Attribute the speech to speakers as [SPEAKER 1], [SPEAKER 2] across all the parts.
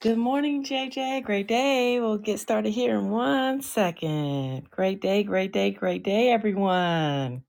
[SPEAKER 1] Good morning, JJ. Great day. We'll get started here in one second. Great day, great day, great day, everyone.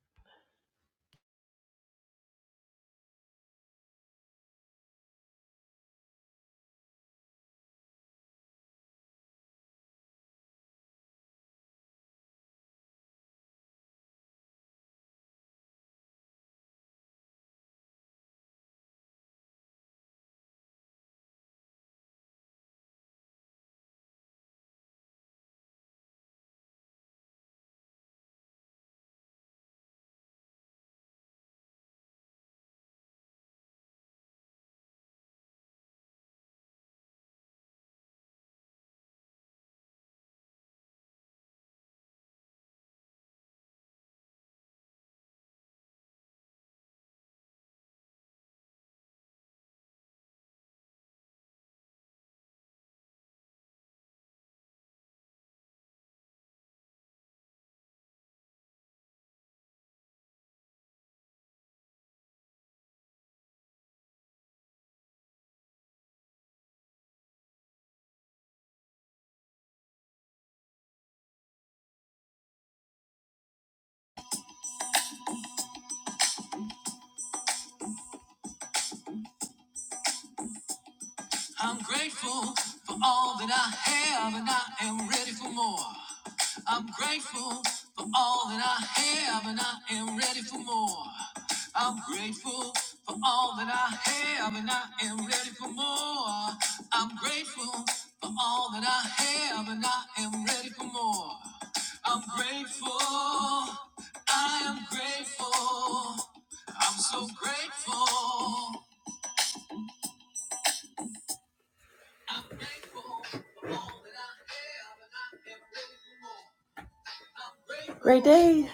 [SPEAKER 1] Great day.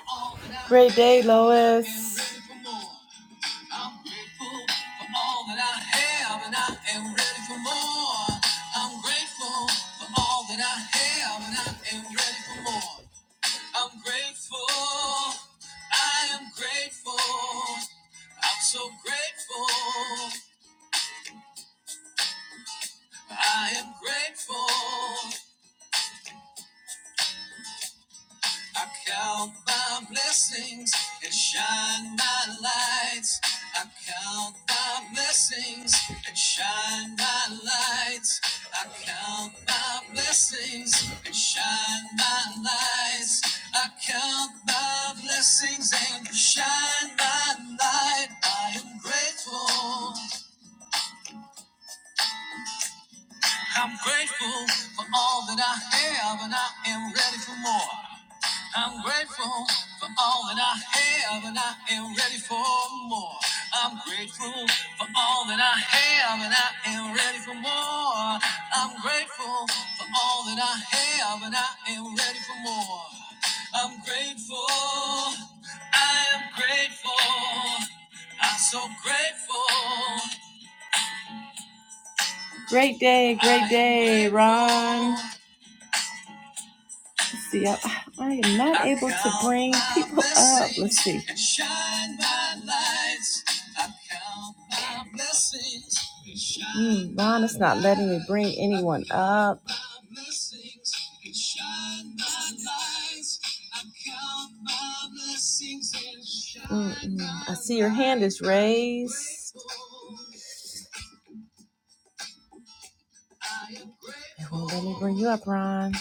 [SPEAKER 1] Great day, Lois. Great day, great day, Ron. Let's see, I, I am not able to bring people up. Let's see. Mm, Ron is not letting me bring anyone up. is raised. you up, Ron.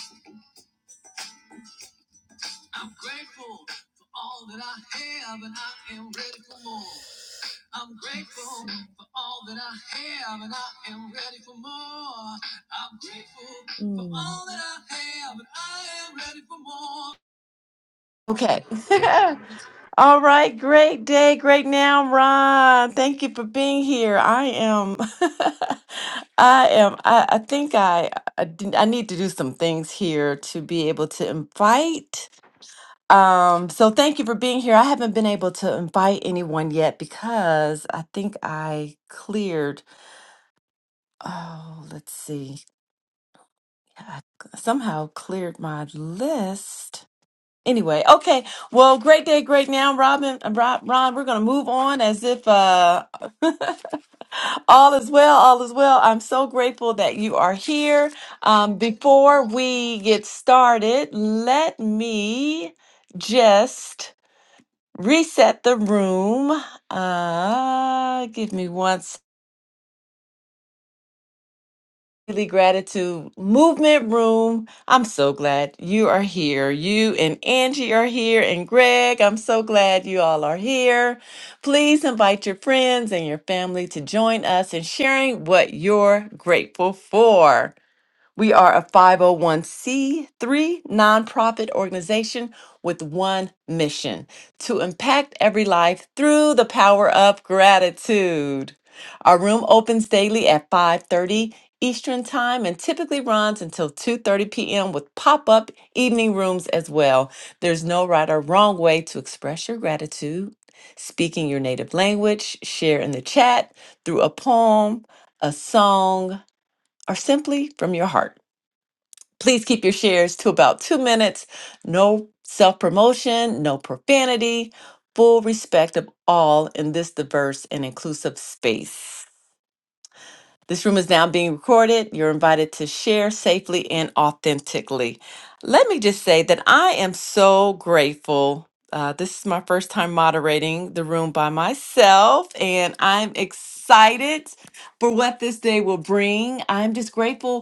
[SPEAKER 1] For Okay. All right, great day, great now, Ron. Thank you for being here. I am, I am, I, I think I, I, d- I need to do some things here to be able to invite. Um, so thank you for being here. I haven't been able to invite anyone yet because I think I cleared, oh, let's see, I c- somehow cleared my list Anyway, okay. Well, great day, great now, Robin. uh, Rob, Ron, we're going to move on as if uh, all is well, all is well. I'm so grateful that you are here. Um, before we get started, let me just reset the room. Uh, give me one second. Daily Gratitude Movement Room. I'm so glad you are here. You and Angie are here, and Greg, I'm so glad you all are here. Please invite your friends and your family to join us in sharing what you're grateful for. We are a 501c3 nonprofit organization with one mission to impact every life through the power of gratitude. Our room opens daily at 5:30 Eastern Time and typically runs until 2:30 p.m. with pop-up evening rooms as well. There's no right or wrong way to express your gratitude. Speaking your native language, share in the chat through a poem, a song, or simply from your heart. Please keep your shares to about two minutes. No self promotion, no profanity, full respect of all in this diverse and inclusive space. This room is now being recorded. You're invited to share safely and authentically. Let me just say that I am so grateful. Uh, this is my first time moderating the room by myself, and I'm excited for what this day will bring. I'm just grateful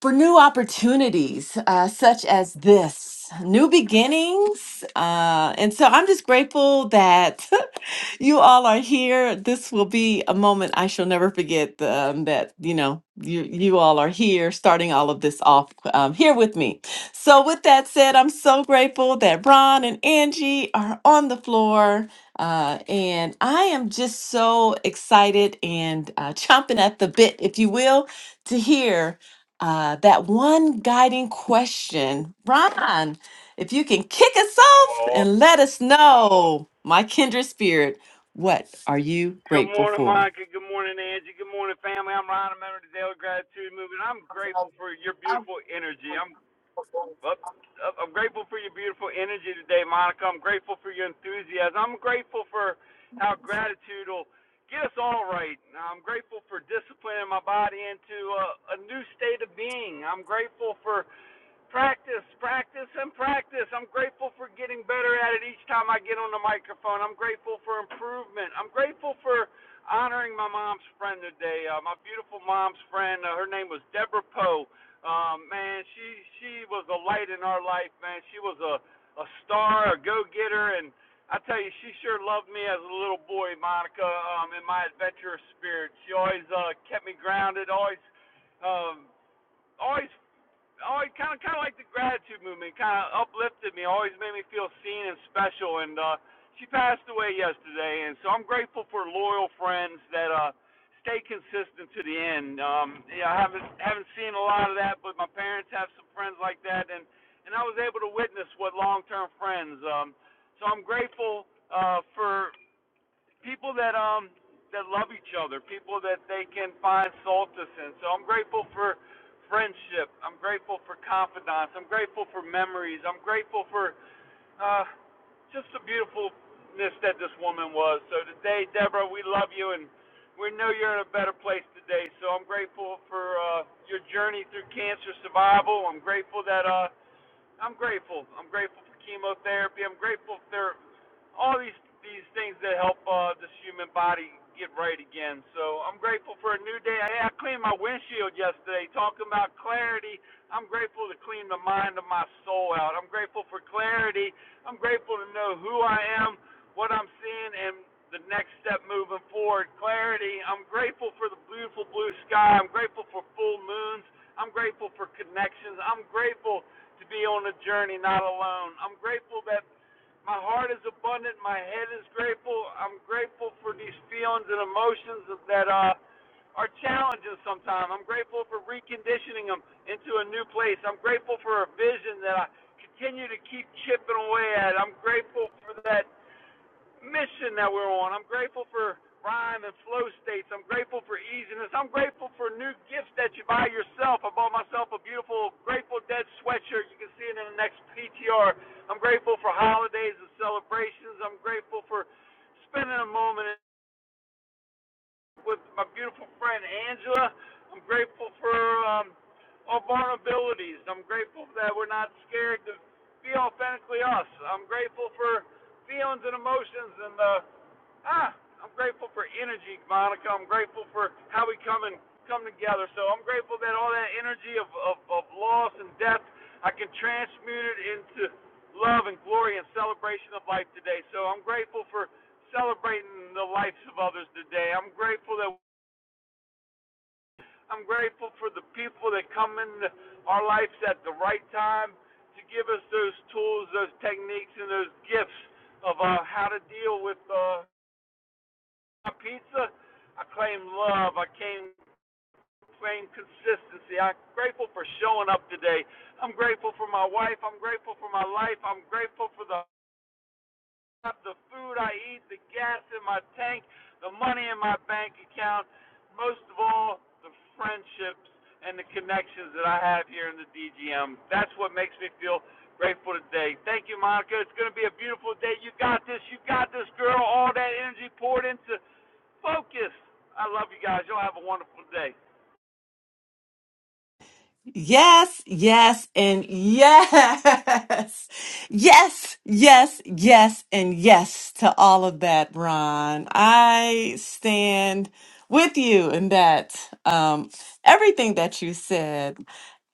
[SPEAKER 1] for new opportunities uh, such as this new beginnings uh, and so i'm just grateful that you all are here this will be a moment i shall never forget um, that you know you, you all are here starting all of this off um, here with me so with that said i'm so grateful that ron and angie are on the floor uh, and i am just so excited and uh, chomping at the bit if you will to hear uh, that one guiding question. Ron, if you can kick us off
[SPEAKER 2] Aw.
[SPEAKER 1] and let us know, my kindred spirit, what are you
[SPEAKER 2] Good
[SPEAKER 1] grateful
[SPEAKER 2] morning,
[SPEAKER 1] for?
[SPEAKER 2] Monica. Good morning, Angie. Good morning, family. I'm Ryan, a member of the Daily Gratitude Movement. I'm grateful for your beautiful energy. I'm up. up- I'm grateful for your beautiful energy today, Monica. I'm grateful for your enthusiasm. I'm grateful for how gratitude will get us all right. I'm grateful for disciplining my body into a, a new state of being. I'm grateful for Practice, practice, and practice. I'm grateful for getting better at it each time I get on the microphone. I'm grateful for improvement. I'm grateful for honoring my mom's friend today. Uh, my beautiful mom's friend. Uh, her name was Deborah Poe. Um, man, she she was a light in our life. Man, she was a a star, a go-getter, and I tell you, she sure loved me as a little boy, Monica. Um, in my adventurous spirit, she always uh, kept me grounded. Always um, always always kind of kind of like the gratitude movement. Kind of uplifted me. Always made me feel seen and special. And uh, she passed away yesterday, and so I'm grateful for loyal friends that uh, stay consistent to the end. Um, yeah, I haven't haven't seen a lot of that, but my parents have some friends like that, and and I was able to witness what long-term friends. Um, so I'm grateful uh, for people that um that love each other, people that they can find solace in. So I'm grateful for friendship. I'm grateful for confidence. I'm grateful for memories. I'm grateful for uh, just the beautifulness that this woman was. So today, Deborah, we love you and we know you're in a better place today. So I'm grateful for uh, your journey through cancer survival. I'm grateful that uh, I'm grateful. I'm grateful for chemotherapy. I'm grateful for all these these things that help uh, this human body get right again. So I'm grateful for a new day. Hey, I cleaned my windshield yesterday. Talking about clarity, I'm grateful to clean the mind of my soul out. I'm grateful for clarity. I'm grateful to know who I am, what I'm seeing, and the next step moving forward. Clarity. I'm grateful for the beautiful blue sky. I'm grateful for full moons. I'm grateful for connections. I'm grateful to be on the journey, not alone. I'm grateful that my heart is abundant, my head is grateful. I'm grateful for these feelings and emotions that uh, are challenges sometimes. I'm grateful for reconditioning them into a new place. I'm grateful for a vision that I continue to keep chipping away at. I'm grateful for that mission that we're on. I'm grateful for rhyme and flow states. I'm grateful for easiness. I'm grateful for new gifts that you buy yourself. I bought myself a beautiful Grateful Dead sweatshirt. You can see it in the next PTR. I'm grateful for holidays and celebrations. I'm grateful for spending a moment with my beautiful friend Angela. I'm grateful for um, our vulnerabilities. I'm grateful that we're not scared to be authentically us. I'm grateful for feelings and emotions and the ah, I'm grateful for energy, Monica. I'm grateful for how we come and come together. So I'm grateful that all that energy of, of, of loss and death, I can transmute it into love and glory and celebration of life today. So I'm grateful for celebrating the lives of others today. I'm grateful that I'm grateful for the people that come into our lives at the right time to give us those tools, those techniques, and those gifts of uh, how to deal with uh, my pizza. I claim love. I claim, claim consistency. I'm grateful for showing up today. I'm grateful for my wife. I'm grateful for my life. I'm grateful for the the food I eat, the gas in my tank, the money in my bank account. Most of all, the friendships and the connections that I have here in the DGM. That's what makes me feel grateful today. Thank you, Monica. It's going to be a beautiful day. You got this. You got this, girl. All that energy poured into Focus. I love you guys. Y'all have a wonderful day.
[SPEAKER 1] Yes, yes, and yes. Yes, yes, yes, and yes to all of that, Ron. I stand with you in that, um, everything that you said.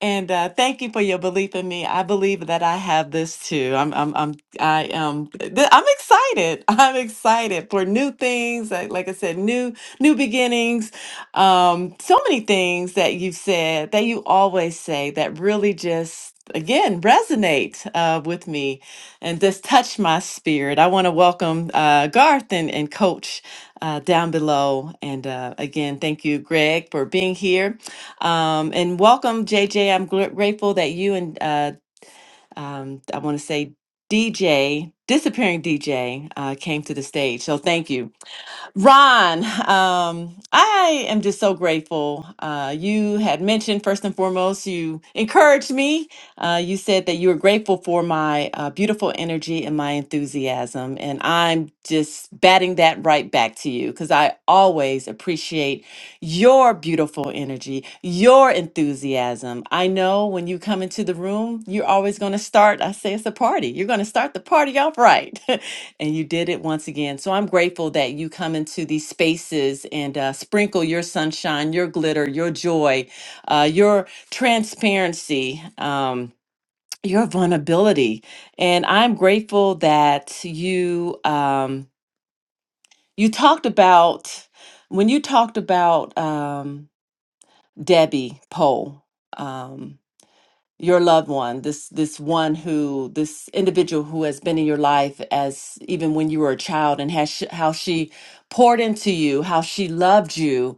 [SPEAKER 1] And uh, thank you for your belief in me. I believe that I have this too. I'm, I'm, I'm, I am. th- I'm excited. I'm excited for new things. Like, like I said, new, new beginnings um, so many things that you've said that you always say that really just again resonate uh, with me and just touch my spirit i want to welcome uh, garth and, and coach uh, down below and uh, again thank you greg for being here um, and welcome jj i'm gr- grateful that you and uh, um, i want to say dj disappearing dj uh, came to the stage so thank you Ron, um, I am just so grateful. Uh, you had mentioned, first and foremost, you encouraged me. Uh, you said that you were grateful for my uh, beautiful energy and my enthusiasm. And I'm just batting that right back to you because I always appreciate your beautiful energy, your enthusiasm. I know when you come into the room, you're always going to start, I say it's a party. You're going to start the party off right. and you did it once again. So I'm grateful that you come into these spaces and uh, sprinkle your sunshine, your glitter, your joy, uh, your transparency, um, your vulnerability. And I'm grateful that you um, you talked about when you talked about um, Debbie Pohl. Um, your loved one this this one who this individual who has been in your life as even when you were a child and has sh- how she poured into you how she loved you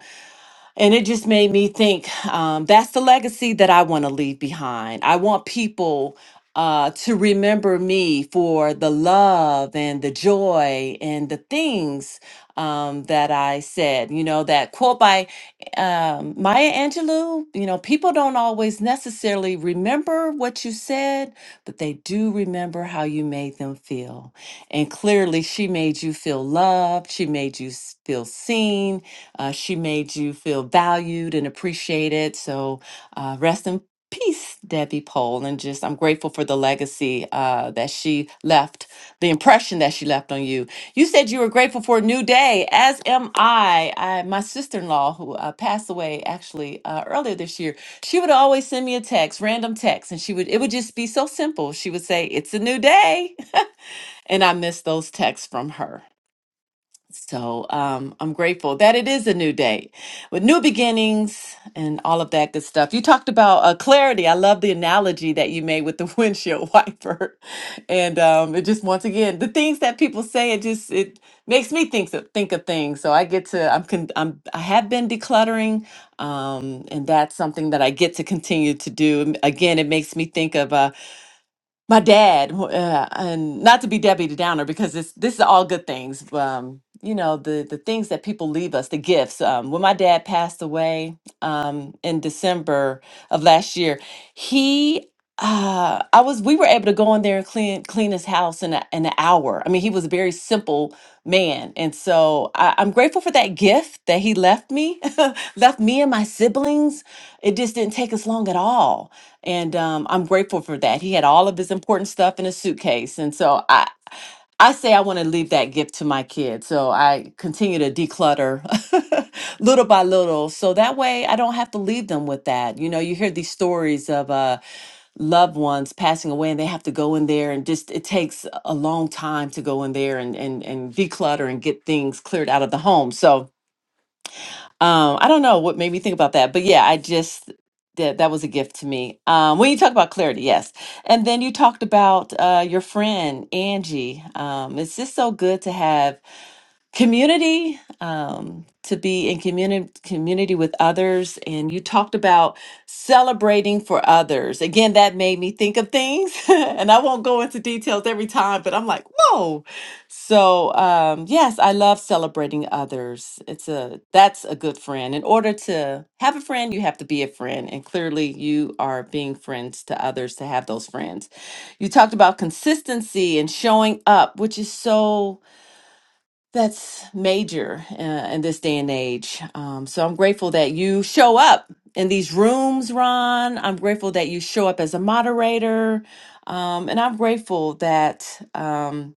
[SPEAKER 1] and it just made me think um, that's the legacy that I want to leave behind. I want people uh, to remember me for the love and the joy and the things um, that I said. You know, that quote by um, Maya Angelou, you know, people don't always necessarily remember what you said, but they do remember how you made them feel. And clearly, she made you feel loved, she made you s- feel seen uh, she made you feel valued and appreciated. So uh, rest in peace, Debbie Pohl. And just, I'm grateful for the legacy uh, that she left, the impression that she left on you. You said you were grateful for a new day, as am I. I my sister in law, who uh, passed away actually uh, earlier this year, she would always send me a text, random text, and she would, it would just be so simple. She would say, It's a new day. and I miss those texts from her. So um, I'm grateful that it is a new day with new beginnings and all of that good stuff. You talked about uh, clarity. I love the analogy that you made with the windshield wiper, and um, it just once again the things that people say it just it makes me think of, think of things. So I get to I'm con- I'm I have been decluttering, um, and that's something that I get to continue to do. And Again, it makes me think of. uh, my dad wh- uh, and not to be debbie downer because this this is all good things um you know the the things that people leave us the gifts um when my dad passed away um in december of last year he uh i was we were able to go in there and clean clean his house in, a, in an hour i mean he was a very simple man and so I, i'm grateful for that gift that he left me left me and my siblings it just didn't take us long at all and um, i'm grateful for that he had all of his important stuff in a suitcase and so i I say I want to leave that gift to my kids. So I continue to declutter little by little. So that way I don't have to leave them with that. You know, you hear these stories of, Uh, loved ones passing away and they have to go in there and just it takes a long time to go in there and and and declutter and get things cleared out of the home so um i don't know what made me think about that but yeah i just that that was a gift to me um when you talk about clarity yes and then you talked about uh your friend angie um it's just so good to have community um, to be in community community with others and you talked about celebrating for others again that made me think of things and i won't go into details every time but i'm like whoa so um, yes i love celebrating others it's a that's a good friend in order to have a friend you have to be a friend and clearly you are being friends to others to have those friends you talked about consistency and showing up which is so that's major uh, in this day and age. Um, so I'm grateful that you show up in these rooms, Ron. I'm grateful that you show up as a moderator. Um, and I'm grateful that. Um,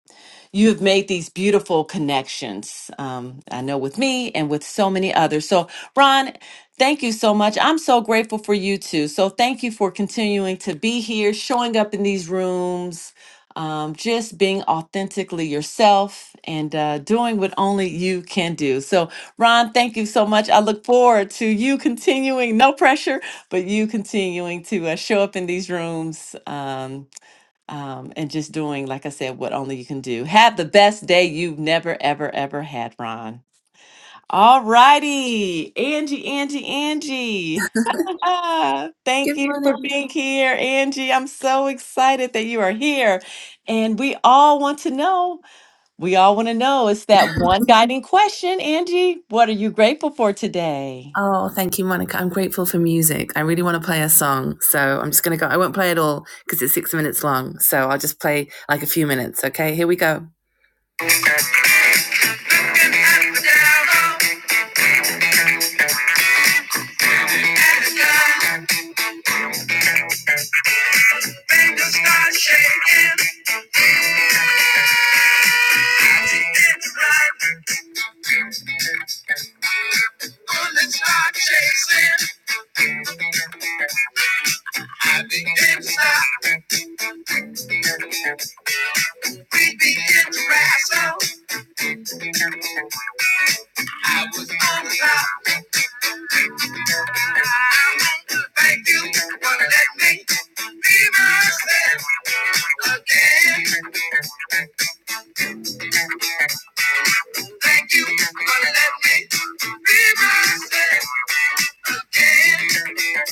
[SPEAKER 1] you have made these beautiful connections. Um, I know with me and with so many others. So, Ron, thank you so much. I'm so grateful for you too. So, thank you for continuing to be here, showing up in these rooms, um, just being authentically yourself and uh, doing what only you can do. So, Ron, thank you so much. I look forward to you continuing, no pressure, but you continuing to uh, show up in these rooms. Um, um, and just doing, like I said, what only you can do. Have the best day you've never, ever, ever had, Ron. All righty, Angie, Angie, Angie. Ah,
[SPEAKER 3] Good
[SPEAKER 1] Thank you for
[SPEAKER 3] morning.
[SPEAKER 1] being here, Angie. I'm so excited that you are here. And we all want to know, we all want to know, it's that one guiding question, Angie. What are you grateful for today?
[SPEAKER 3] Oh, thank you, Monica. I'm grateful for music. I really want to play a song. So I'm just going to go. I won't play it all because it's six minutes long. So I'll just play like a few minutes. Okay, here we go. We begin to rise up. I was on top. Thank you for letting me be myself again. Thank you for letting me be myself again.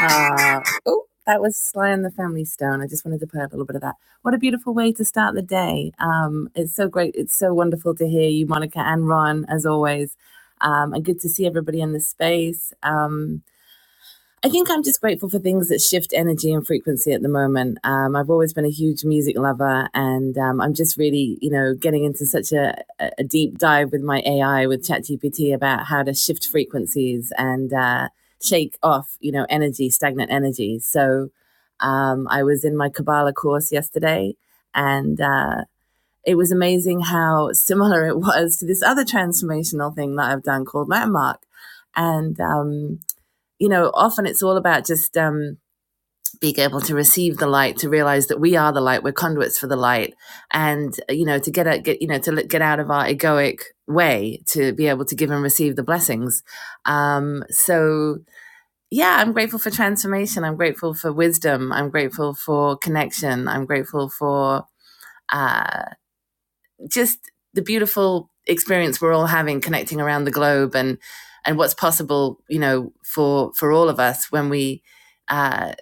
[SPEAKER 3] Ah, oh, that was Sly and the Family Stone. I just wanted to play a little bit of that. What a beautiful way to start the day. Um, it's so great. It's so wonderful to hear you, Monica and Ron, as always. Um, and good to see everybody in the space. Um, I think I'm just grateful for things that shift energy and frequency at the moment. Um, I've always been a huge music lover, and um, I'm just really, you know, getting into such a, a deep dive with my AI with ChatGPT about how to shift frequencies and uh, shake off, you know, energy, stagnant energy. So um, I was in my Kabbalah course yesterday, and uh, it was amazing how similar it was to this other transformational thing that I've done called Landmark. And um, you know, often it's all about just um, being able to receive the light, to realize that we are the light, we're conduits for the light, and uh, you know, to get out, get you know, to get out of our egoic way to be able to give and receive the blessings. Um, so yeah, I'm grateful for transformation. I'm grateful for wisdom. I'm grateful for connection. I'm grateful for. uh, just the beautiful experience we're all having connecting around the globe and and what's possible you know for for all of us when we uh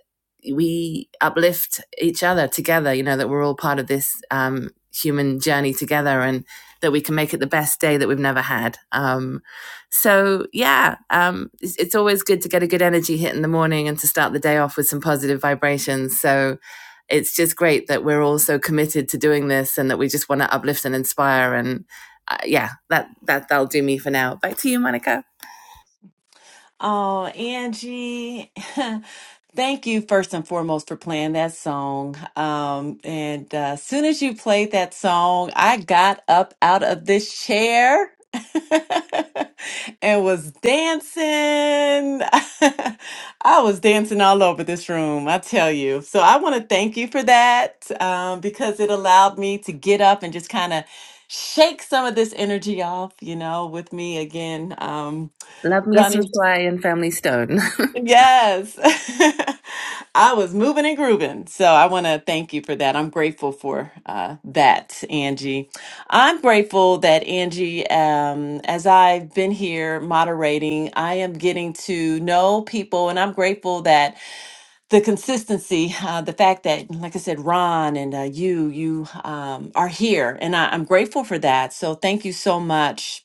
[SPEAKER 3] we uplift each other together you know that we're all part of this um human journey together and that we can make it the best day that we've never had um so yeah um it's, it's always good to get a good energy hit in the morning and to start the day off with some positive vibrations so it's just great that we're all so committed to doing this and that we just want to uplift and inspire. And uh, yeah, that, that, that'll do me for now. Back to you, Monica.
[SPEAKER 1] Oh, Angie. Thank you first and foremost for playing that song. Um, and uh, as soon as you played that song, I got up out of this chair and was dancing. I was dancing all over this room, I tell you. So I want to thank you for that um, because it allowed me to get up and just kind of shake some of this energy off, you know, with me again. Um,
[SPEAKER 3] Love me some Sly and Family Stone.
[SPEAKER 1] Yes. I was moving and grooving. So I want to thank you for that. I'm grateful for uh, that, Angie. I'm grateful that, Angie, um, as I've been here moderating, I am getting to know people, and I'm grateful that the consistency, uh, the fact that, like I said, Ron and uh, you, you um, are here, and I, I'm grateful for that. So thank you so much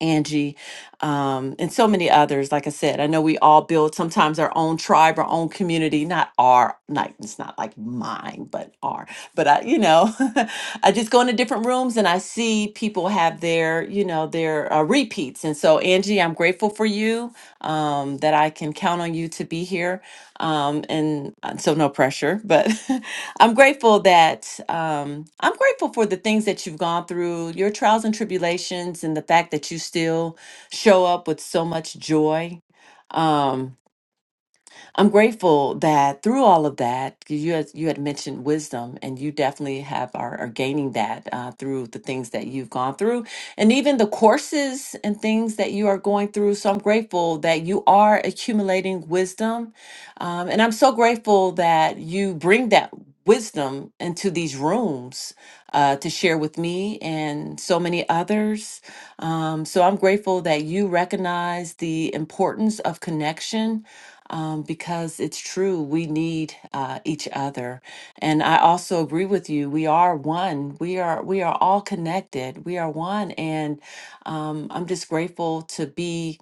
[SPEAKER 1] Angie, um, and so many others. Like I said, I know we all build sometimes our own tribe, our own community, not our, not, it's not like mine, but our. But I, you know, I just go into different rooms and I see people have their, you know, their uh, repeats. And so, Angie, I'm grateful for you um, that I can count on you to be here. Um, and uh, so, no pressure, but I'm grateful that um, I'm grateful for the things that you've gone through, your trials and tribulations, and the fact that you still show up with so much joy. Um, I'm grateful that through all of that, 'cause you had, you had mentioned wisdom, and you definitely have are, are gaining that uh, through the things that you've gone through, and even the courses and things that you are going through. So I'm grateful that you are accumulating wisdom, um, and I'm so grateful that you bring that wisdom into these rooms uh, to share with me and so many others. Um, so I'm grateful that you recognize the importance of connection um, because it's true. We need uh, each other, and I also agree with you. We are one. We are we are all connected. We are one, and um, I'm just grateful to be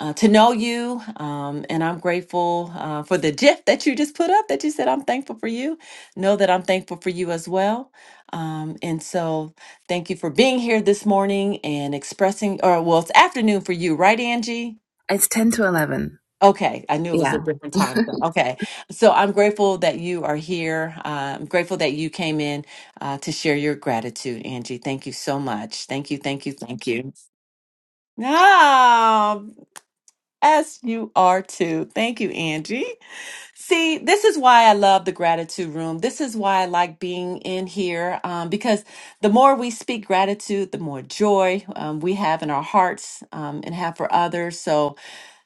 [SPEAKER 1] uh, to know you, um, and I'm grateful uh, for the GIF that you just put up. That you said I'm thankful for you. Know that I'm thankful for you as well. Um, and so, thank you for being here this morning and expressing, or well, it's afternoon for you, right, Angie?
[SPEAKER 3] it's 10 to 11.
[SPEAKER 1] Okay, I knew it was
[SPEAKER 3] Yeah.
[SPEAKER 1] a different time zone. Okay, so I'm grateful that you are here. Uh, I'm grateful that you came in uh, to share your gratitude, Angie. Thank you so much. Thank you, thank you, thank you. Ah, yes, you are too. Thank you, Angie. See, this is why I love the gratitude room. This is why I like being in here um, because the more we speak gratitude, the more joy um, we have in our hearts um, and have for others. So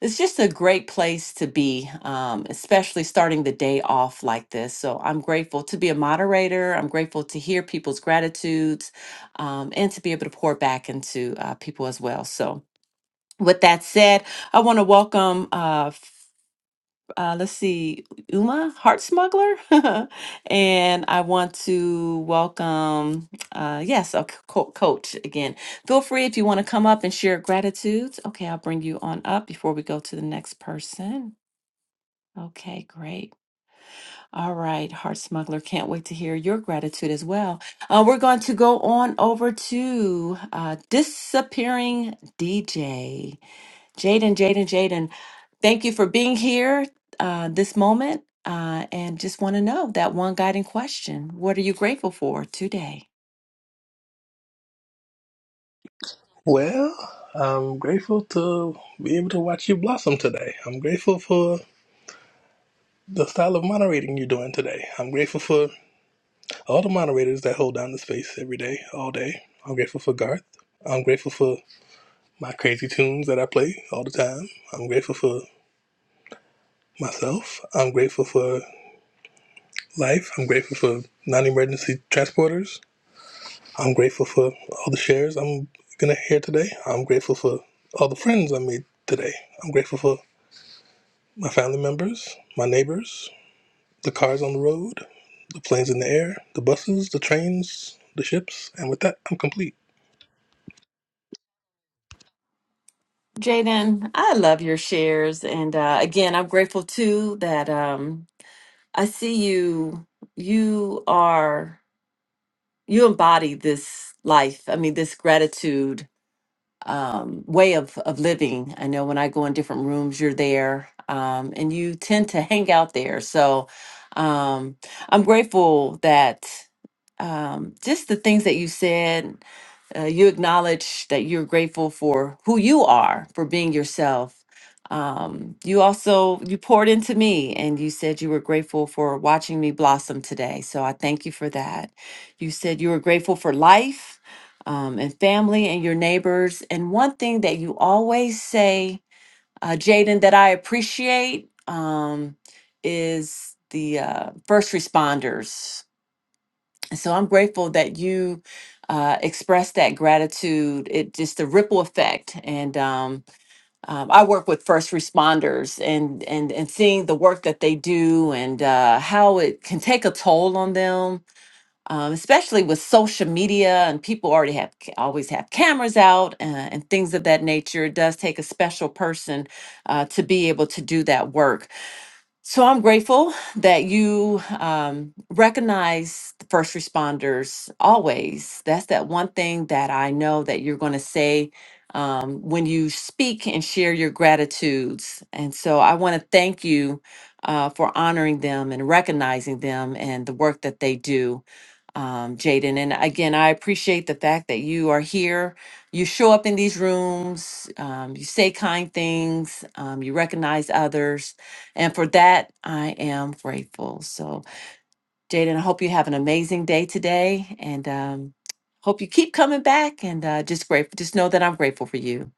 [SPEAKER 1] it's just a great place to be, um, especially starting the day off like this. So I'm grateful to be a moderator. I'm grateful to hear people's gratitudes um, and to be able to pour back into uh, people as well. So, with that said, I want to welcome. Uh, uh, let's see, Uma, Heart Smuggler. and I want to welcome, uh, yes, a co- coach again. Feel free if you want to come up and share gratitudes. Okay, I'll bring you on up before we go to the next person. Okay, great. All right, Heart Smuggler, can't wait to hear your gratitude as well. Uh, we're going to go on over to uh, Disappearing DJ. Jaden, Jaden, Jaden, thank you for being here uh, this moment. Uh, and just want to know that one guiding question. What are you grateful for today?
[SPEAKER 4] Well, I'm grateful to be able to watch you blossom today. I'm grateful for the style of moderating you're doing today. I'm grateful for all the moderators that hold down the space every day, all day. I'm grateful for Garth. I'm grateful for my crazy tunes that I play all the time. I'm grateful for myself. I'm grateful for life. I'm grateful for non emergency transporters. I'm grateful for all the shares I'm going to hear today. I'm grateful for all the friends I made today. I'm grateful for my family members, my neighbors, the cars on the road, the planes in the air, the buses, the trains, the ships, and with that, I'm complete.
[SPEAKER 1] Jaden, I love your shares. And uh, again, I'm grateful too that um, I see you. You are, you embody this life. I mean, this gratitude um, way of of living. I know when I go in different rooms, you're there, um, and you tend to hang out there. So um, I'm grateful that um, just the things that you said uh, you acknowledge that you're grateful for who you are for being yourself um, you also you poured into me and you said you were grateful for watching me blossom today so i thank you for that you said you were grateful for life um, and family and your neighbors and one thing that you always say uh, jaden that i appreciate um, is the uh, first responders so I'm grateful that you uh, expressed that gratitude. It just the ripple effect, and um, um, I work with first responders, and and and seeing the work that they do, and uh, how it can take a toll on them, um, especially with social media and people already have always have cameras out uh, and things of that nature. It does take a special person uh, to be able to do that work. So I'm grateful that you um, recognize the first responders always. That's that one thing that I know that you're going to say um, when you speak and share your gratitudes. And so I want to thank you uh, for honoring them and recognizing them and the work that they do um, Jaden. And again, I appreciate the fact that you are here. You show up in these rooms, um, you say kind things, um, you recognize others. And for that, I am grateful. So, Jaden, I hope you have an amazing day today and um, hope you keep coming back. And uh, just grateful, just know that I'm grateful for you.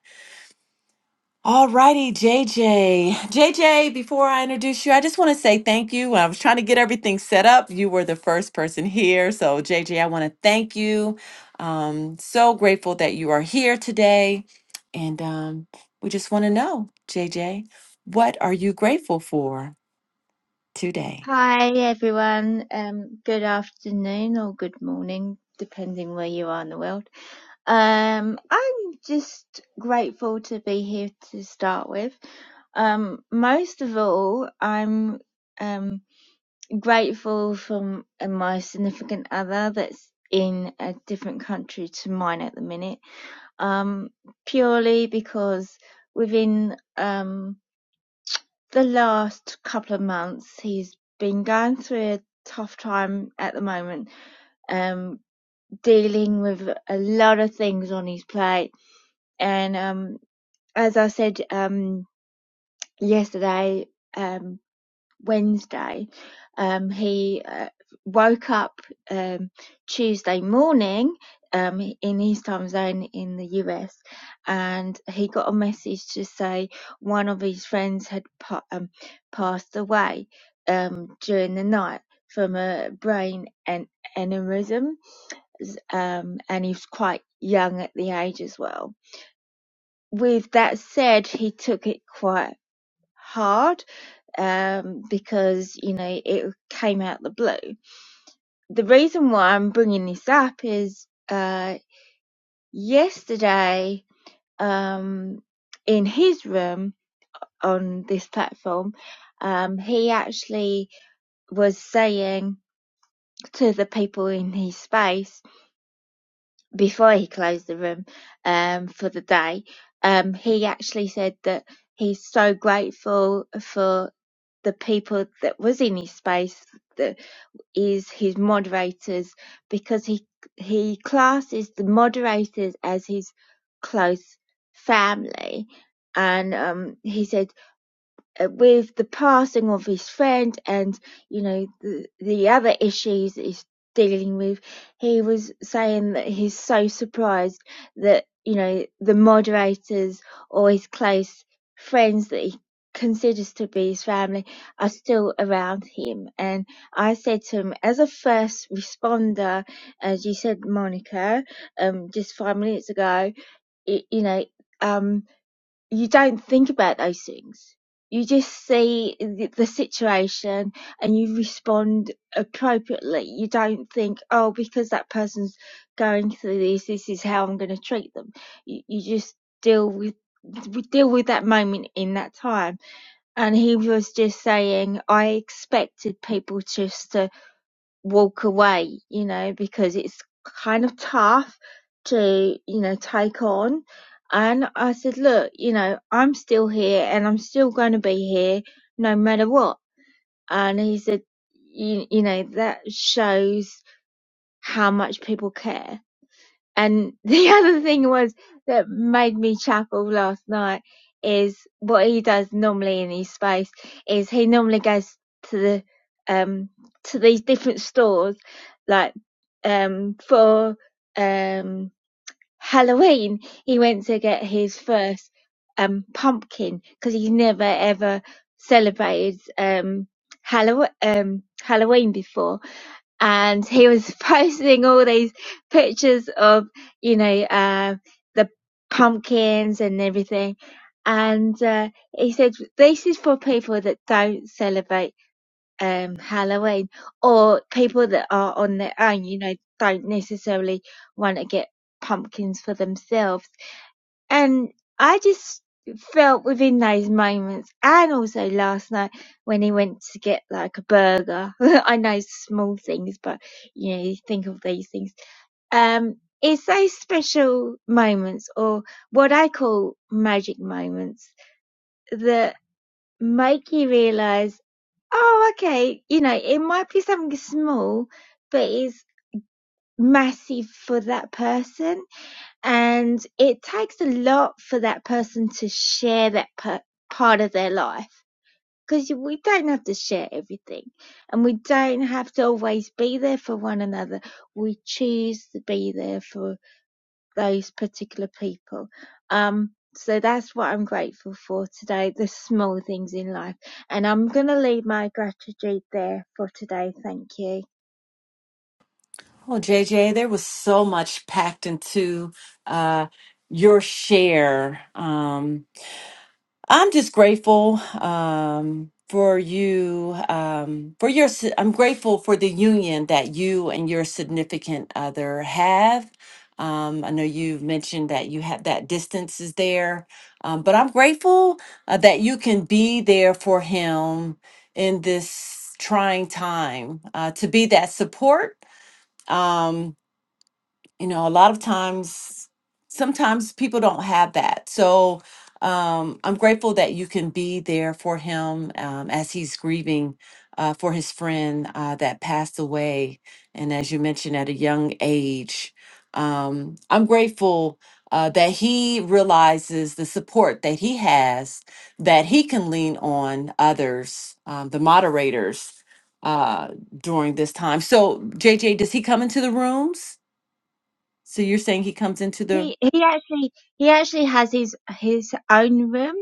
[SPEAKER 1] Alrighty, JJ. JJ, before I introduce you, I just want to say thank you. I was trying to get everything set up. You were the first person here. So, JJ, I want to thank you. Um, so grateful that you are here today. And um, we just want to know, JJ, what are you grateful for today?
[SPEAKER 5] Hi everyone, um, good afternoon or good morning, depending where you are in the world. Um, I'm just grateful to be here to start with. Um, most of all, I'm um, grateful for m- my significant other that's in a different country to mine at the minute, um, purely because within um, the last couple of months he's been going through a tough time at the moment um dealing with a lot of things on his plate and um as i said um yesterday um Wednesday. Um, he uh, woke up um, Tuesday morning um, in his time zone in the US, and he got a message to say one of his friends had pa- um, passed away um, during the night from a brain an- aneurysm, um, and he was quite young at the age as well. With that said, he took it quite hard um, because you know it came out the blue. The reason why I'm bringing this up is uh, yesterday um, in his room on this platform, um, he actually was saying to the people in his space before he closed the room um, for the day, um, he actually said that he's so grateful for the people that was in his space the is his moderators because he he classes the moderators as his close family, and um, he said uh, with the passing of his friend and you know the, the other issues he's dealing with he was saying that he's so surprised that you know the moderators or his close friends that he considers to be his family are still around him and i said to him as a first responder as you said monica um just five minutes ago y- you know um you don't think about those things. You just see the, the situation and you respond appropriately. You don't think, oh, because that person's going through this, this is how I'm going to treat them. You, you just deal with we deal with that moment in that time and he was just saying i expected people just to walk away, you know, because it's kind of tough to, you know, take on. And I said, look, you know, I'm still here and I'm still going to be here no matter what. And he said, you, you know, that shows how much people care. And the other thing was that made me chuckle last night is what he does normally in his space is he normally goes to the um to these different stores like um for um Halloween he went to get his first um pumpkin because he's never ever celebrated um Hallow- um Halloween before and he was posting all these pictures of you know uh, the pumpkins and everything and uh, he said this is for people that don't celebrate um, halloween or people that are on their own you know don't necessarily want to get pumpkins for themselves and I just felt within those moments, and also last night when he went to get like a burger. I know small things, but you know, you think of these things. Um, it's those special moments, or what I call magic moments, that make you realize, oh, okay, you know, it might be something small, but it's massive for that person and it takes a lot for that person to share that per- part of their life because we don't have to share everything and we don't have to always be there for one another we choose to be there for those particular people um so that's what I'm grateful for today, the small things in life. And I'm going to leave my gratitude there for today. Thank you.
[SPEAKER 1] Well, JJ, there was so much packed into uh, your share. Um, I'm just grateful um, for you, um, for your. si- I'm grateful for the union that you and your significant other have. Um, I know you've mentioned that you have that distance is there, um, but I'm grateful uh, that you can be there for him in this trying time uh, to be that support. Um, you know a lot of times sometimes people don't have that so um, i'm grateful that you can be there for him um, as he's grieving uh, for his friend uh, that passed away and as you mentioned at a young age um, i'm grateful uh, that he realizes the support that he has that he can lean on others um, the moderators uh, during this time so jj does he come into the rooms so you're saying he comes into the
[SPEAKER 5] he he actually he actually has his his own room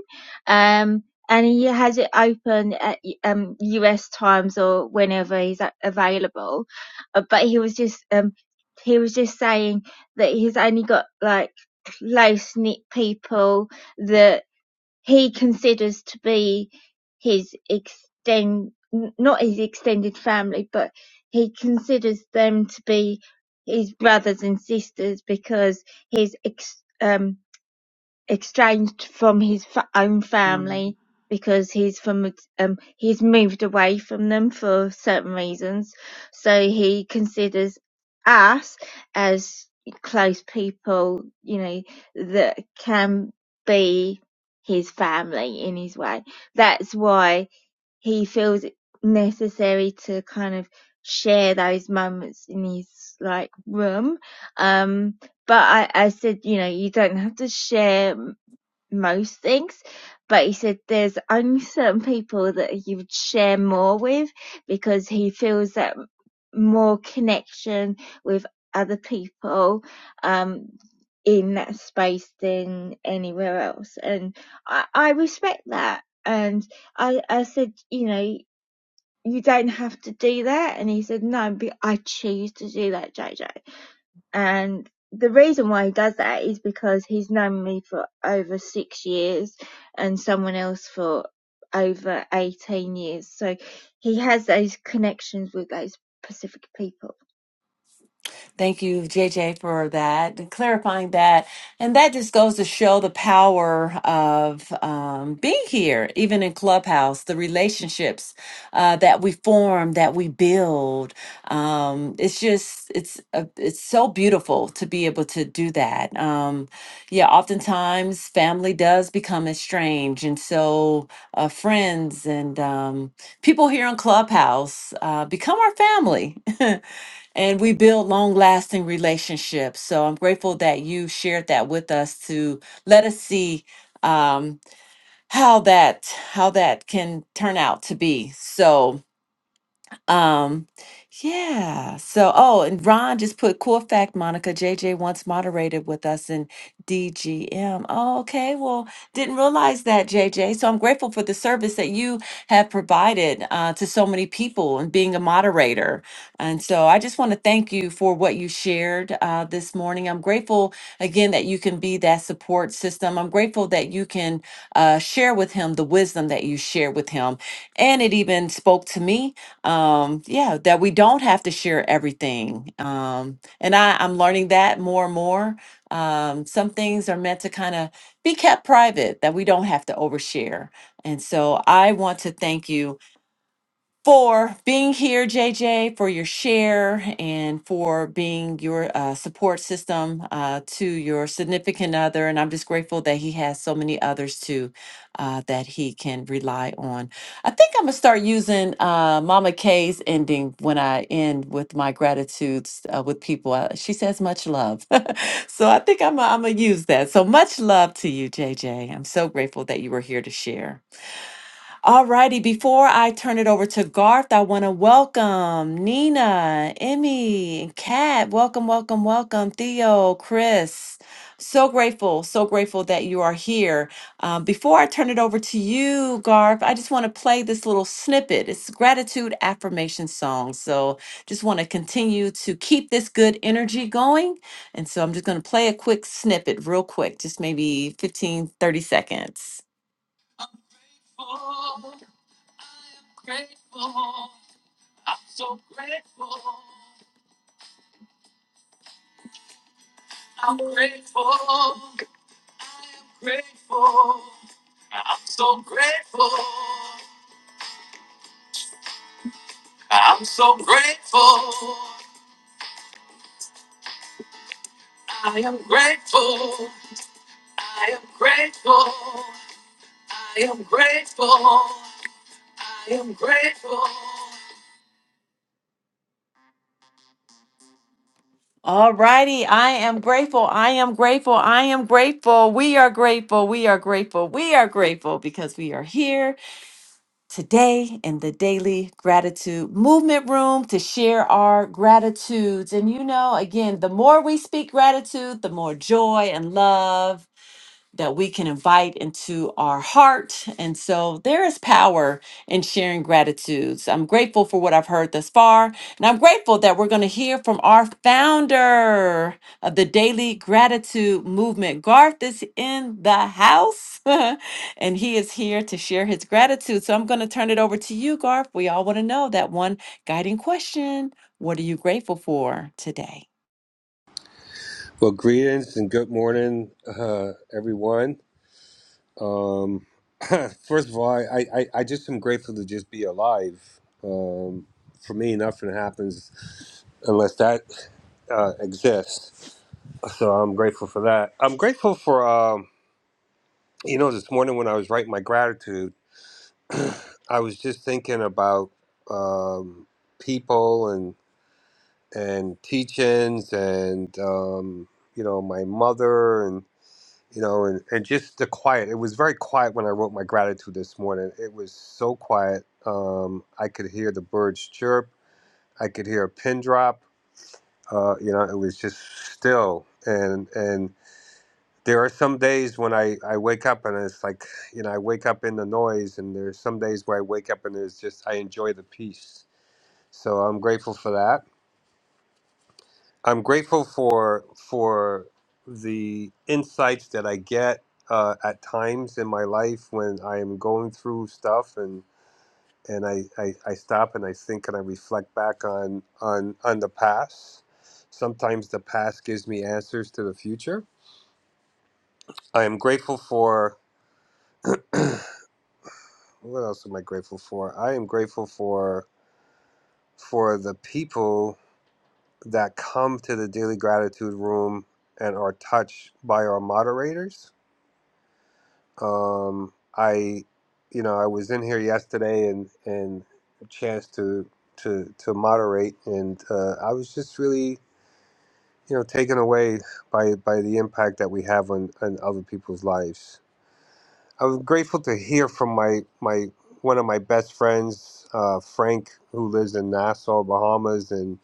[SPEAKER 5] um and he has it open at um US times or whenever he's a- available Uh, but he was just um he was just saying that he's only got like close knit people that he considers to be his extend not his extended family, but he considers them to be his brothers and sisters because his ex um estranged from his fa- own
[SPEAKER 1] room.
[SPEAKER 5] family because he's from um he's moved away from them for certain reasons so he considers us as close people you know that can be his family in his way that's why he feels it necessary to kind of share those moments in his like room um but I, I said, you know, you don't have to share most things, but he said there's only certain people that you would share more with because he feels that more connection with other people um, in that space than anywhere else. And I, I respect that. And I, I said, you know, you don't have to do that. And he said, no, but I choose to do that, JJ. And the reason why he does that is because he's known me for over six years and someone else for over 18 years. So he has those connections with those Pacific people.
[SPEAKER 1] Thank you, JJ, for that, and clarifying that. And that just goes to show the power of um, being here, even in Clubhouse, the relationships uh, that we form, that we build. Um, it's just, it's a, it's so beautiful to be able to do that. Um, yeah, oftentimes family does become estranged. And so uh, friends and um, people here on Clubhouse uh, become our family. and we build long lasting relationships. So I'm grateful that you shared that with us to let us see um, how that how that can turn out to be. So um, yeah. So, oh, and Ron just put cool fact, Monica. JJ once moderated with us in DGM. Oh, okay. Well, didn't realize that, JJ. So I'm grateful for the service that you have provided uh, to so many people and being a moderator. And so I just want to thank you for what you shared uh, this morning. I'm grateful again that you can be that support system. I'm grateful that you can uh, share with him the wisdom that you share with him. And it even spoke to me um yeah that we don't have to share everything um and i i'm learning that more and more um some things are meant to kind of be kept private that we don't have to overshare and so i want to thank you for being here, JJ, for your share, and for being your uh, support system uh, to your significant other. And I'm just grateful that he has so many others too uh, that he can rely on. I think I'm gonna start using uh, Mama K's ending when I end with my gratitudes uh, with people. Uh, she says much love, so I think I'm gonna- I'm gonna use that. So much love to you, JJ. I'm so grateful that you were here to share. All righty. Before I turn it over to Garth, I want to welcome Nina, Emmy, and Kat. Welcome, welcome, welcome. Theo, Chris. So grateful, so grateful that you are here. Um, before I turn it over to you, Garth, I just want to play this little snippet. It's gratitude affirmation song. So just want to continue to keep this good energy going. And so I'm just going to play a quick snippet, real quick, just maybe 15, 30 seconds. All righty. I am grateful. I am grateful. I am grateful. We are grateful. We are grateful. We are grateful because we are here today in the Daily Gratitude Movement Room to share our gratitudes. And you know, again, the more we speak gratitude, the more joy and love that we can invite into our heart. And so there is power in sharing gratitudes. I'm grateful for what I've heard thus far. And I'm grateful that we're going to hear from our founder of the Daily Gratitude Movement. Garth is in the house and he is here to share his gratitude. So I'm going to turn it over to you, Garth. We all want to know that one guiding question. What are you grateful for today?
[SPEAKER 6] Well, greetings and good morning, uh, everyone. Um, first of all, I, I, I just am grateful to just be alive. Um, for me, nothing happens unless that uh, exists. So I'm grateful for that. I'm grateful for, um, you know, this morning when I was writing my gratitude, I was just thinking about um, people and and teachings and um, you know my mother you know, and, and just the quiet. It was very quiet when I wrote my gratitude this morning. It was so quiet. Um, I could hear the birds chirp. I could hear a pin drop. Uh, you know, it was just still. And and there are some days when I, I wake up and it's like, you know, I wake up in the noise. And there's some days where I wake up and it's just I enjoy the peace. So I'm grateful for that. I'm grateful for for the insights that I get uh, at times in my life when I am going through stuff and and I, I, I stop and I think and I reflect back on on on the past. Sometimes the past gives me answers to the future. I am grateful for what else am I grateful for? I am grateful for for the people that come to the daily gratitude room and are touched by our moderators Um, I, you know, I was in here yesterday and and a chance to to to moderate, and uh, I was just really, you know, taken away by by the impact that we have on on other people's lives. I was grateful to hear from my my one of my best friends, uh, Frank, who lives in Nassau, Bahamas, and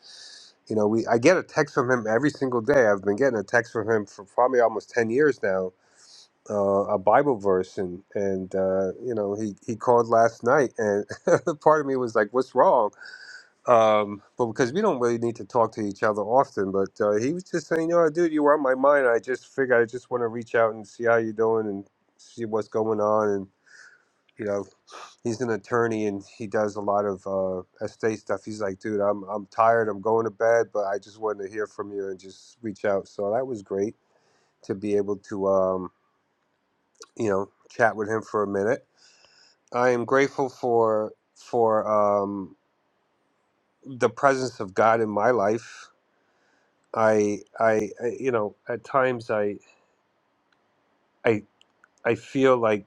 [SPEAKER 6] you know, we I get a text from him every single day. I've been getting a text from him for probably almost ten years now uh, a Bible verse, and and uh, you know he he called last night, and part of me was like, "What's wrong?" Um, but because we don't really need to talk to each other often, but uh, he was just saying, "No, dude, you were on my mind. I just figured I just want to reach out and see how you're doing and see what's going on." And you know, he's an attorney and he does a lot of uh, estate stuff. He's like, "Dude, I'm I'm tired. I'm going to bed, but I just wanted to hear from you and just reach out." So that was great to be able to um, you know chat with him for a minute I am grateful for for um, the presence of God in my life. I, I, I you know, at times I, I, I feel like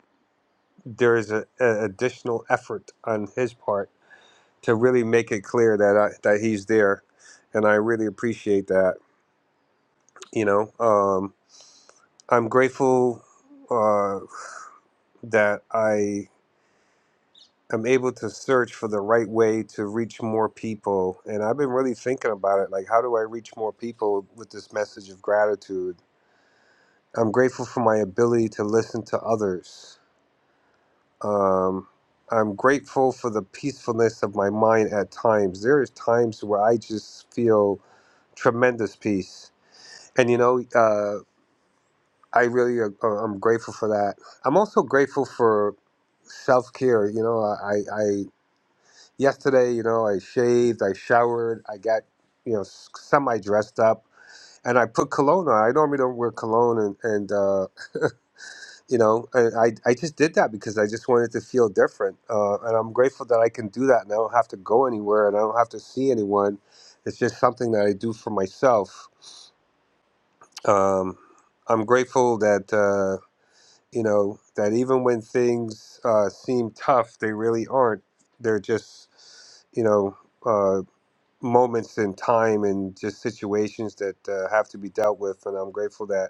[SPEAKER 6] there is a, a additional effort on His part to really make it clear that I, that He's there, and I really appreciate that. You know, um, I'm grateful uh, that I. I'm able to search for the right way to reach more people. And I've been really thinking about it. Like, how do I reach more people with this message of gratitude? I'm grateful for my ability to listen to others. Um, I'm grateful for the peacefulness of my mind at times. There is times where I just feel tremendous peace. And, you know, uh, I really, uh, uh, I'm grateful for that. I'm also grateful for self care. You know, I, I yesterday, you know, I shaved, I showered, I got, you know, semi dressed up, and I put cologne on. I normally don't wear cologne, and and uh, you know, and I I just did that because I just wanted to feel different, uh, and I'm grateful that I can do that, and I don't have to go anywhere, and I don't have to see anyone. It's just something that I do for myself. Um, I'm grateful that uh, you know that even when things uh, seem tough, they really aren't. They're just, you know. Uh, moments in time and just situations that uh, have to be dealt with and i'm grateful that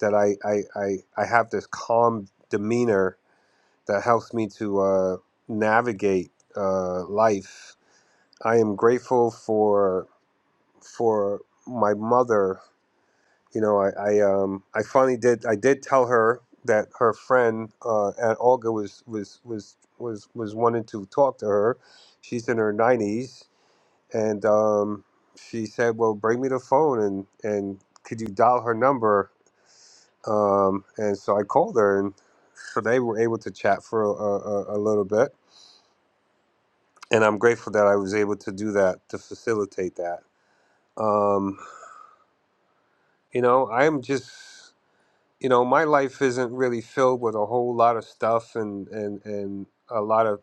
[SPEAKER 6] that i i i, I have this calm demeanor that helps me to uh, navigate uh, life i am grateful for for my mother you know i i um i finally did i did tell her that her friend uh, Aunt Olga was was was was was wanting to talk to her. She's in her 90s and um, she said, "Well, bring me the phone and and could you dial her number?" Um, and so I called her, and so they were able to chat for a, a, a little bit. And I'm grateful that I was able to do that to facilitate that. Um, you know, I'm just, you know, my life isn't really filled with a whole lot of stuff and and and a lot of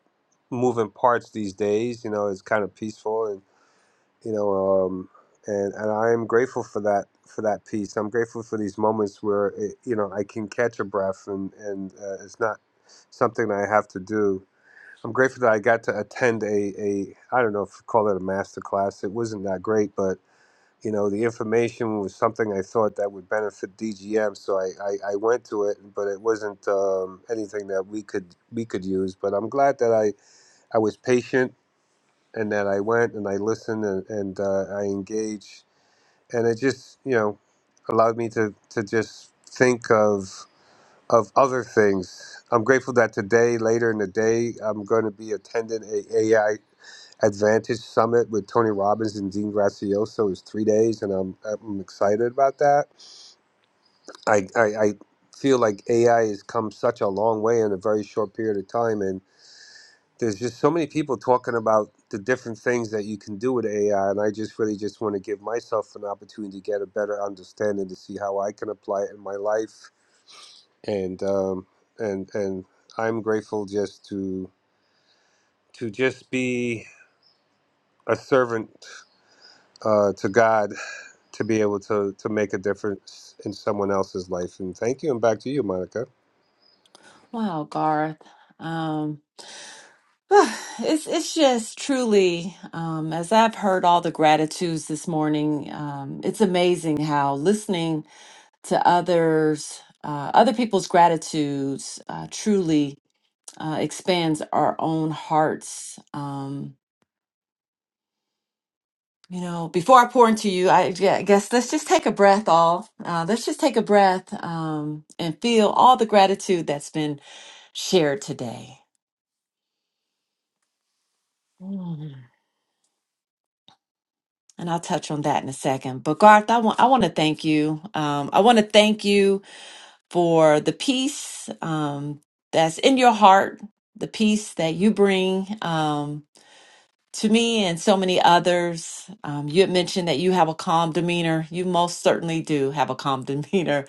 [SPEAKER 6] moving parts these days. You know, it's kind of peaceful and you know um and and i am grateful for that for that piece i'm grateful for these moments where it, you know i can catch a breath and and uh, it's not something that i have to do i'm grateful that i got to attend a a i don't know if you call it a master class it wasn't that great but you know the information was something i thought that would benefit dgm so i i, I went to it but it wasn't um, anything that we could we could use but i'm glad that i i was patient and that I went and I listened and, and uh, I engaged, and it just you know allowed me to to just think of of other things. I'm grateful that today, later in the day, I'm going to be attending a AI Advantage Summit with Tony Robbins and Dean Gracioso. It's three days, and I'm I'm excited about that. I I, I feel like AI has come such a long way in a very short period of time, and there's just so many people talking about the different things that you can do with AI, and I just really just want to give myself an opportunity to get a better understanding to see how I can apply it in my life, and um, and and I'm grateful just to to just be a servant uh, to God to be able to to make a difference in someone else's life. And thank you, and back to you, Monica.
[SPEAKER 1] Wow, Garth. Um, It's it's just truly, um, as I've heard all the gratitudes this morning, um, it's amazing how listening to others, uh, other people's gratitudes, uh, truly uh, expands our own hearts. Um, you know, before I pour into you, I, yeah, I guess let's just take a breath, all. Uh, let's just take a breath um, and feel all the gratitude that's been shared today. And I'll touch on that in a second. But Garth, I want I want to thank you. Um, I want to thank you for the peace um, that's in your heart, the peace that you bring um, to me and so many others. Um, you had mentioned that you have a calm demeanor. You most certainly do have a calm demeanor.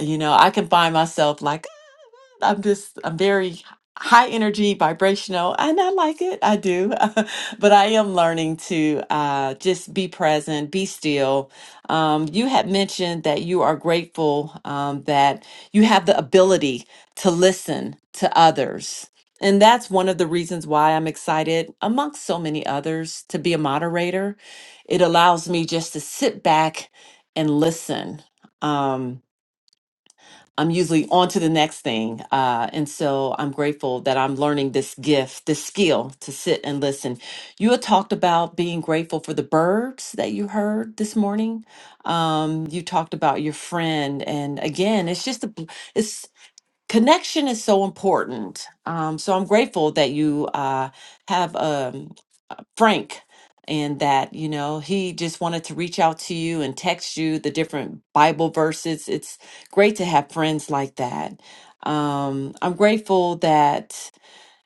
[SPEAKER 1] You know, I can find myself like. I'm just I'm very high energy, vibrational, and I like it. I do, but I am learning to uh, just be present, be still. Um, you had mentioned that you are grateful um, that you have the ability to listen to others. And that's one of the reasons why I'm excited, amongst so many others, to be a moderator. It allows me just to sit back and listen. Um, I'm usually on to the next thing. Uh, and so I'm grateful that I'm learning this gift, this skill to sit and listen. You had talked about being grateful for the birds that you heard this morning. Um, you talked about your friend. And again, it's just a, bl- it's, connection is so important. Um, so I'm grateful that you uh, have, um, Frank and that, you know, he just wanted to reach out to you and text you the different Bible verses. It's great to have friends like that. Um, I'm grateful that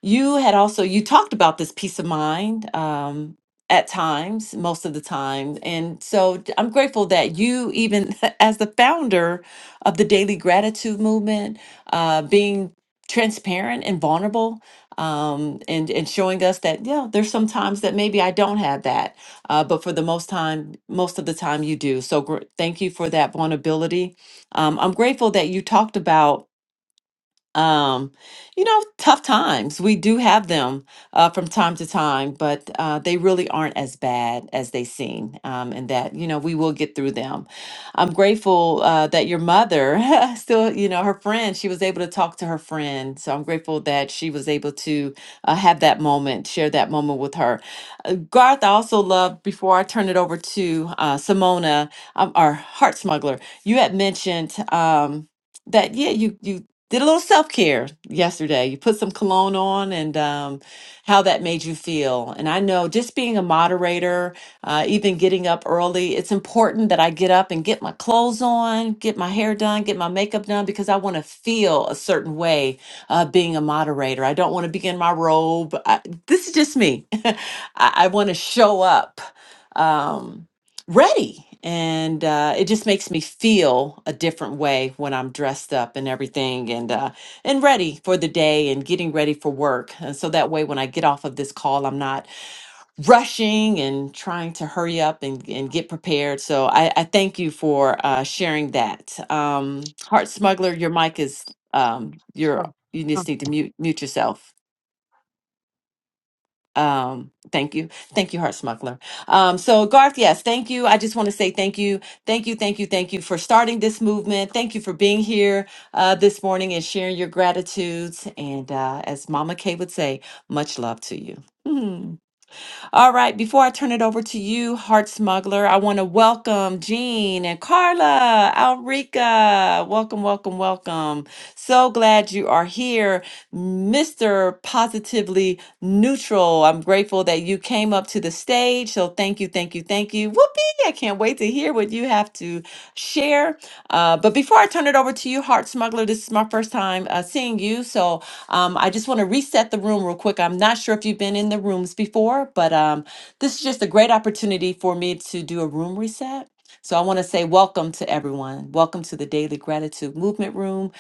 [SPEAKER 1] you had also you talked about this peace of mind um, at times, most of the time, and so d- I'm grateful that you, even as the founder of the Daily Gratitude Movement, uh, being transparent and vulnerable, um, and and showing us that yeah, there's some times that maybe I don't have that, uh, but for the most time, most of the time you do. So gr- thank you for that vulnerability. Um, I'm grateful that you talked about um you know tough times we do have them uh from time to time but uh they really aren't as bad as they seem um and that you know we will get through them i'm grateful uh that your mother still you know her friend she was able to talk to her friend so i'm grateful that she was able to uh, have that moment share that moment with her uh, garth i also love before i turn it over to uh simona um, our heart smuggler you had mentioned um that yeah you you did a little self care yesterday. You put some cologne on and um, how that made you feel. And I know just being a moderator, uh, even getting up early, it's important that I get up and get my clothes on, get my hair done, get my makeup done because I want to feel a certain way uh, being a moderator. I don't want to be in my robe. I, this is just me. I, I want to show up. Um, ready. And uh, it just makes me feel a different way when I'm dressed up and everything and uh, and ready for the day and getting ready for work. And so that way when I get off of this call, I'm not rushing and trying to hurry up and, and get prepared. So I, I thank you for uh, sharing that. Um, Heart Smuggler, your mic is um, your you just need to mute mute yourself. Um, thank you. Thank you, Heart Smuggler. Um, so Garth, yes, thank you. I just want to say thank you. Thank you, thank you, thank you for starting this movement. Thank you for being here uh this morning and sharing your gratitudes. And uh as Mama Kay would say, much love to you. All right, before I turn it over to you, Heart Smuggler, I want to welcome Jean and Carla, Alrika. Welcome, welcome, welcome. So glad you are here, Mr. Positively Neutral. I'm grateful that you came up to the stage. So thank you, thank you, thank you. Whoopee! I can't wait to hear what you have to share. Uh, but before I turn it over to you, Heart Smuggler, this is my first time uh, seeing you. So um, I just want to reset the room real quick. I'm not sure if you've been in the rooms before, but um, this is just a great opportunity for me to do a room reset. So I want to say welcome to everyone. Welcome to the Daily Gratitude Movement Room.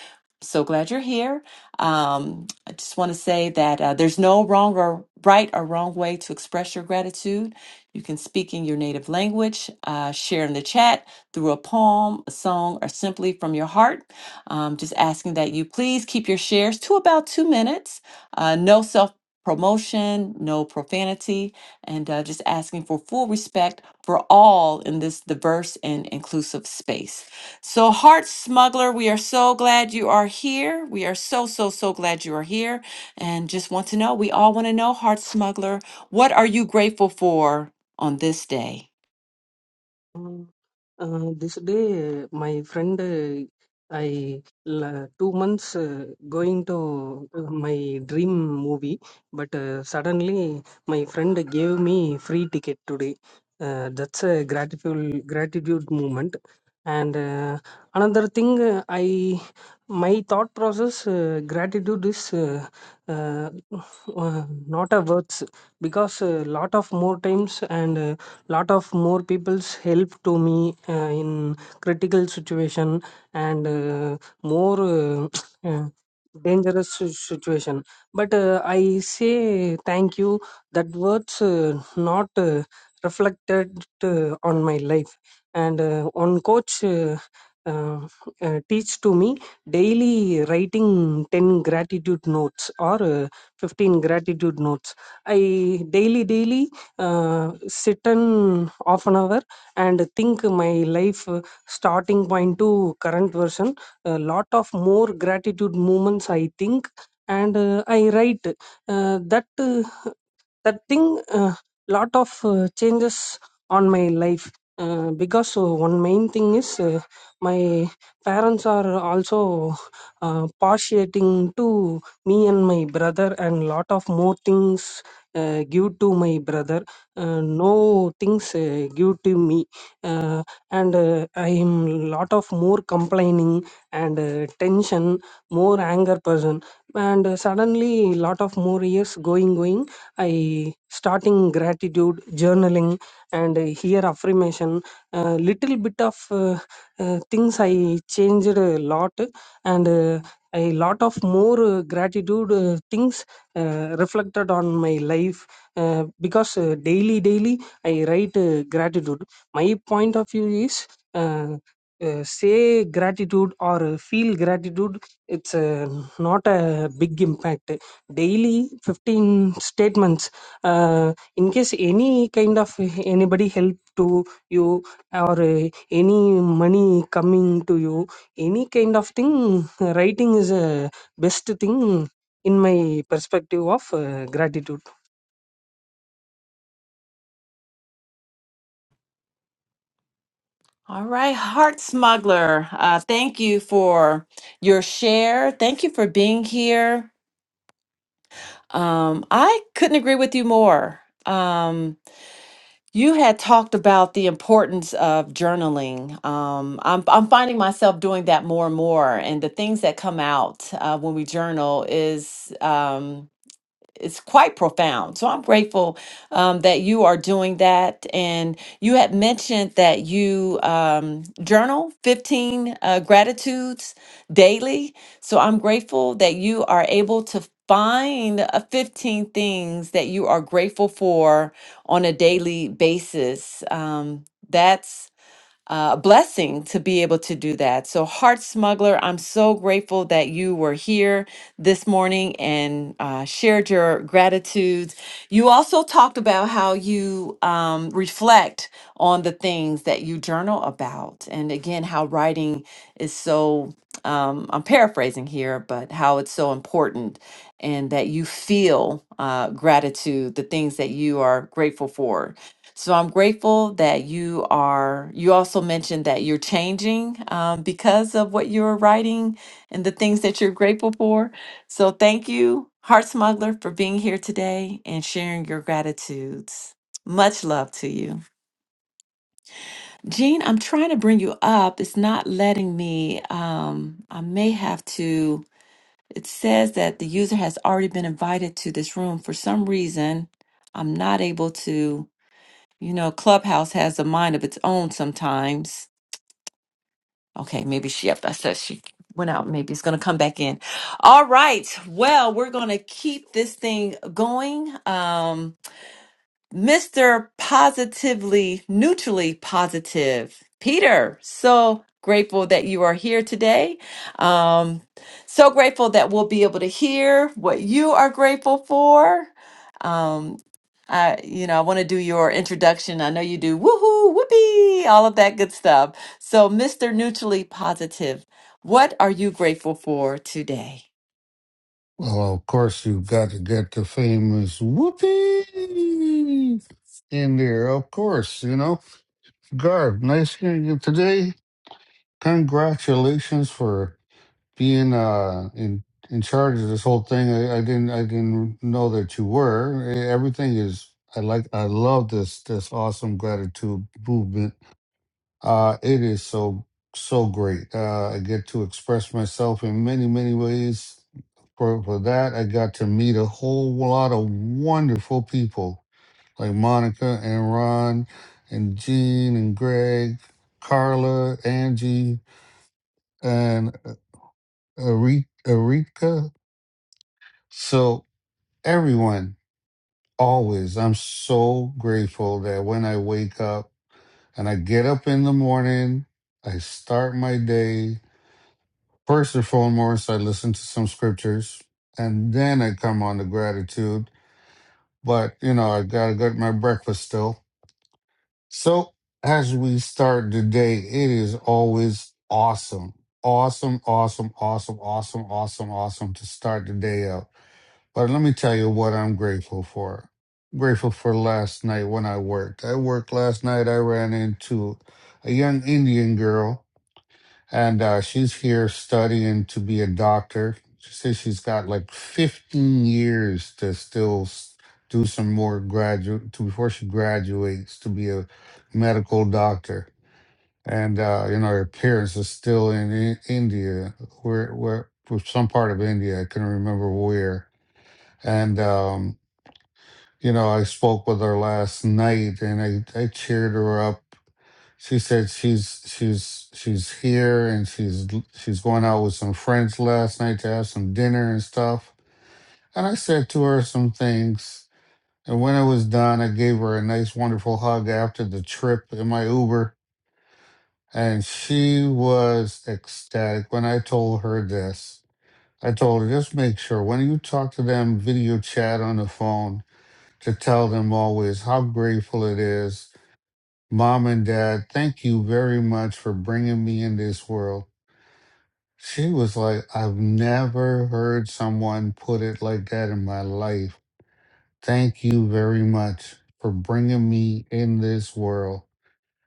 [SPEAKER 1] So glad you're here. Um, I just want to say that uh, there's no wrong or right or wrong way to express your gratitude. You can speak in your native language, uh, share in the chat through a poem, a song, or simply from your heart. Um, just asking that you please keep your shares to about two minutes. Uh, no self promotion, no profanity, and uh, just asking for full respect for all in this diverse and inclusive space. So, Heart Smuggler, we are so glad you are here. We are so, so, so glad you are here. And just want to know, we all want to know, Heart Smuggler, what are you grateful for on this day?
[SPEAKER 7] Mm. Uh, this day, my friend, uh, I la- two months uh, going to uh, my dream movie, but uh, suddenly my friend gave me free ticket today. Uh, that's a gratitude gratitude moment. And uh, another thing, uh, I my thought process uh, gratitude is uh, uh, uh, not a words because a lot of more times and. Uh, lot of more people's help to me uh, in critical situation and uh, more uh, uh, dangerous si- situation but uh, i say thank you that words uh, not uh, reflected uh, on my life and uh, one coach uh, uh, uh, teach to me daily writing 10 gratitude notes or uh, 15 gratitude notes i daily daily uh, sit and half an hour and think my life uh, starting point to current version a lot of more gratitude moments i think and uh, i write uh, that uh, that thing uh, lot of uh, changes on my life uh, because uh, one main thing is uh, my parents are also uh, partiating to me and my brother and lot of more things uh, give to my brother uh, no things uh, give to me uh, and uh, i am lot of more complaining and uh, tension more anger person and uh, suddenly lot of more years going going i starting gratitude journaling and uh, here affirmation uh, little bit of uh, uh, things i changed a lot and uh, a lot of more uh, gratitude uh, things uh, reflected on my life uh, because uh, daily daily i write uh, gratitude my point of view is uh, uh, say gratitude or uh, feel gratitude it's uh, not a big impact daily 15 statements uh, in case any kind of anybody help to you or uh, any money coming to you any kind of thing writing is a best thing in my perspective of uh, gratitude
[SPEAKER 1] All right, Heart Smuggler, uh, thank you for your share. Thank you for being here. Um, I couldn't agree with you more. Um, you had talked about the importance of journaling. Um, I'm, I'm finding myself doing that more and more. And the things that come out uh, when we journal is. Um, it's quite profound. So I'm grateful um, that you are doing that. And you had mentioned that you um, journal 15 uh, gratitudes daily. So I'm grateful that you are able to find uh, 15 things that you are grateful for on a daily basis. Um, that's uh, blessing to be able to do that. So, Heart Smuggler, I'm so grateful that you were here this morning and uh, shared your gratitudes. You also talked about how you um, reflect on the things that you journal about, and again, how writing is so. Um, I'm paraphrasing here, but how it's so important, and that you feel uh, gratitude, the things that you are grateful for so I'm grateful that you are, you also mentioned that you're changing um, because of what you're writing and the things that you're grateful for. So thank you, Heart Smuggler, for being here today and sharing your gratitudes. Much love to you. Jean, I'm trying to bring you up. It's not letting me. Um, I may have to. It says that the user has already been invited to this room. For some reason, I'm not able to you know, Clubhouse has a mind of its own sometimes. Okay, maybe she, yep, I said she went out. Maybe it's going to come back in. All right. Well, we're going to keep this thing going. Um, Mr. Positively, neutrally positive, Peter. So grateful that you are here today. Um, so grateful that we'll be able to hear what you are grateful for. Um, I, you know, I want to do your introduction. I know you do woohoo, whoopee, all of that good stuff. So, Mr. Neutrally Positive, what are you grateful for today?
[SPEAKER 8] Well, of course, you've got to get the famous whoopee in there. Of course, you know. Garb, nice hearing you today. Congratulations for being uh, in in charge of this whole thing. I, I didn't I didn't know that you were. Eh, Everything is. I like. I love this this awesome gratitude movement uh, it is so so great. Uh, I get to express myself in many many ways. For for that, I got to meet a whole lot of wonderful people like Monica and Ron and Jean and Greg, Carla, Angie, and Erika. So everyone, always, I'm so grateful that when I wake up and I get up in the morning, I start my day First and foremost, I listen to some scriptures and then I come on to gratitude. But, you know, I got to get my breakfast still. So as we start the day, it is always awesome. Awesome, awesome, awesome, awesome, awesome, awesome to start the day out. But let me tell you what I'm grateful for. grateful for last night when I worked. I worked last night. I ran into a young Indian girl and uh, she's here studying to be a doctor. She says she's got like 15 years to still s- do some more graduate to before she graduates to be a medical doctor. And uh, you know, her parents are still in, in India, where where for some part of India, I couldn't remember where. And um, you know, I spoke with her last night, and I I cheered her up she said she's she's she's here and she's she's going out with some friends last night to have some dinner and stuff. And I said to her some things. And when it was done, I gave her a nice, wonderful hug after the trip in my Uber. And she was ecstatic when I told her this. I told her, just make sure when you talk to them, video chat on the phone, to tell them always how grateful it is Mom and Dad, thank you very much for bringing me in this world. She was like, I've never heard someone put it like that in my life. Thank you very much for bringing me in this world.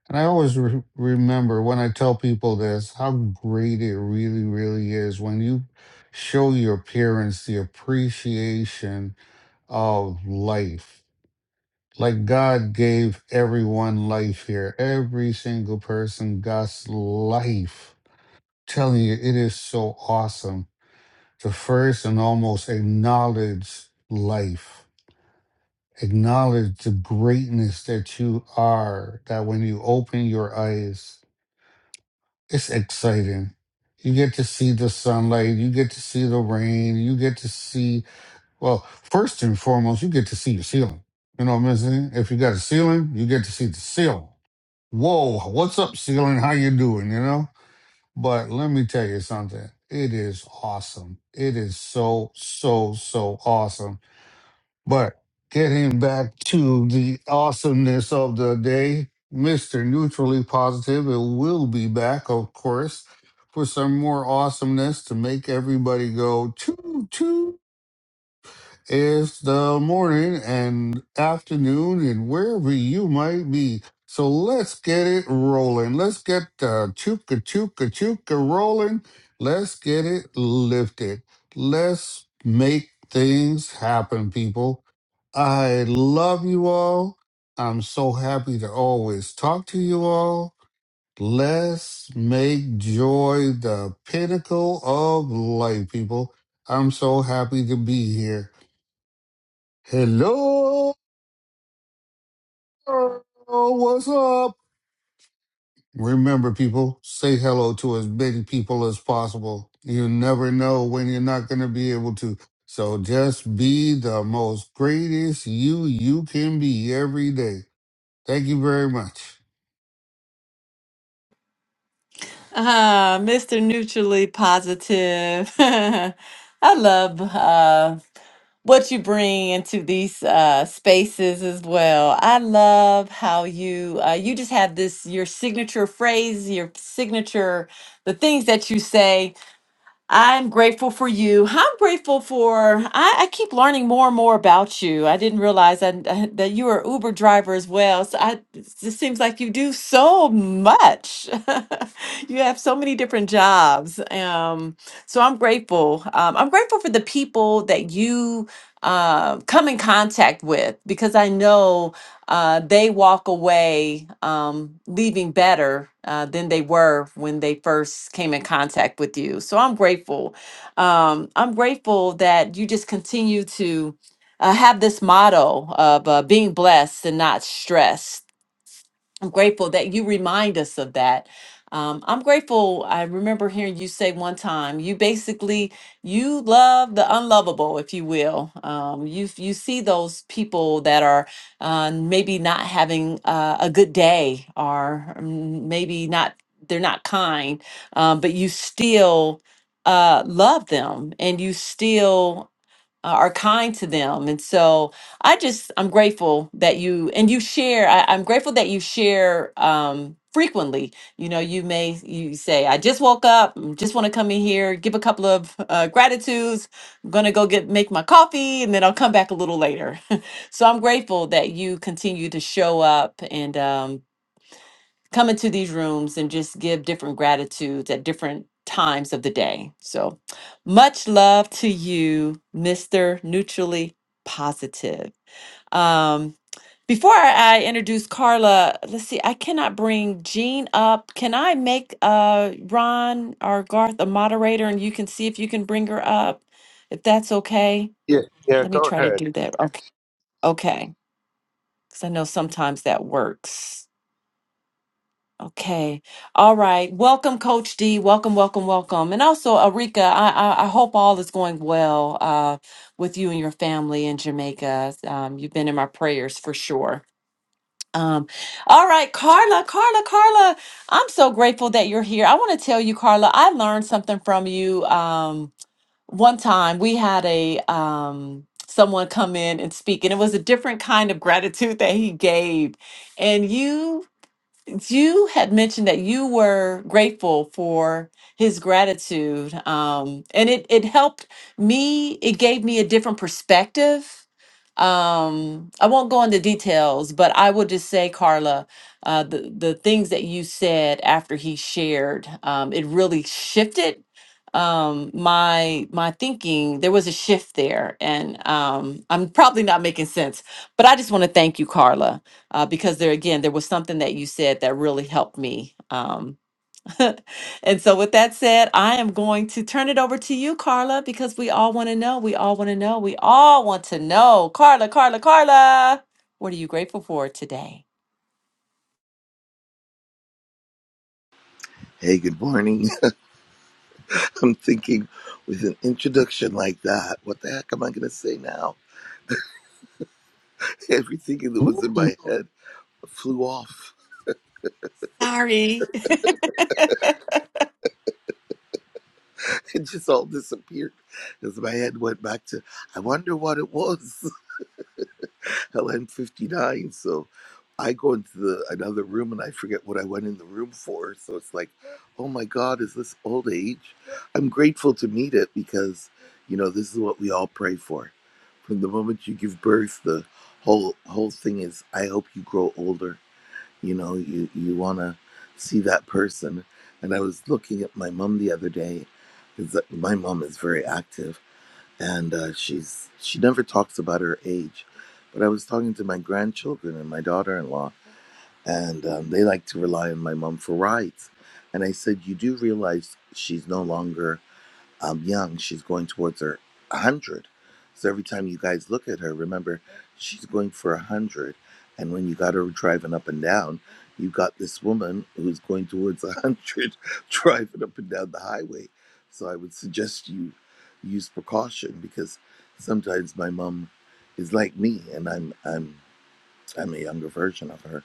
[SPEAKER 8] And I always re- remember when I tell people this, how great it really, really is when you show your parents the appreciation of life. Like God gave everyone life here. Every single person got life. Telling you, it is so awesome to first and almost acknowledge life. Acknowledge the greatness that you are, that when you open your eyes, it's exciting. You get to see the sunlight, you get to see the rain, you get to see, well, first and foremost, you get to see your ceiling. You know what I'm saying? If you got a ceiling, you get to see the ceiling. whoa, what's up, ceiling? How you doing? You know? But let me tell you something. It is awesome. It is so, so, so awesome. But getting back to the awesomeness of the day, Mr. Neutrally Positive, it will be back, of course, for some more awesomeness to make everybody go, choo, choo. It's the morning and afternoon and wherever you might be. So let's get it rolling. Let's get the chuka chuka chuka rolling. Let's get it lifted. Let's make things happen, people. I love you all. I'm so happy to always talk to you all. Let's make joy the pinnacle of life, people. I'm so happy to be here. Hello, what's up? Remember, people, say hello to as many people as possible. You never know when you're not going to be able to. So just be the most greatest you you can be every day. Thank you very much.
[SPEAKER 1] Ah, Mr. Neutrally Positive. I love uh, what you bring into these uh, spaces as well. I love how you uh, you just have this your signature phrase, your signature, the things that you say. I'm grateful for you. I'm grateful for, I, I keep learning more and more about you. I didn't realize that, that you were Uber driver as well. So I, it just seems like you do so much. you have so many different jobs. Um, so I'm grateful. Um, I'm grateful for the people that you uh, come in contact with because I know uh, they walk away um, leaving better uh, than they were when they first came in contact with you. So I'm grateful. Um, I'm grateful that you just continue to uh, have this motto of uh, being blessed and not stressed I'm grateful that you remind us of that. Um, I'm grateful. I remember hearing you say one time, you basically you love the unlovable, if you will. Um, you you see those people that are uh, maybe not having uh, a good day, or mm, maybe not they're not kind, um, but you still uh, love them, and you still uh, are kind to them. And so I just, I'm grateful that you, and you share, I, I'm grateful that you share um, frequently. You know, you may, you say, I just woke up, mm, just want to come in here, give a couple of uh, gratitudes. I'm going to go get, make my coffee, and then I'll come back a little later. so I'm grateful that you continue to show up and, um, come into these rooms and just give different gratitudes at different times of the day. So much love to you, Mr. Neutrally Positive. Um, before I introduce Carla, let's see, I cannot bring Jean up. Can I make uh, Ron or Garth a moderator and you can see if you can bring her up? If that's okay,
[SPEAKER 6] Yeah, yeah,
[SPEAKER 1] let me
[SPEAKER 6] go
[SPEAKER 1] try to
[SPEAKER 6] ahead.
[SPEAKER 1] do that. Okay. Okay. Because I know sometimes that works. Okay. All right. Welcome, Coach D. Welcome, welcome, welcome. And also, Arika, I, I, I hope all is going well uh, with you and your family in Jamaica. Um, you've been in my prayers for sure. Um, all right, Carla, Carla, Carla, I'm so grateful that you're here. I want to tell you, Carla, I learned something from you. Um, one time we had a um, someone come in and speak, and it was a different kind of gratitude that he gave. And you you had mentioned that you were grateful for his gratitude um, and it, it helped me it gave me a different perspective um, i won't go into details but i will just say carla uh, the, the things that you said after he shared um, it really shifted um my my thinking there was a shift there and um i'm probably not making sense but i just want to thank you carla uh, because there again there was something that you said that really helped me um, and so with that said i am going to turn it over to you carla because we all want to know we all want to know we all want to know carla carla carla what are you grateful for today
[SPEAKER 9] Hey, good morning. I'm thinking with an introduction like that, what the heck am I going to say now? Everything that was
[SPEAKER 8] Ooh.
[SPEAKER 9] in my head flew off.
[SPEAKER 1] Sorry.
[SPEAKER 9] It just all disappeared as my head went back to, I wonder what it was. Hell, I'm 59, so I go into the another room and I forget what I went in the room for. So it's like, oh my God, is this old age? I'm grateful to meet it because, you know, this is what we all pray for. From the moment you give birth, the whole whole thing is, I hope you grow older. You know, you you want to see that person. And I was looking at my mom the other day. 'cause uh, My mom is very active and uh, she's she never talks about her age. But I was talking to my grandchildren and my daughter-in-law, and um, they like to rely on my mom for rides. And I said, "You do realize she's no longer." um, young. She's going towards her 100. So every time you guys look at her, remember, she's going for 100. And when you got her driving up and down, you got this woman who's going towards 100 driving up and down the highway. So I would suggest you use precaution because sometimes my mom is like me and I'm, I'm, I'm a younger version of her.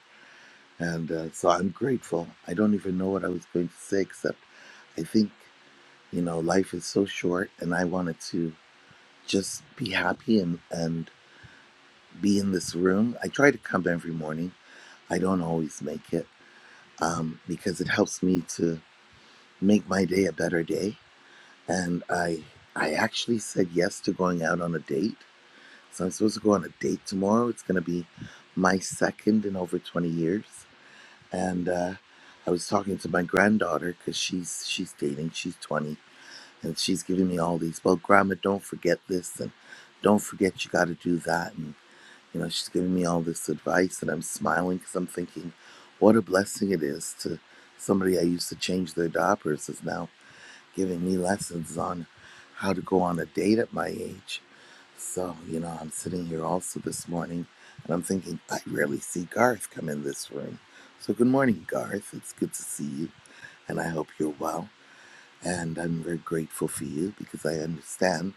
[SPEAKER 9] And uh, so I'm grateful. I don't even know what I was going to say, except I think. You know, life is so short, and I wanted to just be happy and, and be in this room. I try to come every morning. I don't always make it um, because it helps me to make my day a better day. And I, I actually said yes to going out on a date. So I'm supposed to go on a date tomorrow. It's going to be my second in over 20 years. And uh, I was talking to my granddaughter because she's she's dating. She's 20 and she's giving me all these well grandma don't forget this and don't forget you got to do that and you know she's giving me all this advice and i'm smiling because i'm thinking what a blessing it is to somebody i used to change their diapers is now giving me lessons on how to go on a date at my age so you know i'm sitting here also this morning and i'm thinking i rarely see garth come in this room so good morning garth it's good to see you and i hope you're well and I'm very grateful for you because I understand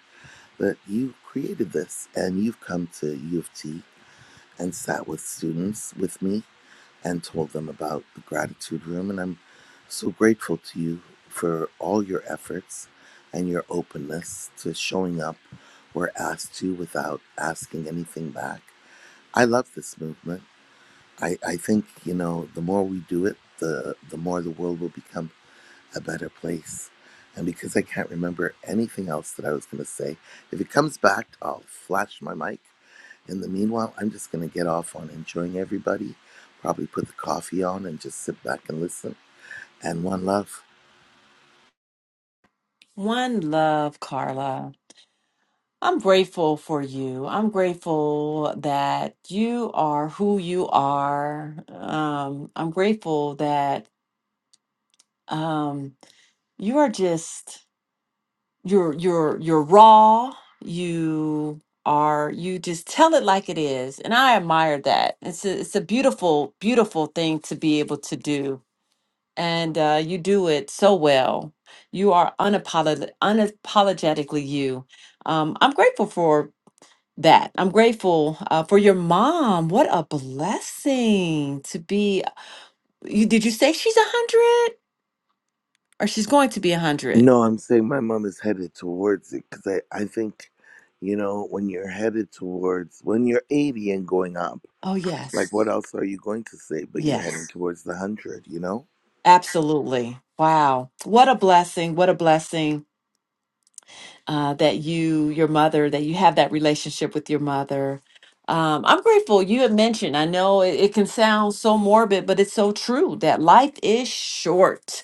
[SPEAKER 9] that you created this and you've come to U of T and sat with students with me and told them about the gratitude room. And I'm so grateful to you for all your efforts and your openness to showing up where asked to without asking anything back. I love this movement I, I think, you know, the more we do it, the, the more the world will become a better place. And because I can't remember anything else that I was going to say, if it comes back, I'll flash my mic. In the meanwhile, I'm just going to get off on enjoying everybody, probably put the coffee on and just sit back and listen. And one love.
[SPEAKER 1] one love, Carla. I'm grateful for you. I'm grateful that you are who you are. Um, I'm grateful that um, you are just you're you're you're raw you are you just tell it like it is and i admire that it's a, it's a beautiful beautiful thing to be able to do and uh, you do it so well you are unapolog- unapologetically you um, i'm grateful for that i'm grateful uh, for your mom what a blessing to be you did you say she's a hundred or she's going to be a hundred?
[SPEAKER 9] No, I'm saying my mom is headed towards it because I, I think, you know, when you're headed towards, when you're 80 and going up,
[SPEAKER 1] Oh
[SPEAKER 9] Like,
[SPEAKER 1] yes
[SPEAKER 9] what else are you going to say? But you're
[SPEAKER 1] yes
[SPEAKER 9] heading towards the hundred, you know?
[SPEAKER 1] Absolutely. Wow. What a blessing. What a blessing uh, that you, your mother, that you have that relationship with your mother. Um, I'm grateful you had mentioned, I know it, it can sound so morbid, but it's so true that life is short.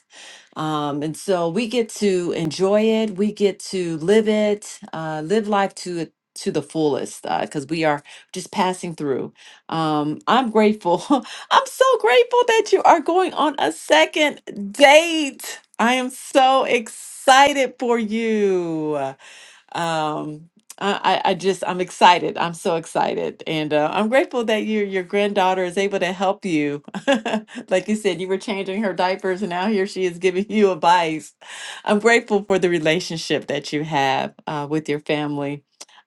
[SPEAKER 1] Um, and so we get to enjoy it. We get to live it, uh, live life to it to the fullest because we are just passing through. Um, I'm grateful. I'm so grateful that you are going on a second date. I am so excited for you. Um, I, I I just I'm excited. I'm so excited, and uh, I'm grateful that your your granddaughter is able to help you. like you said, you were changing her diapers, and now here she is giving you advice. I'm grateful for the relationship that you have uh, with your family.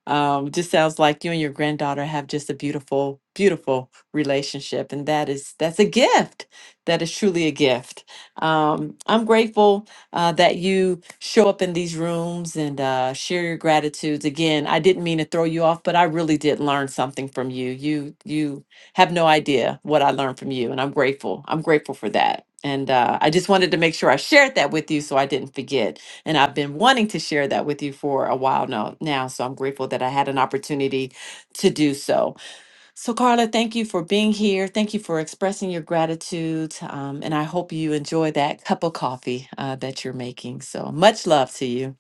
[SPEAKER 1] Um, just sounds like you and your granddaughter have just a beautiful, beautiful relationship, and that is that's a gift. That is truly a gift. Um, I'm grateful uh, that you show up in these rooms and uh, share your gratitudes. Again, I didn't mean to throw you off, but I really did learn something from you. You you have no idea what I learned from you, and I'm grateful. I'm grateful for that. And uh, I just wanted to make sure I shared that with you so I didn't forget. And I've been wanting to share that with you for a while now. Now, so I'm grateful that I had an opportunity to do so. So, Carla, thank you for being here. Thank you for expressing your gratitude. Um, and I hope you enjoy that cup of coffee uh, that you're making. So, much love to you.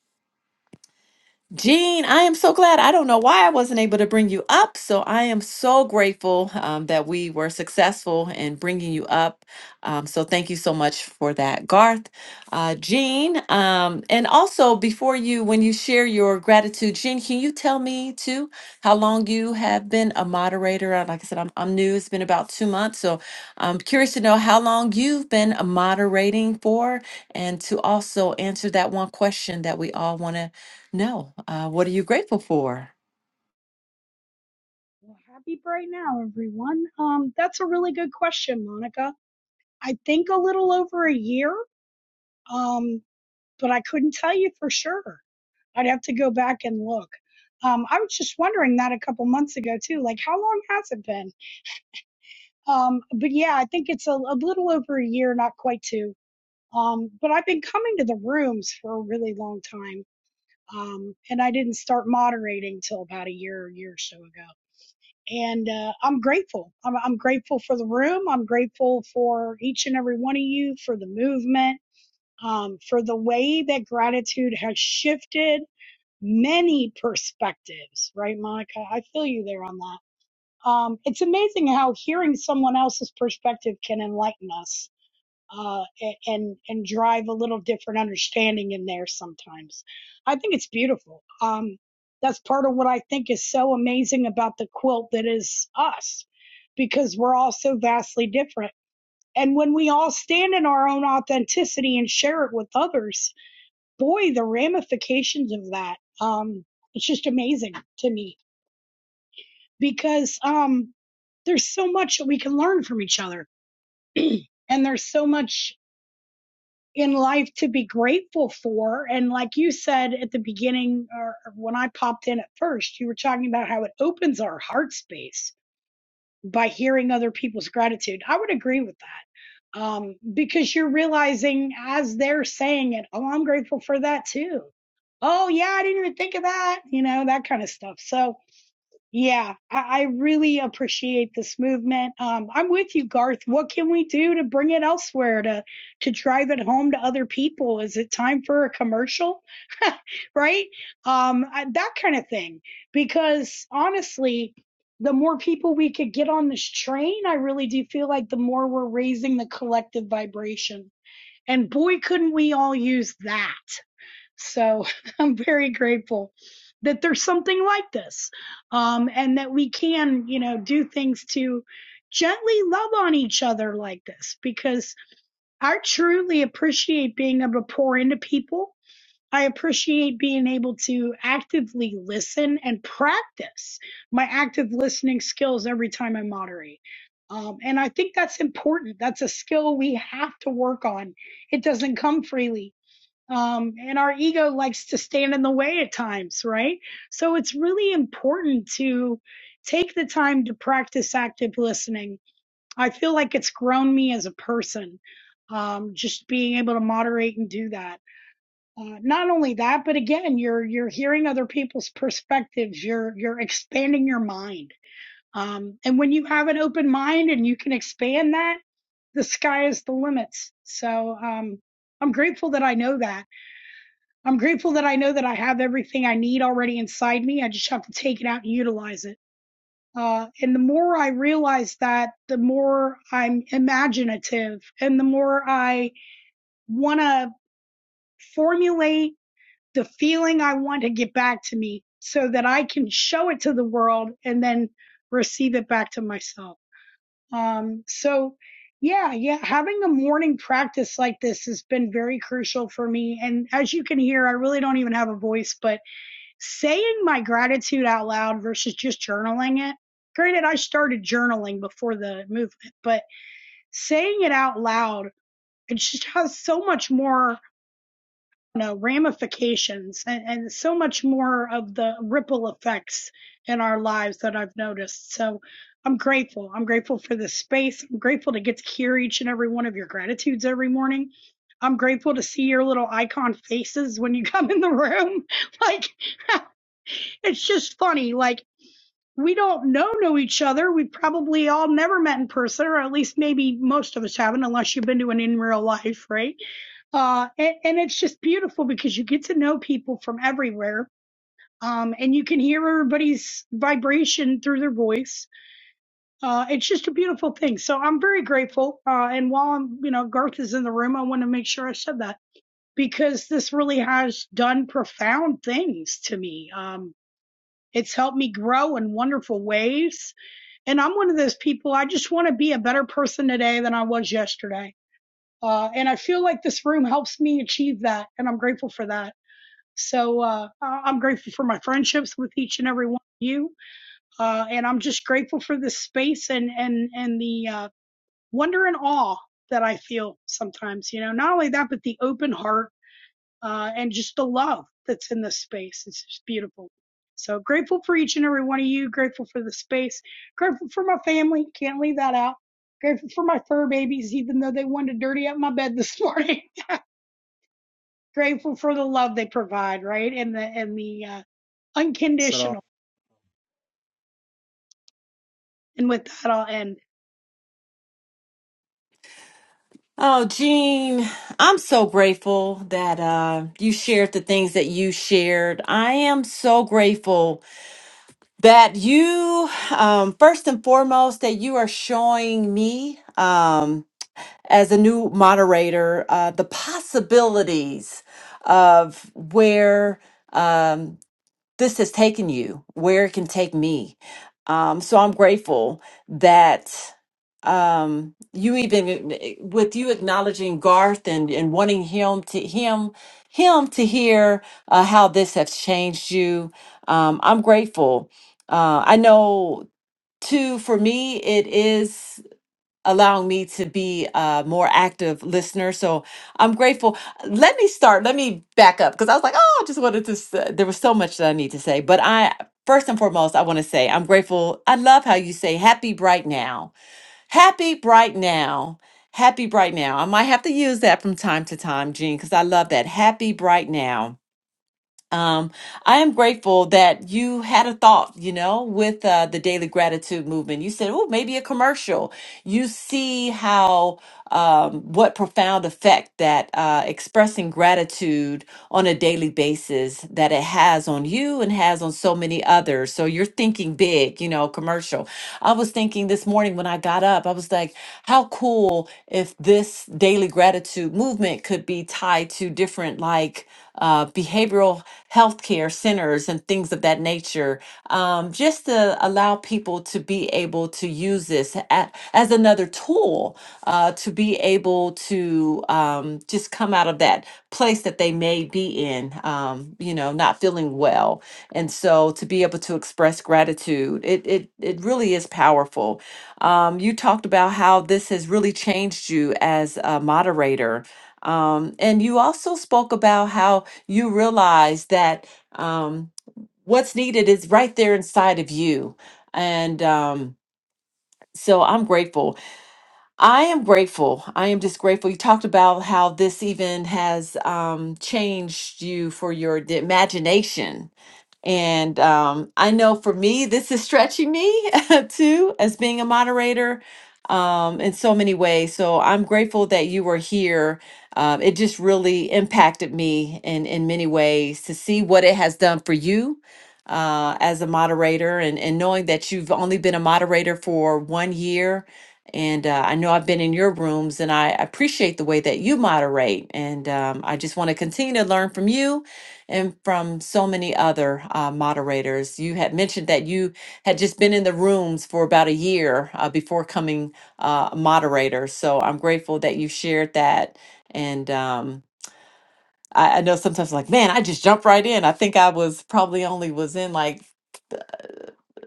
[SPEAKER 1] Jean, I am so glad. I don't know why I wasn't able to bring you up. So I am so grateful um, that we were successful in bringing you up. Um, so thank you so much for that, Garth. Uh, Jean, um, and also before you, when you share your gratitude, Jean, can you tell me too how long you have been a moderator? Uh, Like I said, I'm, I'm new. It's been about two months. So I'm curious to know how long you've been moderating for and to also answer that one question that we all want to no. Uh, what are you grateful for?
[SPEAKER 10] Well, happy bright now, everyone. Um, that's a really good question, Monica. I think a little over a year, um, but I couldn't tell you for sure. I'd have to go back and look. Um, I was just wondering that a couple months ago too. Like, how long has it been? Um, but yeah, I think it's a, a little over a year, not quite two. Um, but I've been coming to the rooms for a really long time. Um, and I didn't start moderating till about a year, a year or so ago. and uh, I'm grateful. I'm, I'm grateful for the room. I'm grateful for each and every one of you, for the movement, um, for the way that gratitude has shifted many perspectives. Right, Monica? I feel you there on that. Um, it's amazing how hearing someone else's perspective can enlighten us uh, and and drive a little different understanding in there sometimes. I think it's beautiful. Um, that's part of what I think is so amazing about the quilt that is us, because we're all so vastly different. And when we all stand in our own authenticity and share it with others, boy, the ramifications of that, um, it's just amazing to me because um, there's so much that we can learn from each other. and there's so much in life to be grateful for. And like you said at the beginning, or when I popped in at first, you were talking about how it opens our heart space by hearing other people's gratitude. I would agree with that um, because you're realizing as they're saying it, oh, I'm grateful for that too. Oh, yeah, I didn't even think of that, you know, that kind of stuff. So, yeah, I, I really appreciate this movement. Um, I'm with you, Garth. What can we do to bring it elsewhere to to drive it home to other people? Is it time for a commercial, right? Um, I, that kind of thing. Because honestly, the more people we could get on this train, I really do feel like the more we're raising the collective vibration. And boy, couldn't we all use that. So I'm very grateful that there's something like this, um, and that we can, you know, do things to gently love on each other like this. Because I truly appreciate being able to pour into people. I appreciate being able to actively listen and practice my active listening skills every time I moderate. Um, and I think that's important. That's a skill we have to work on. It doesn't come freely um, and our ego likes to stand in the way at times, right? So it's really important to take the time to practice active listening. I feel like it's grown me as a person, um, just being able to moderate and do that. Uh, not only that, but again, you're you're hearing other people's perspectives. You're you're expanding your mind, um, and when you have an open mind and you can expand that, the sky is the limits. So um, I'm grateful that I know that I'm grateful that I know that I have everything I need already inside me. I just have to take it out and utilize it. Uh, and the more I realize that, the more I'm imaginative and the more I want to formulate the feeling I want to get back to me so that I can show it to the world and then receive it back to myself. Um, so yeah, yeah, having a morning practice like this has been very crucial for me. And as you can hear, I really don't even have a voice, but saying my gratitude out loud versus just journaling it. Granted, I started journaling before the movement, but saying it out loud, it just has so much more you know, ramifications and, and so much more of the ripple effects in our lives that I've noticed. So I'm grateful. I'm grateful for this space. I'm grateful to get to hear each and every one of your gratitudes every morning. I'm grateful to see your little icon faces when you come in the room. Like, it's just funny. Like we don't know know each other. We've probably all never met in person, or at least maybe most of us haven't, unless you've been to an in real life, right? Uh, and, and it's just beautiful because you get to know people from everywhere. Um, and you can hear everybody's vibration through their voice. Uh, it's just a beautiful thing. So I'm very grateful. Uh, and while I'm, you know, Garth is in the room, I want to make sure I said that because this really has done profound things to me. Um, it's helped me grow in wonderful ways. And I'm one of those people, I just want to be a better person today than I was yesterday. Uh, and I feel like this room helps me achieve that. And I'm grateful for that. So uh, I- am grateful for my friendships with each and every one of you. Uh, and I'm just grateful for this space and, and, and the uh, wonder and awe that I feel sometimes, you know, not only that, but the open heart uh, and just the love that's in this space. It's just beautiful. So grateful for each and every one of you. Grateful for the space. Grateful for my family. Can't leave that out. Grateful for my fur babies, even though they wanted to dirty up my bed this morning. grateful for the love they provide, right? And the and the uh,
[SPEAKER 11] Salam.
[SPEAKER 10] unconditional. And with that, I'll end.
[SPEAKER 1] Oh, Jean, I'm so grateful that uh, you shared the things that you shared. I am so grateful that you, um, first and foremost, that you are showing me um, as a new moderator uh, the possibilities of where. Um, this has taken you, where it can take me. Um, so I'm grateful that um, you even uh, with you acknowledging Garth and, and wanting him to him him to hear uh, how this has changed you. Um, I'm grateful. Uh, I know too. For me, it is allowing me to be a more active listener. So I'm grateful. Let me start. Let me back up because I was like, oh, I just wanted to. s- There was so much that I need to say, but I first and foremost, I want to say I'm grateful. I love how you say "happy bright now," happy bright now. Happy bright now. I might have to use that from time to time, Jean, because I love that. Happy bright now um, I am grateful that you had a thought, you know, with uh, the daily gratitude movement. You said, oh, maybe a commercial. You see how, um, what profound effect that uh, expressing gratitude on a daily basis that it has on you and has on so many others. So you're thinking big, you know, commercial. I was thinking this morning when I got up, I was like, how cool if this daily gratitude movement could be tied to different, like, uh, behavioral health care centers and things of that nature, um, just to allow people to be able to use this a- as another tool uh, to be able to um, just come out of that place that they may be in, um, you know, not feeling well. And so to be able to express gratitude, it, it, it really is powerful. Um, you talked about how this has really changed you as a moderator. Um, and you also spoke about how you realize that um, what's needed is right there inside of you. And um, so I'm grateful. I am grateful. I am just grateful. You talked about how this even has um, changed you for your d- imagination and um, I know for me, this is stretching me too, as being a moderator um, in so many ways. So I'm grateful that you were here. Um, it just really impacted me in, in many ways to see what it has done for you uh, as a moderator and, and knowing that you've only been a moderator for one year. And uh, I know I've been in your rooms and I appreciate the way that you moderate. And um, I just want to continue to learn from you and from so many other uh, moderators. You had mentioned that you had just been in the rooms for about a year uh, before coming uh, a moderator. So I'm grateful that you shared that. And um, I, I know sometimes like, man, I just jumped right in. I think I was probably only was in like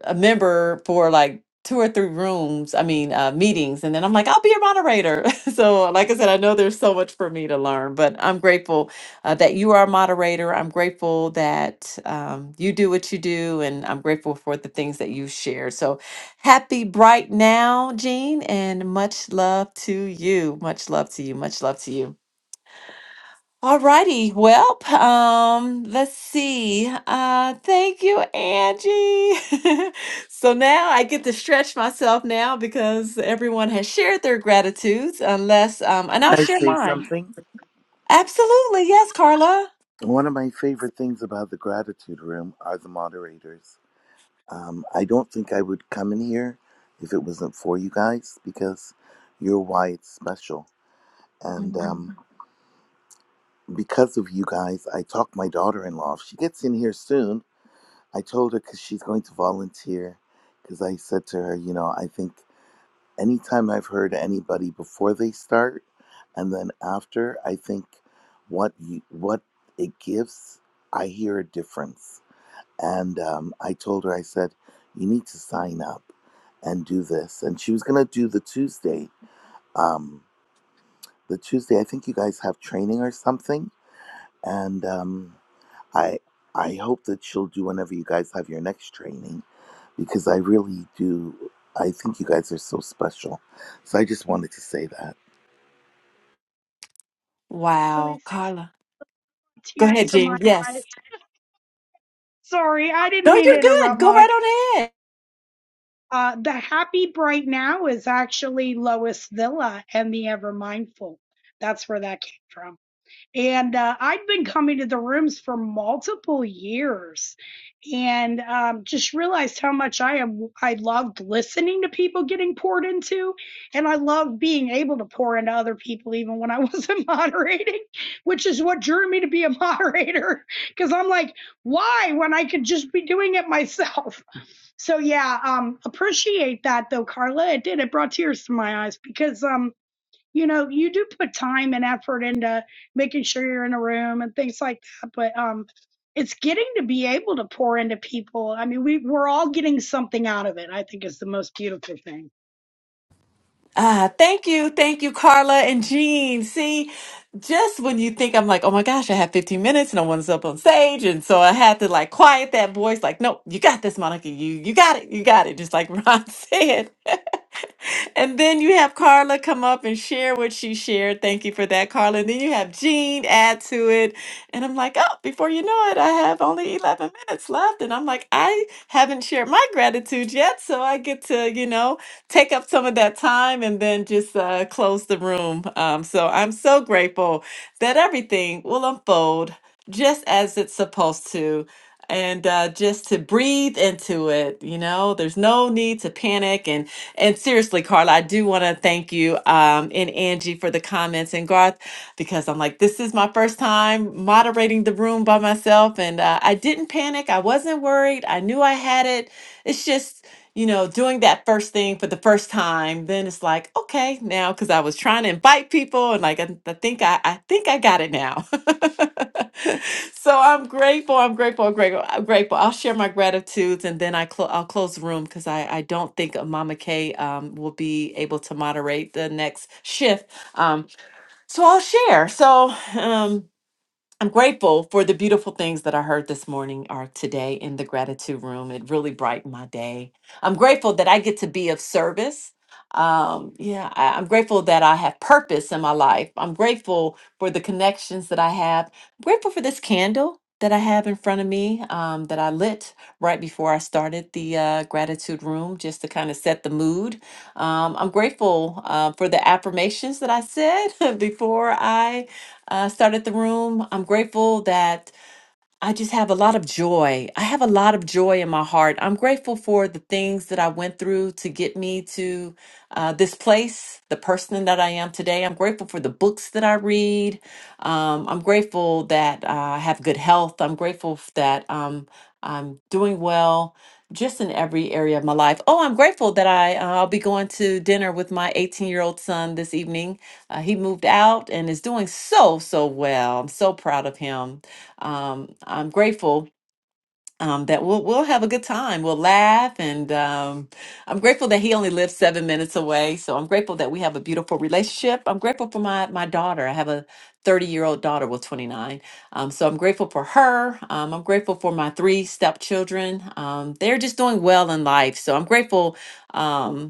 [SPEAKER 1] a member for like two or three rooms, I mean, uh, meetings. And then I'm like, I'll be a moderator. so, like I said, I know there's so much for me to learn, but I'm grateful uh, that you are a moderator. I'm grateful that um, you do what you do, and I'm grateful for the things that you share. So, happy bright now, Jean, and much love to you. Much love to you. Much love to you. Alrighty, well, um, let's see. Uh, thank you, Angie. so now I get to stretch myself now because everyone has shared their gratitudes, unless um, and I'll
[SPEAKER 9] I
[SPEAKER 1] share
[SPEAKER 9] say
[SPEAKER 1] mine.
[SPEAKER 9] something.
[SPEAKER 1] Absolutely, yes, Carla.
[SPEAKER 9] One of my favorite things about the gratitude room are the moderators. Um, I don't think I would come in here if it wasn't for you guys because you're why it's special. And
[SPEAKER 1] Mhm.
[SPEAKER 9] um, because of you guys, I talked my daughter in law. If she gets in here soon, I told her because she's going to volunteer. Because I said to her, you know, I think anytime I've heard anybody before they start and then after, I think what you, what it gives, I hear a difference. And um, I told her, I said, you need to sign up and do this. And she was gonna do the Tuesday. Um, the Tuesday, I think you guys have training or something. And um, I I hope that she'll do whenever you guys have your next training, because I really do. I think you guys are so special. So I just wanted to say that.
[SPEAKER 10] That was
[SPEAKER 1] Wow,
[SPEAKER 10] really sweet.
[SPEAKER 1] Carla. Go
[SPEAKER 10] tears
[SPEAKER 1] ahead,
[SPEAKER 10] to my
[SPEAKER 1] Jean.
[SPEAKER 10] eyes.
[SPEAKER 1] Yes.
[SPEAKER 10] Sorry, I didn't
[SPEAKER 1] No,
[SPEAKER 10] mean
[SPEAKER 1] you're
[SPEAKER 10] to
[SPEAKER 1] good.
[SPEAKER 10] interrupt,
[SPEAKER 1] Go
[SPEAKER 10] Monica.
[SPEAKER 1] right
[SPEAKER 10] Uh, the happy bright now is actually Lois Villa and the Ever Mindful. That's where that came from. And uh, I'd been coming to the rooms for multiple years, and um, just realized how much I am. I loved listening to people getting poured into, and I loved being able to pour into other people, even when I wasn't moderating, which is what drew me to be a moderator. Because I'm like, why when I could just be doing it myself? So yeah, um, appreciate that though, Carla. It did. It brought tears to my eyes because um, you know, you do put time and effort into making sure you're in a room and things like that. But um, it's getting to be able to pour into people. I mean, we we're all getting something out of it. I think is the most beautiful thing.
[SPEAKER 1] Ah, thank you. Thank you, Carla and Jean. See, just when you think I'm like, oh my gosh, I have 15 minutes, no one's up on stage. And so I had to like quiet that voice, like, no, you got this, Monica. You you got it, you got it, just like Ron said. And then you have Carla come up and share what she shared. Thank you for that, Carla. And then you have Jean add to it. And I'm like, oh, before you know it, I have only 11 minutes left. And I'm like, I haven't shared my gratitude yet. So I get to, you know, take up some of that time and then just uh, close the room. Um, so I'm so grateful that everything will unfold just as it's supposed to and uh, just to breathe into it. You know, there's no need to panic. And and seriously, Carla, I do want to thank you um, and Angie for the comments and Garth because I'm like, this is my first time moderating the room by myself, and uh, I didn't panic. I wasn't worried. I knew I had it. It's just you know, doing that first thing for the first time, then it's like, okay, now because I was trying to invite people and like I, I think I I think I got it now. so I'm grateful. I'm grateful. I'm grateful. I'm grateful. I'll share my gratitudes and then I clo- I'll close the room because I I don't think uh, Mama Kay um will be able to moderate the next shift. Um, so I'll share. So um. I'm grateful for the beautiful things that I heard this morning or today in the gratitude room. It really brightened my day. I'm grateful that I get to be of service. Um, yeah, I, I'm grateful that I have purpose in my life. I'm grateful for the connections that I have. I'm grateful for this candle that I have in front of me um, that I lit right before I started the uh, gratitude room just to kind of set the mood. Um, I'm grateful uh, for the affirmations that I said before I uh, started the room. I'm grateful that I just have a lot of joy. I have a lot of joy in my heart. I'm grateful for the things that I went through to get me to uh, this place, the person that I am today. I'm grateful for the books that I read. Um, I'm grateful that uh, I have good health. I'm grateful f- that um, I'm doing well just in every area of my life. Oh, I'm grateful that I, uh, I'll be going to dinner with my 18 year old son this evening. Uh, he moved out and is doing so, so well. I'm so proud of him um, I'm grateful um, that we'll we'll have a good time. We'll laugh, and um, I'm grateful that he only lives seven minutes away. So I'm grateful that we have a beautiful relationship. I'm grateful for my my daughter. I have a 30 year old daughter, well 29. Um, so I'm grateful for her. Um, I'm grateful for my three stepchildren. Um, they're just doing well in life. So I'm grateful. Um,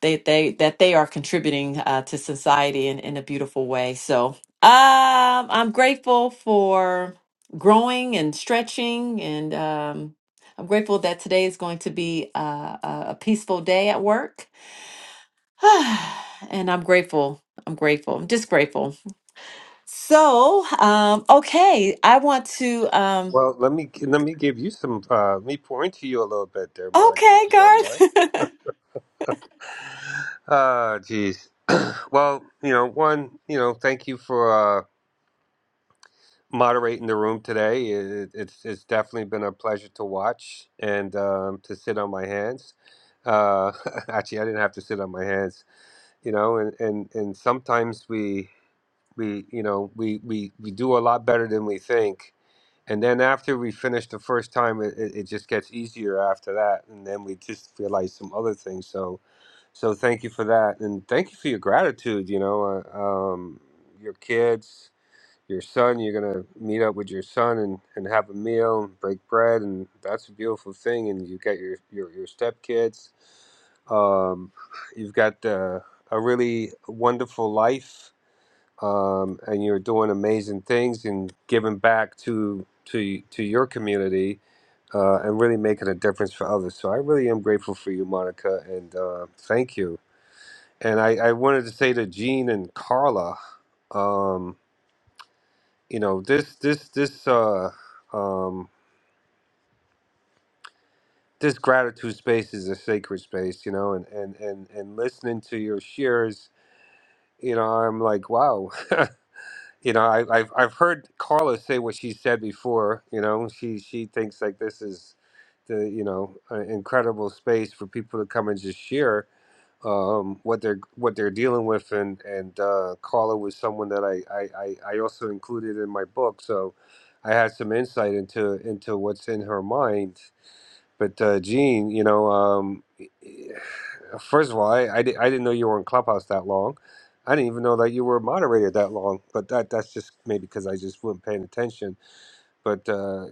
[SPEAKER 1] they they that they are contributing uh, to society in, in a beautiful way. So um, I'm grateful for growing and stretching, and um, I'm grateful that today is going to be uh, a, a peaceful day at work. and I'm grateful. I'm grateful. I'm just grateful. So um, okay, I want to. Um,
[SPEAKER 6] Well, let me let me give you some uh, let me point to you a little bit there, Monica, if
[SPEAKER 1] okay,
[SPEAKER 6] you don't mind.
[SPEAKER 1] Garth.
[SPEAKER 6] Ah, geez. well, you know, one, you know, thank you for uh, moderating the room today. It, it's it's definitely been a pleasure to watch and um, to sit on my hands. Uh, actually, I didn't have to sit on my hands, you know, and and and sometimes we we you know we we we do a lot better than we think and then after we finish the first time it, it, it just gets easier after that and then we just realize some other things so so thank you for that and thank you for your gratitude you know uh, um, your kids your son you're gonna meet up with your son and, and have a meal and break bread and that's a beautiful thing and you got your your, your stepkids um, you've got uh, a really wonderful life um, and you're doing amazing things and giving back to to to your community uh, and really making a difference for others. So I really am grateful for you, Monica, and uh, thank you. And I, I wanted to say to Gene and Carla, um, you know, this this this uh, um, this gratitude space is a sacred space, you know, and and and and listening to your shares, you know, I'm like, wow, you know, I, I've I've heard Carla say what she said before. You know, she she thinks like this is the you know an incredible space for people to come and just share um, what they're what they're dealing with. And and uh, Carla was someone that I, I I I also included in my book, so I had some insight into into what's in her mind. But uh, Gene, you know, um, first of all, I, I, di- I didn't know you were in Clubhouse that long. I didn't even know that you were a moderator that long. But that that's just maybe because I just wasn't paying attention. But uh,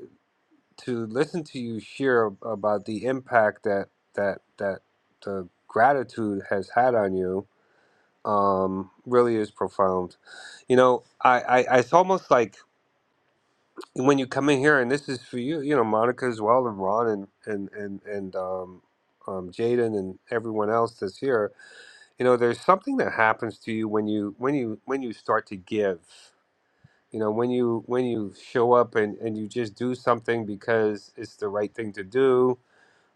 [SPEAKER 6] to listen to you share ab- about the impact that that that the gratitude has had on you um, really is profound. You know, I, I, I it's almost like when you come in here, and this is for you, you know, Monica as well, and Ron, and and and and um, um, Jaden, and everyone else that's here. You know, there's something that happens to you when you when you when you start to give. You know, when you when you show up and and you just do something because it's the right thing to do.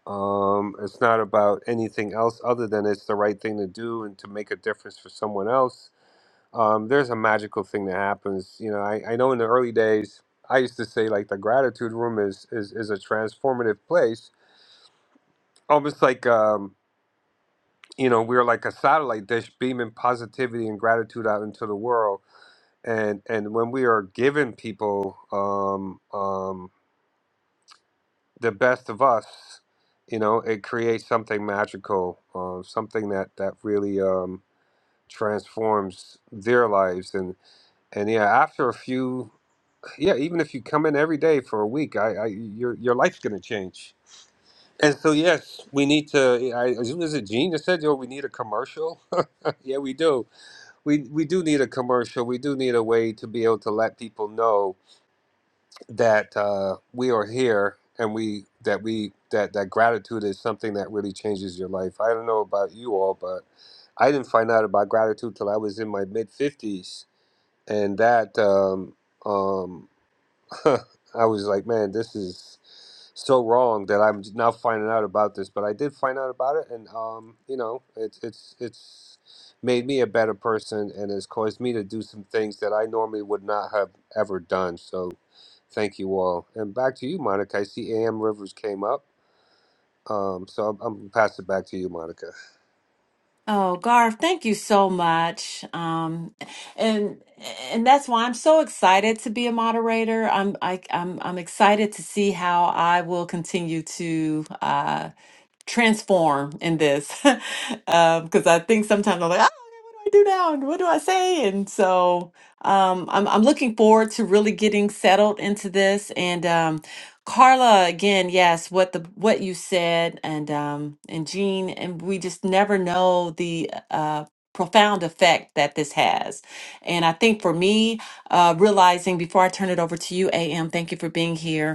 [SPEAKER 6] Um, it's not about anything else other than it's the right thing to do and to make a difference for someone else um, there's a magical thing that happens. You know, I, I know in the early days, I used to say like the gratitude room is is, is a transformative place, almost like um, you know we're like a satellite dish beaming positivity and gratitude out into the world. And and when we are giving people um, um, the best of us, you know, it creates something magical, uh, something that that really um, transforms their lives and and yeah after a few yeah even if you come in every day for a week i, I your your life's going to change and so yes we need to i was it gene that said yo we need a commercial yeah we do we we do need a commercial we do need a way to be able to let people know that uh, we are here and we that we that that gratitude is something that really changes your life i don't know about you all but i didn't find out about gratitude till i was in my mid 50s and that um um, I was like, man, this is so wrong that I'm now finding out about this. But I did find out about it, and um, you know, it's it's it's made me a better person, and has caused me to do some things that I normally would not have ever done. So, thank you all. And back to you, Monica. I see A.M. Rivers came up, um, so I'm, I'm gonna pass it back to you, Monica.
[SPEAKER 1] Oh, Garth, thank you so much. Um, and and that's why I'm so excited to be a moderator. I'm I, I'm I'm excited to see how I will continue to uh, transform in this because I think sometimes I'm like. I do now? And What do I say? And so um, I'm I'm looking forward to really getting settled into this. And um, Carla, again, yes, what the what you said, and um, and Jean, and we just never know the uh, profound effect that this has. And I think for me, uh, realizing before I turn it over to you, AM, thank you for being here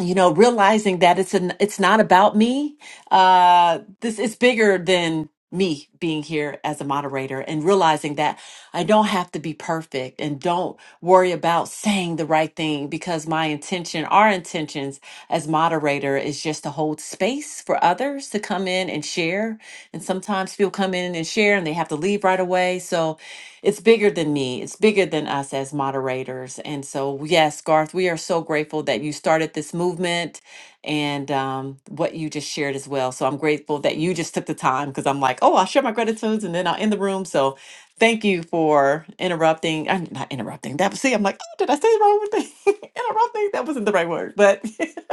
[SPEAKER 1] you know realizing that it's an it's not about me uh this is bigger than me being here as a moderator and realizing that I don't have to be perfect and don't worry about saying the right thing because my intention our intentions as moderator is just to hold space for others to come in and share and sometimes people come in and share and they have to leave right away so it's bigger than me. It's bigger than us as moderators. And so, yes, Garth, we are so grateful that you started this movement and um, what you just shared as well. So I'm grateful that you just took the time because I'm like, oh, I'll share my gratitudes and then I'll end the room. So thank you for interrupting. I'm not interrupting that. See, I'm like, oh, did I say the wrong thing? interrupting? That wasn't the right word, but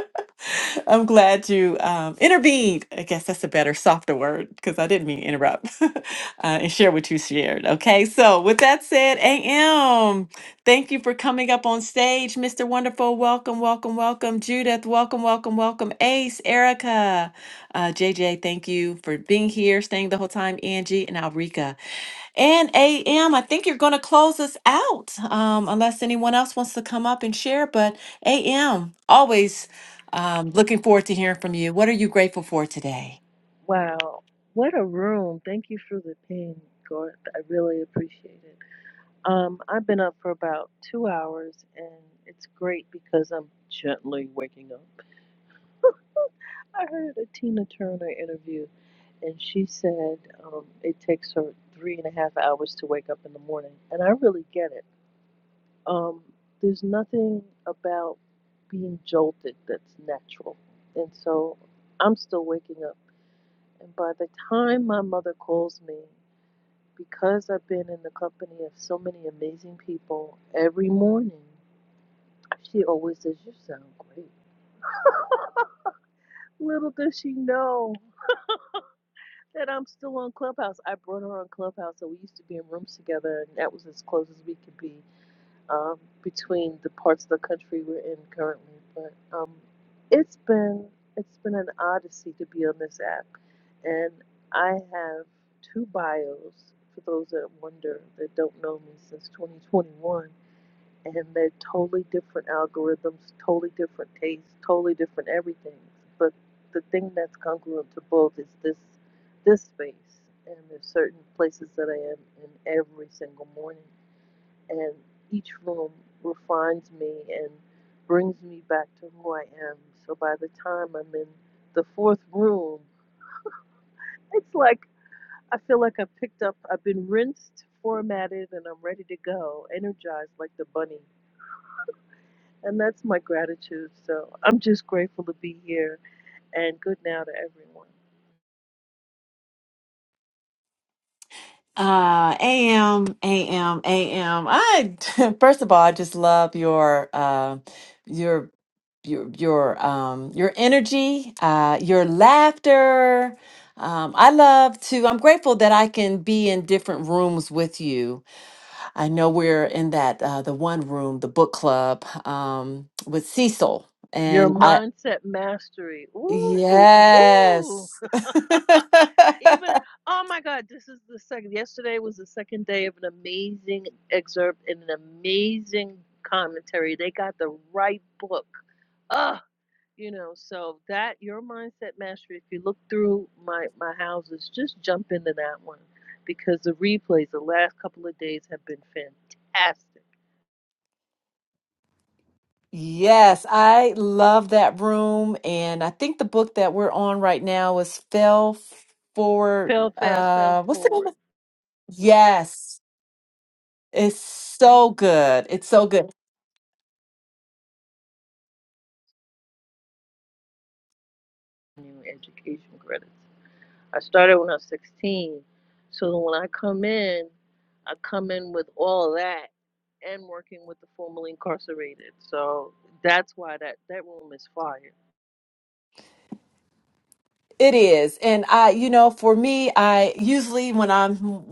[SPEAKER 1] I'm glad you um, intervened. I guess that's a better, softer word because I didn't mean to interrupt uh, and share what you shared. Okay, so with that said, AM, thank you for coming up on stage, Mr. Wonderful. Welcome, welcome, welcome. Judith, welcome, welcome, welcome. Ace, Erica, uh, JJ, thank you for being here, staying the whole time. Angie and Alrika. And AM, I think you're going to close us out um, unless anyone else wants to come up and share. But AM, always. Um, looking forward to hearing from you. What are you grateful for today?
[SPEAKER 12] Wow, what a room. Thank you for the ping, Garth. I really appreciate it. Um, I've been up for about two hours, and it's great because I'm gently waking up. I heard a Tina Turner interview, and she said um, it takes her three and a half hours to wake up in the morning, and I really get it. Um, there's nothing about being jolted that's natural, and so I'm still waking up. And by the time my mother calls me, because I've been in the company of so many amazing people every morning, she always says, You sound great. Little does she know that I'm still on Clubhouse. I brought her on Clubhouse, so we used to be in rooms together, and that was as close as we could be um, between the parts of the country we're in currently. But um, it's been it's been an odyssey to be on this app, and I have two bios. For those that wonder that don't know me since 2021, and they're totally different algorithms, totally different tastes, totally different everything. But the thing that's congruent to both is this this space, and there's certain places that I am in every single morning, and each room refines me and brings me back to who I am. So by the time I'm in the fourth room, it's like I feel like I've picked up, I've been rinsed, formatted, and I'm ready to go, energized like the bunny And that's my gratitude. So I'm just grateful to be here and good now to everyone.
[SPEAKER 1] Uh, AM, AM, AM. I first of all, I just love your uh, your your your um your energy, uh, your laughter. Um, I love to. I'm grateful that I can be in different rooms with you. I know we're in that uh, the one room, the book club, um, with Cecil,
[SPEAKER 12] Your
[SPEAKER 1] and I Mhm.
[SPEAKER 12] mindset mastery. Ooh, ooh, ooh.
[SPEAKER 1] yes.
[SPEAKER 12] Even, oh my God, this is the second. Yesterday was the second day of an amazing excerpt and an amazing commentary. They got the right book. Ugh. You know, so that your mindset mastery. If you look through my my houses, just jump into that one because the replays the last couple of days have been fantastic
[SPEAKER 1] Yes, I love that room. And I think the book that we're on right now is Fell Forward.
[SPEAKER 12] Fell fast, fell
[SPEAKER 1] Uh, what's the name
[SPEAKER 12] forward.
[SPEAKER 1] of Yes, it's so good. It's so good.
[SPEAKER 12] New education credits. I started when I was 16. So when I come in, I come in with all that and working with the formerly incarcerated. So that's why that, that room is fire.
[SPEAKER 1] It is. And I, you know, for me, I usually when I'm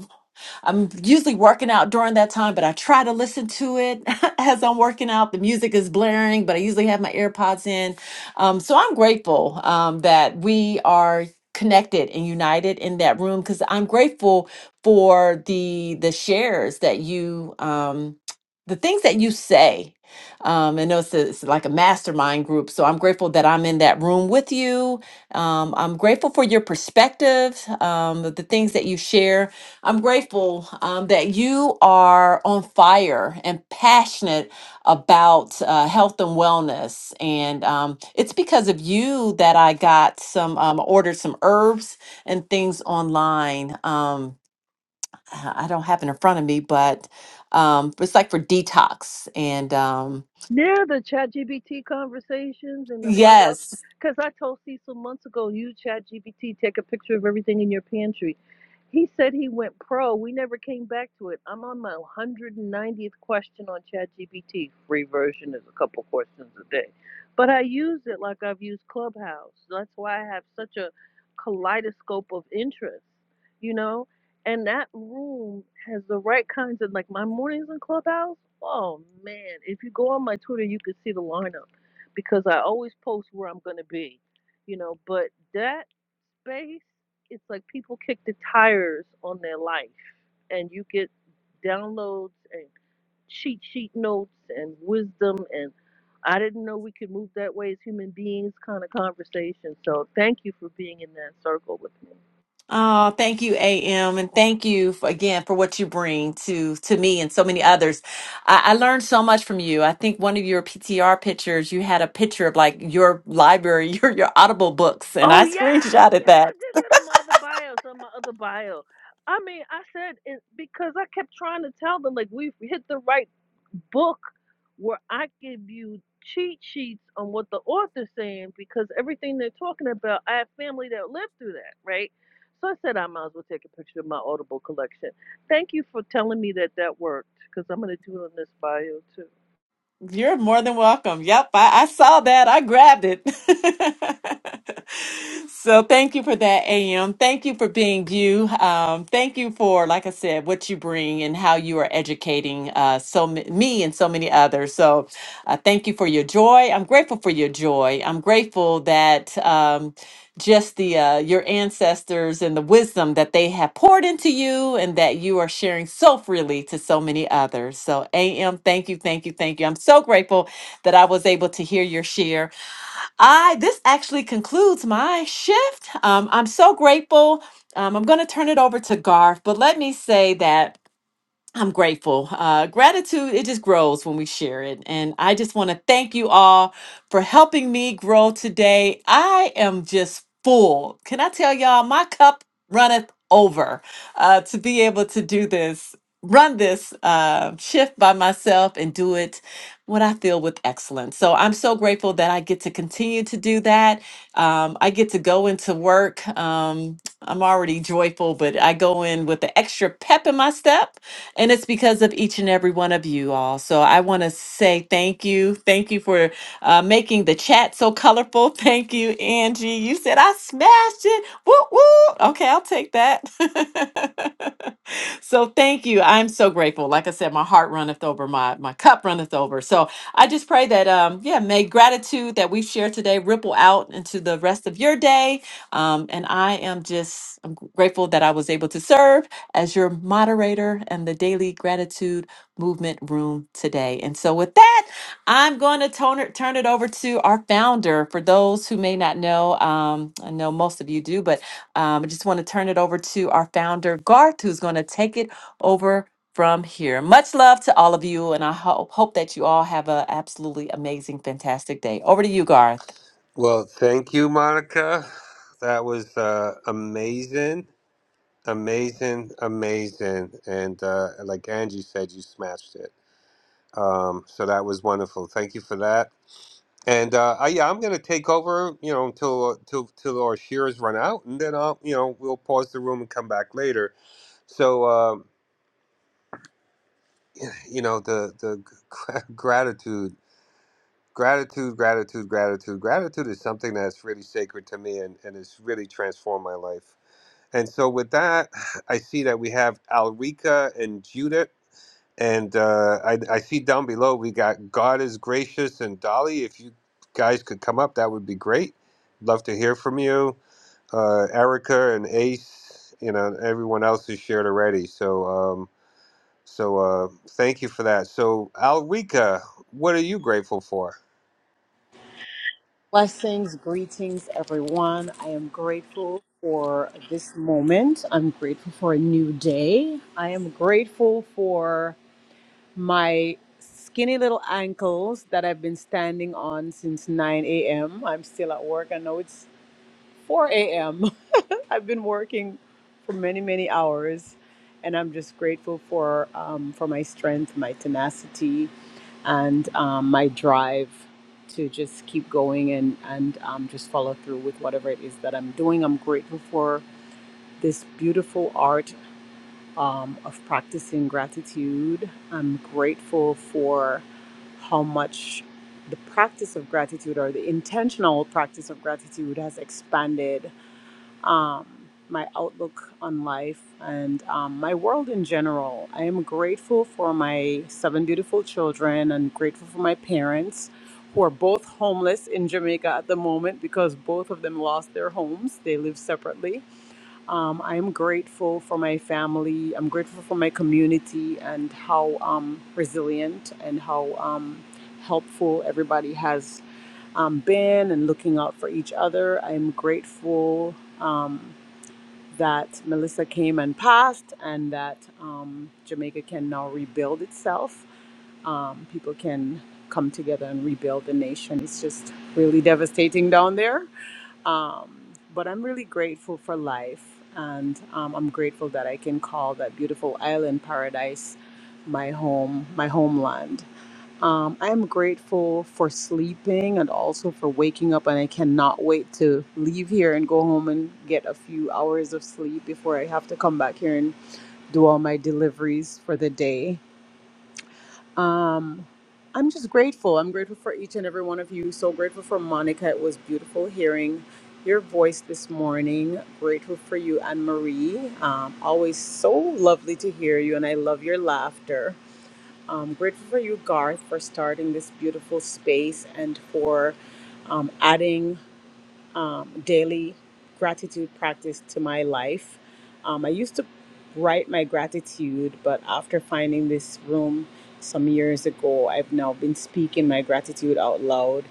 [SPEAKER 1] I'm usually working out during that time, but I try to listen to it as I'm working out. The music is blaring, but I usually have my AirPods in. Um, so I'm grateful um, that we are connected and united in that room because I'm grateful for the the shares that you um, the things that you say. Um, I know it's, a- it's like a mastermind group, so I'm grateful that I'm in that room with you. Um, I'm grateful for your perspective, um, the things that you share I'm grateful um, that you are on fire and passionate about uh, health and wellness. And um, it's because of you that I got some, um, ordered some herbs and things online. Um, I I don't have it in front of me, but um, it's like for detox. And um,
[SPEAKER 12] Yeah, the chat GBT conversations and the find out.
[SPEAKER 1] yes,
[SPEAKER 12] Because I told Cecil months ago, use chat GBT, take a picture of everything in your pantry. He said he went pro. We never came back to it. I'm on my 190th question on ChatGPT. Free version is a couple questions a day. But I use it like I've used Clubhouse. That's why I have such a kaleidoscope of interests, you know? And that room has the right kinds of, like, my mornings in Clubhouse. Oh, man. If you go on my Twitter, you can see the lineup because I always post where I'm going to be, you know? But that space it's like people kick the tires on their life and you get downloads and cheat sheet notes and wisdom and I didn't know we could move that way as human beings kind of conversation. So thank you for being in that circle with me.
[SPEAKER 1] Oh, thank you, AM, and thank you for, again for what you bring to to me and so many others. I, I learned so much from you. I think one of your PTR pictures, you had a picture of like your library, your your Audible books, and
[SPEAKER 12] Oh
[SPEAKER 1] I
[SPEAKER 12] yes,
[SPEAKER 1] screenshotted
[SPEAKER 12] yes, I
[SPEAKER 1] that.
[SPEAKER 12] did that on my other bio. So on my other bio. I mean, I said it because I kept trying to tell them like we've hit the right book where I give you cheat sheets on what the author's saying because everything they're talking about, I have family that lived through that, right? So I said I might as well take a picture of my Audible collection. Thank you for telling me that that worked because I'm going to do it on this bio too.
[SPEAKER 1] You're more than welcome. Yep, I, I saw that. I grabbed it. so thank you for that, AM. Thank you for being you. Um, thank you for, like I said, what you bring and how you are educating uh, so ma- me and so many others. So uh, thank you for your joy. I'm grateful for your joy. I'm grateful that. Um, just the uh, your ancestors and the wisdom that they have poured into you and that you are sharing so freely to so many others so am thank you thank you thank you i'm so grateful that i was able to hear your share i this actually concludes my shift um, i'm so grateful um, i'm going to turn it over to garth but let me say that I'm grateful. Uh, gratitude, it just grows when we share it. And I just want to thank you all for helping me grow today. I am just full. Can I tell y'all, my cup runneth over uh, to be able to do this, run this uh, shift by myself and do it what I feel with excellence. So I'm so grateful that I get to continue to do that. Um, I get to go into work. Um, I'm already joyful, but I go in with the extra pep in my step and it's because of each and every one of you all. So I want to say thank you. Thank you for uh, making the chat so colorful. Thank you, Angie. You said I smashed it. Woo woo. Okay, I'll take that. so thank you. I'm so grateful. Like I said, my heart runneth over, my my cup runneth over. So I just pray that um yeah, may gratitude that we share today ripple out into the rest of your day. Um, and I am just I'm grateful that I was able to serve as your moderator and the daily gratitude movement room today. And so with that, I'm going to turn it, turn it over to our founder. For those who may not know, um, I know most of you do, but um, I just want to turn it over to our founder, Garth, who's going to take it over from here. Much love to all of you, and I hope, hope that you all have an absolutely amazing, fantastic day. Over to you, Garth.
[SPEAKER 6] Well, thank you, Monica. That was uh, amazing, amazing, amazing. And uh, like Angie said, you smashed it. Um, so that was wonderful. Thank you for that. And uh, I, yeah, I'm going to take over, you know, until till till our shears run out, and then I'll, you know, we'll pause the room and come back later. So, um, you know, the the gratitude Gratitude, gratitude, gratitude. Gratitude is something that's really sacred to me and, and it's really transformed my life. And so with that, I see that we have Alrika and Judith. And uh, I, I see down below we got God is gracious and Dolly. If you guys could come up, that would be great. Love to hear from you. Uh, Erica and Ace, you know, everyone else has shared already. So, um, so uh, thank you for that. So, Alrika, what are you grateful for?
[SPEAKER 13] Blessings, greetings, everyone. I am grateful for this moment. I'm grateful for a new day. I am grateful for my skinny little ankles that I've been standing on since 9 a.m. I'm still at work. I know it's 4 a.m. I've been working for many, many hours, and I'm just grateful for um, for my strength, my tenacity, and um, my drive to just keep going and and um, just follow through with whatever it is that I'm doing. I'm grateful for this beautiful art um, of practicing gratitude. I'm grateful for how much the practice of gratitude or the intentional practice of gratitude has expanded um, my outlook on life, and um, my world in general. I am grateful for my seven beautiful children and grateful for my parents who are both homeless in Jamaica at the moment because both of them lost their homes. They live separately. Um, I am grateful for my family. I'm grateful for my community and how um, resilient and how um, helpful everybody has um, been and looking out for each other. I'm grateful. um, that Melissa came and passed, and that um, Jamaica can now rebuild itself. Um, people can come together and rebuild the nation. It's just really devastating down there. Um, but I'm really grateful for life, and um, I'm grateful that I can call that beautiful island paradise my home, my homeland. Um, I am grateful for sleeping and also for waking up, and I cannot wait to leave here and go home and get a few hours of sleep before I have to come back here and do all my deliveries for the day. Um, I'm just grateful. I'm grateful for each and every one of you. So grateful for Monica. It was beautiful hearing your voice this morning. Grateful for you, Anne Marie. Um, always so lovely to hear you, and I love your laughter. Um, grateful for you, Garth, for starting this beautiful space and for um, adding um, daily gratitude practice to my life. Um, I used to write my gratitude, but after finding this room some years ago, I've now been speaking my gratitude out loud.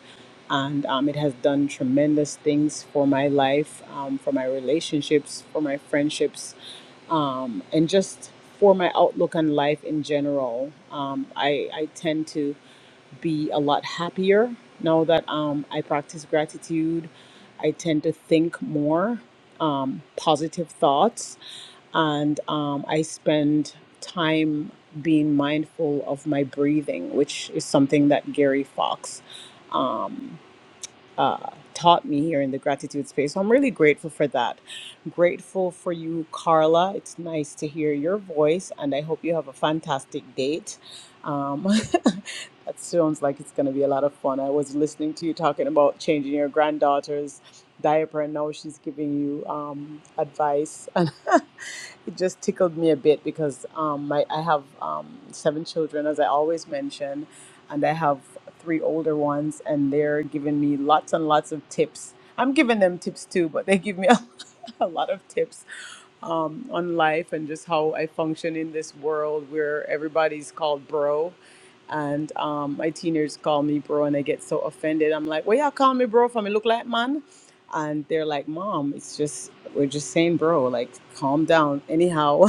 [SPEAKER 13] And um, it has done tremendous things for my life, um, for my relationships, for my friendships, um, and just for my outlook on life in general. Um, I, I tend to be a lot happier now that um, I practice gratitude. I tend to think more um, positive thoughts, and um, I spend time being mindful of my breathing, which is something that Gary Fox. um, uh, taught me here in the gratitude space. So I'm really grateful for that. Grateful for you, Carla. It's nice to hear your voice, and I hope you have a fantastic date. Um, that sounds like it's going to be a lot of fun. I was listening to you talking about changing your granddaughter's diaper, and now she's giving you um, advice. And it just tickled me a bit because um, my, I have um, seven children, as I always mention, and I have three older ones, and they're giving me lots and lots of tips. I'm giving them tips too, but they give me a, a lot of tips um, on life and just how I function in this world where everybody's called bro. And um, my teenagers call me bro and I get so offended. I'm like, well, y'all call me bro for me look like man? And they're like, mom, it's just, we're just saying bro, like calm down. Anyhow,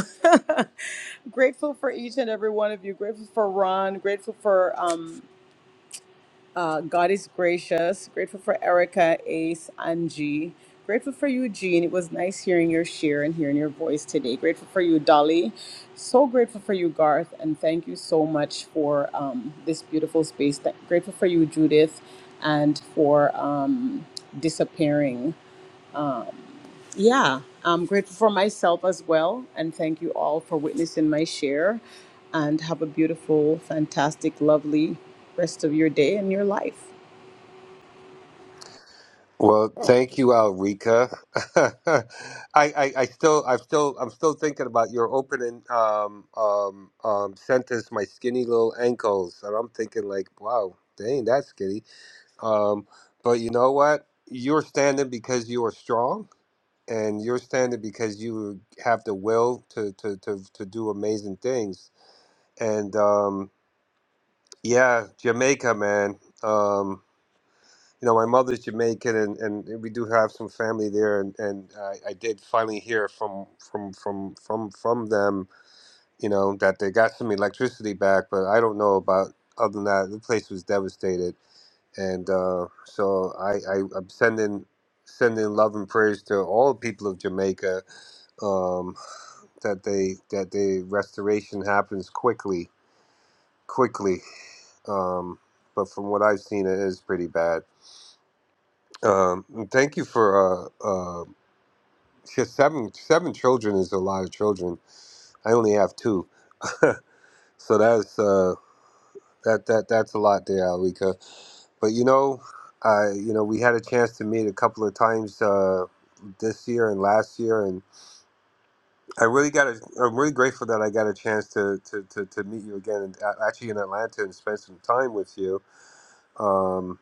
[SPEAKER 13] grateful for each and every one of you. Grateful for Ron. Grateful for um, uh, God is gracious. Grateful for Erica, Ace, Angie. Grateful for you, Jean. It was nice hearing your share and hearing your voice today. Grateful for you, Dolly. So grateful for you, Garth. And thank you so much for um, this beautiful space. Th- grateful for you, Judith, and for um, disappearing. Yeah, I'm grateful for myself as well. And thank you all for witnessing my share. And have a beautiful, fantastic, lovely rest of your day and your life.
[SPEAKER 6] Well, thank you, Alrika. I, I, I still, I'm still, I'm still thinking about your opening um, um, um, sentence. My skinny little ankles, and I'm thinking like, wow, they ain't that skinny. Um, but you know what? You're standing because you are strong, and you're standing because you have the will to to to, to do amazing things. And um, yeah, Jamaica, man. Um, you know, my mother's Jamaican, and, and we do have some family there, and and I, I did finally hear from from from from from them, you know, that they got some electricity back, but I don't know about other than that, the place was devastated, and uh, so I, I I'm sending sending love and prayers to all people of Jamaica, um, that they that the restoration happens quickly, quickly, um, but from what I've seen, it is pretty bad um, and thank you for uh, uh, just seven seven children is a lot of children. I only have two, so that's uh, that that that's a lot there, Alika. But you know, I you know we had a chance to meet a couple of times uh, this year and last year, and I really got a, I'm really grateful that I got a chance to to, to, to meet you again, and a- actually in Atlanta and spend some time with you. Um,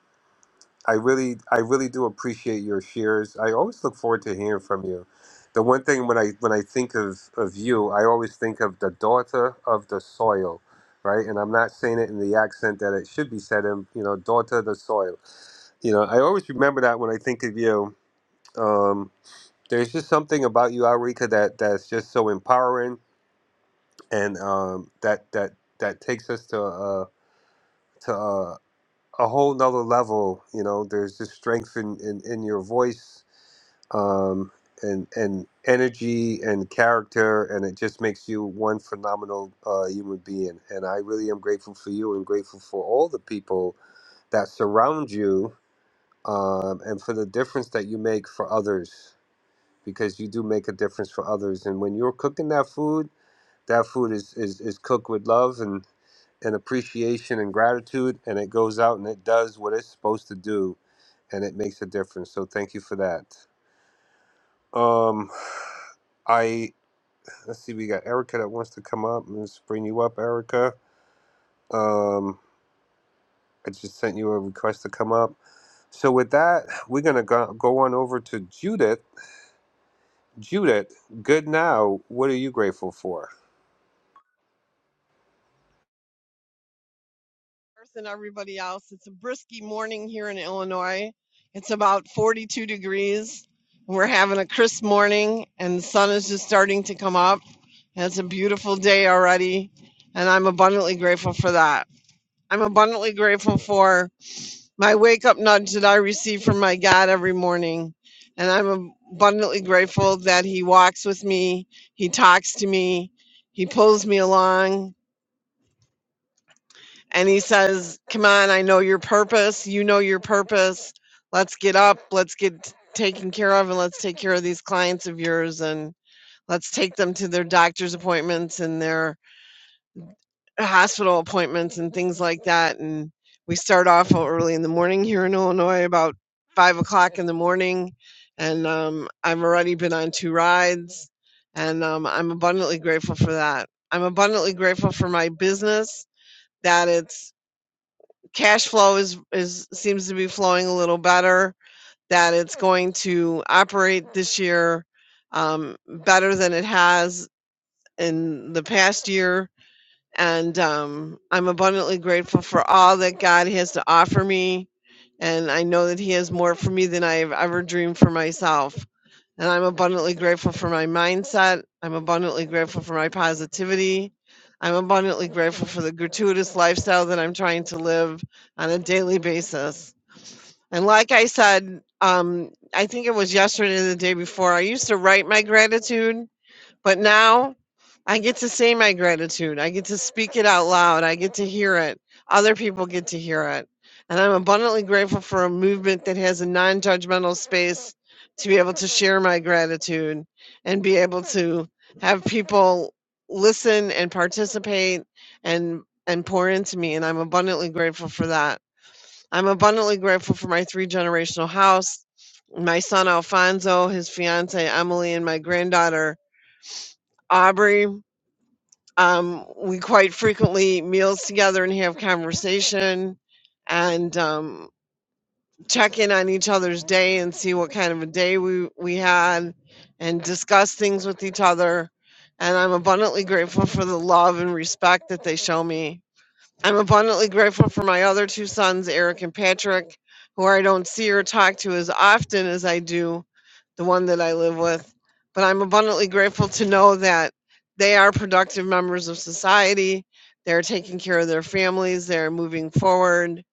[SPEAKER 6] I really, I really do appreciate your shares. I always look forward to hearing from you. The one thing when I when I think of of you, I always think of the daughter of the soil, right? And I'm not saying it in the accent that it should be said in, you know, daughter of the soil. You know, I always remember that when I think of you. Um, there's just something about you, Alrika, that that's just so empowering, and um, that that that takes us to uh, to uh, a whole nother level. You know, there's just strength in, in, in your voice um, and and energy and character, and it just makes you one phenomenal uh, human being. And I really am grateful for you, and grateful for all the people that surround you, um, and for the difference that you make for others, because you do make a difference for others. And when you're cooking that food, that food is is, is cooked with love and and appreciation and gratitude, and it goes out and it does what it's supposed to do, and it makes a difference. So thank you for that. Um, I Let's see, we got Erica that wants to come up. Let's bring you up, Erica. Um, I just sent you a request to come up. So with that, we're gonna go, go on over to Judith. Judith, good now. What are you grateful for?
[SPEAKER 14] Earth and everybody else. It's a brisky morning here in Illinois. It's about 42 degrees. We're having a crisp morning, and the sun is just starting to come up. And it's a beautiful day already, and I'm abundantly grateful for that. I'm abundantly grateful for my wake up nudge that I receive from my God every morning. And I'm abundantly grateful that He walks with me, He talks to me, He pulls me along, and he says, "Come on, I know your purpose. You know your purpose. Let's get up. Let's get taken care of, and let's take care of these clients of yours, and let's take them to their doctor's appointments and their hospital appointments and things like that." And we start off early in the morning here in Illinois, about five o'clock in the morning, and um, I've already been on two rides, and um, I'm abundantly grateful for that. I'm abundantly grateful for my business that it's cash flow is is seems to be flowing a little better, that it's going to operate this year um, better than it has in the past year and um, I'm abundantly grateful for all that God has to offer me. And I know that He has more for me than I have ever dreamed for myself. And I'm abundantly grateful for my mindset. I'm abundantly grateful for my positivity. I'm abundantly grateful for the gratuitous lifestyle that I'm trying to live on a daily basis. And like I said, um, I think it was yesterday or the day before, I used to write my gratitude but now I get to say my gratitude. I get to speak it out loud. I get to hear it. Other people get to hear it. And I'm abundantly grateful for a movement that has a non judgmental space to be able to share my gratitude and be able to have people listen and participate and and pour into me and I'm abundantly grateful for that. I'm abundantly grateful for my three generational house, my son Alfonso, his fiance Emily and my granddaughter Aubrey um, we quite frequently meals together and have conversation and um, check in on each other's day and see what kind of a day we, we had and discuss things with each other. And I'm abundantly grateful for the love and respect that they show me. I'm abundantly grateful for my other two sons, Eric and Patrick, who I don't see or talk to as often as I do, the one that I live with. But I'm abundantly grateful to know that they are productive members of society. They're taking care of their families. They're moving forward.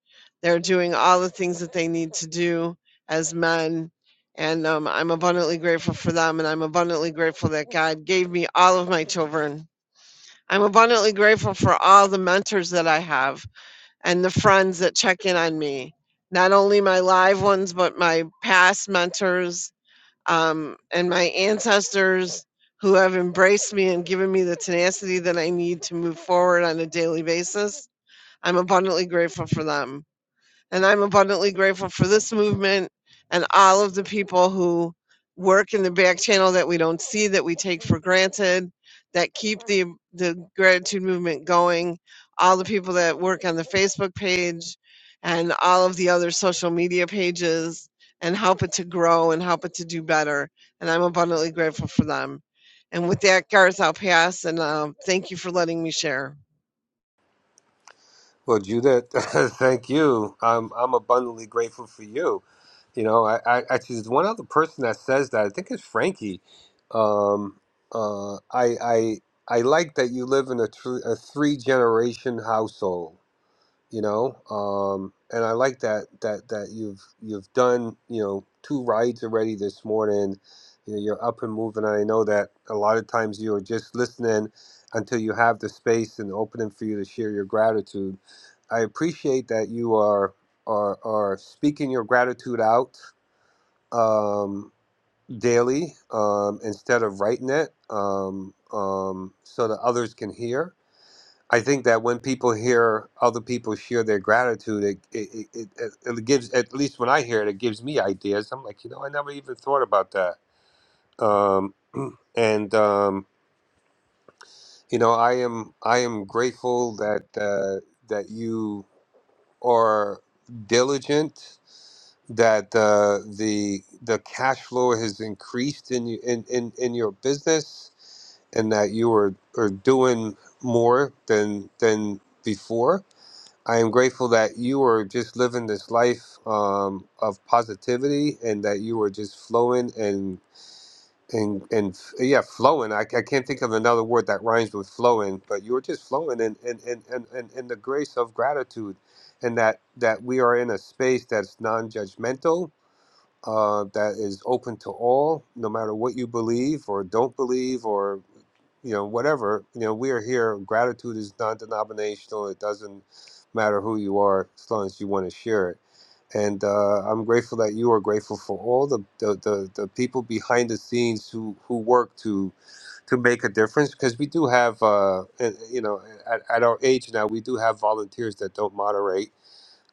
[SPEAKER 14] They're doing all the things that they need to do as men. And um, I'm abundantly grateful for them. And I'm abundantly grateful that God gave me all of my children. I'm abundantly grateful for all the mentors that I have and the friends that check in on me, not only my live ones, but my past mentors um, and my ancestors who have embraced me and given me the tenacity that I need to move forward on a daily basis. I'm abundantly grateful for them. And I'm abundantly grateful for this movement and all of the people who work in the back channel that we don't see, that we take for granted, that keep the, the gratitude movement going, all the people that work on the Facebook page and all of the other social media pages and help it to grow and help it to do better. And I'm abundantly grateful for them. And with that, Garth, I'll pass and uh, thank you for letting me share.
[SPEAKER 6] Well, Judith, thank you. I'm I'm abundantly grateful for you. You know, I, I actually there's one other person that says that. I think it's Frankie. Um, uh, I I I like that you live in a, tr- a three generation household you know um and i like that that that you've you've done you know two rides already this morning you know you're up and moving and i know that a lot of times you're just listening until you have the space and opening for you to share your gratitude i appreciate that you are are are speaking your gratitude out um daily um instead of writing it um um so that others can hear I think that when people hear other people share their gratitude, it it, it, it it gives at least when I hear it, it gives me ideas. I'm like, you know, I never even thought about that. Um, and um, you know, I am I am grateful that uh, that you are diligent. That uh, the the cash flow has increased in you in, in, in your business, and that you are, are doing more than than before I am grateful that you are just living this life um, of positivity and that you are just flowing and and and yeah, flowing. I, I can't think of another word that rhymes with flowing, but you're just flowing in in, in, in, in in the grace of gratitude and that that we are in a space that's non-judgmental. Uh, that is open to all, no matter what you believe or don't believe, or you know, whatever, you know, we are here. Gratitude is non denominational. It doesn't matter who you are as long as you want to share it. And uh, I'm grateful that you are grateful for all the, the, the, the people behind the scenes who, who work to to make a difference because we do have, uh, and, you know, at, at our age now, we do have volunteers that don't moderate.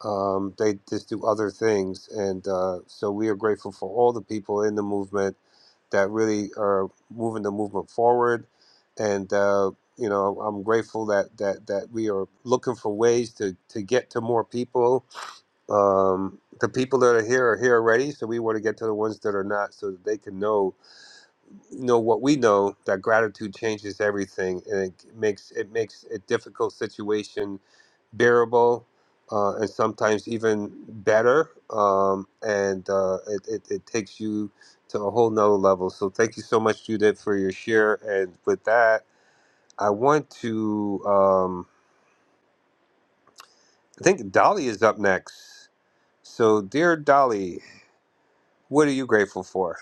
[SPEAKER 6] Um, they just do other things. And uh, so we are grateful for all the people in the movement that really are moving the movement forward. And uh, you know, I'm grateful that that that we are looking for ways to to get to more people. Um, the people that are here are here already, so we want to get to the ones that are not, so that they can know know what we know that gratitude changes everything and it makes it makes a difficult situation bearable uh, and sometimes even better um, and uh, it, it, it takes you to a whole nother level so thank you so much judith for your share and with that i want to um, i think dolly is up next so dear dolly what are you grateful for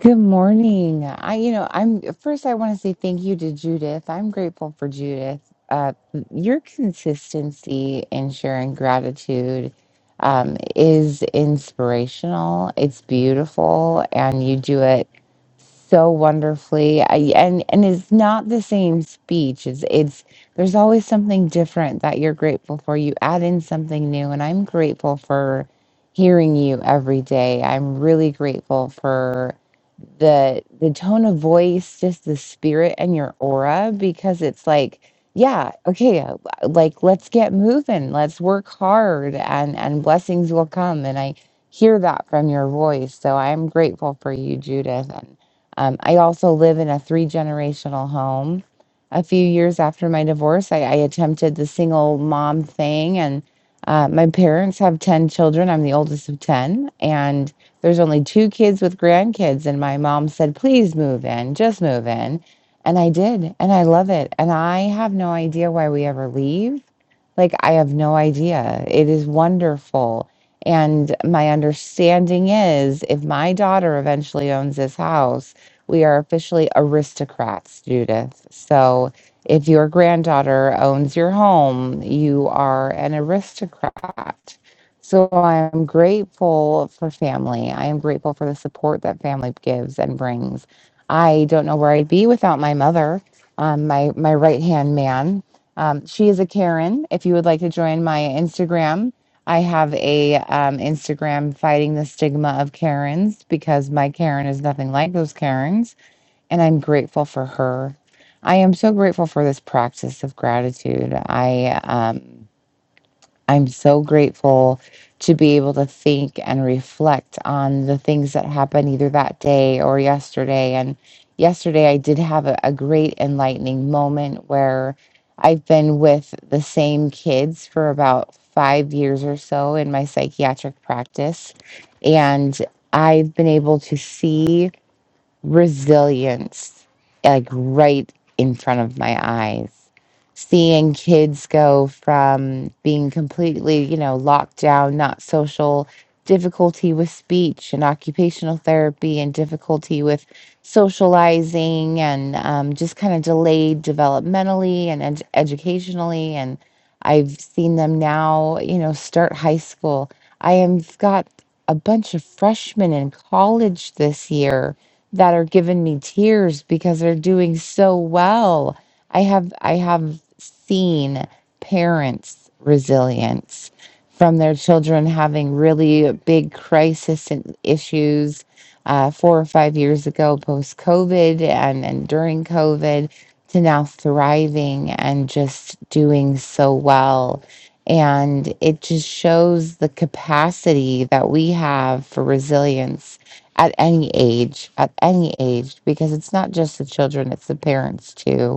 [SPEAKER 15] Good morning. I, you know, I'm first, I want to say thank you to Judith. I'm grateful for Judith. Uh, your consistency in sharing gratitude um, is inspirational. It's beautiful, and you do it so wonderfully. I, and and it's not the same speech. It's it's there's always something different that you're grateful for. You add in something new, and I'm grateful for hearing you every day. I'm really grateful for the the tone of voice just the spirit and your aura because it's like yeah okay uh, like let's get moving let's work hard and and blessings will come and i hear that from your voice so i'm grateful for you judith and um, i also live in a three generational home a few years after my divorce i, I attempted the single mom thing and uh, my parents have 10 children i'm the oldest of 10 and there's only two kids with grandkids, and my mom said, please move in, just move in. And I did, and I love it. And I have no idea why we ever leave. Like, I have no idea. It is wonderful. And my understanding is if my daughter eventually owns this house, we are officially aristocrats, Judith. So if your granddaughter owns your home, you are an aristocrat. So I am grateful for family. I am grateful for the support that family gives and brings. I don't know where I'd be without my mother, um, my my right hand man. Um, she is a Karen. If you would like to join my Instagram, I have a um, Instagram fighting the stigma of Karens because my Karen is nothing like those Karens, and I'm grateful for her. I am so grateful for this practice of gratitude. I um, I'm so grateful to be able to think and reflect on the things that happened either that day or yesterday. And yesterday, I did have a, a great enlightening moment where I've been with the same kids for about five years or so in my psychiatric practice. And I've been able to see resilience like right in front of my eyes seeing kids go from being completely you know locked down not social difficulty with speech and occupational therapy and difficulty with socializing and um, just kind of delayed developmentally and ed- educationally and i've seen them now you know start high school i have got a bunch of freshmen in college this year that are giving me tears because they're doing so well. I have I have seen parents' resilience from their children having really big crisis and issues uh, four or five years ago, post COVID, and and during COVID, to now thriving and just doing so well. And it just shows the capacity that we have for resilience at any age, at any age, because it's not just the children, it's the parents too.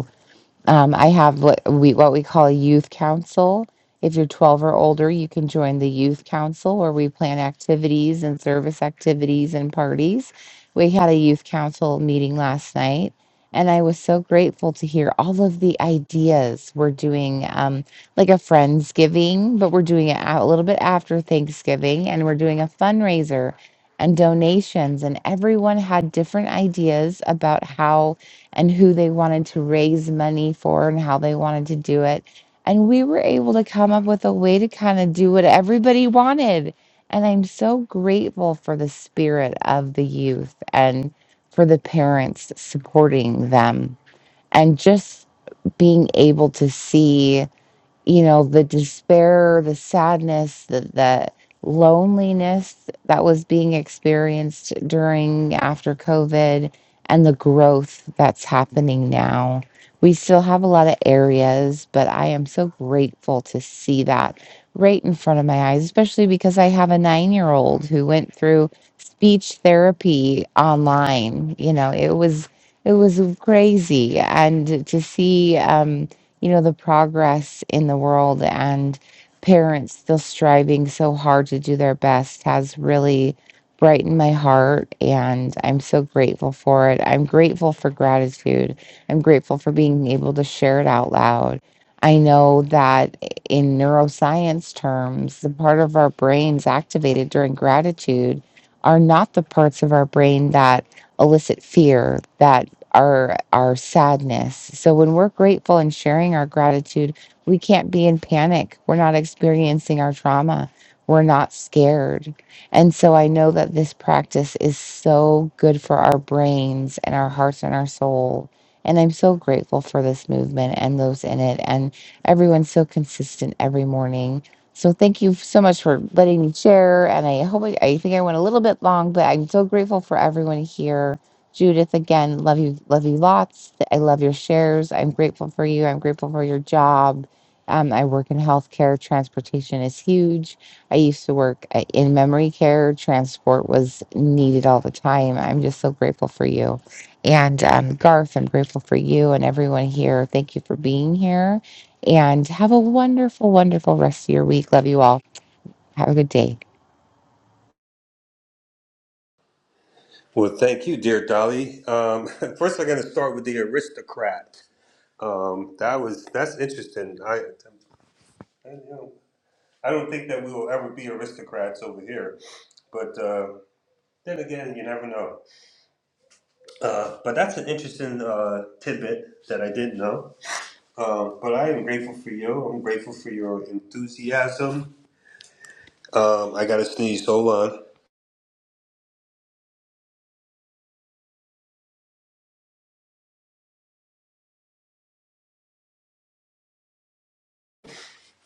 [SPEAKER 15] Um, I have what we what we call a youth council. If you're 12 or older, you can join the youth council where we plan activities and service activities and parties. We had a youth council meeting last night, and I was so grateful to hear all of the ideas. We're doing um, like a Friendsgiving, but we're doing it out a little bit after Thanksgiving, and we're doing a fundraiser and donations. And everyone had different ideas about how and who they wanted to raise money for and how they wanted to do it. And we were able to come up with a way to kind of do what everybody wanted. And I'm so grateful for the spirit of the youth and for the parents supporting them and just being able to see you know the despair the sadness the, the loneliness that was being experienced during after covid and the growth that's happening now we still have a lot of areas but i am so grateful to see that right in front of my eyes especially because i have a nine year old who went through speech therapy online you know it was it was crazy and to see um you know, the progress in the world and parents still striving so hard to do their best has really brightened my heart. And I'm so grateful for it. I'm grateful for gratitude. I'm grateful for being able to share it out loud. I know that in neuroscience terms, the part of our brains activated during gratitude are not the parts of our brain that elicit fear, that our our sadness. So when we're grateful and sharing our gratitude, we can't be in panic. We're not experiencing our trauma. We're not scared. And so I know that this practice is so good for our brains and our hearts and our soul. And I'm so grateful for this movement and those in it and everyone's so consistent every morning. So thank you so much for letting me share. And I hope I, I think I went a little bit long, but I'm so grateful for everyone here Judith, again, love you, love you lots. I love your shares. I'm grateful for you. I'm grateful for your job. Um, I work in healthcare. Transportation is huge. I used to work uh, in memory care. Transport was needed all the time. I'm just so grateful for you. And um, Garth, I'm grateful for you and everyone here. Thank you for being here. And have a wonderful, wonderful rest of your week. Love you all. Have a good day.
[SPEAKER 6] well thank you dear dolly um, first i'm going to start with the aristocrat Um, that was that's interesting. I, I, you know, I don't think that we will ever be aristocrats over here, but uh, then again, you never know. Uh, but that's an interesting uh, tidbit that I didn't know. Um, but I am grateful for you. I'm grateful for your enthusiasm. Um, I got to sneeze. Hold on.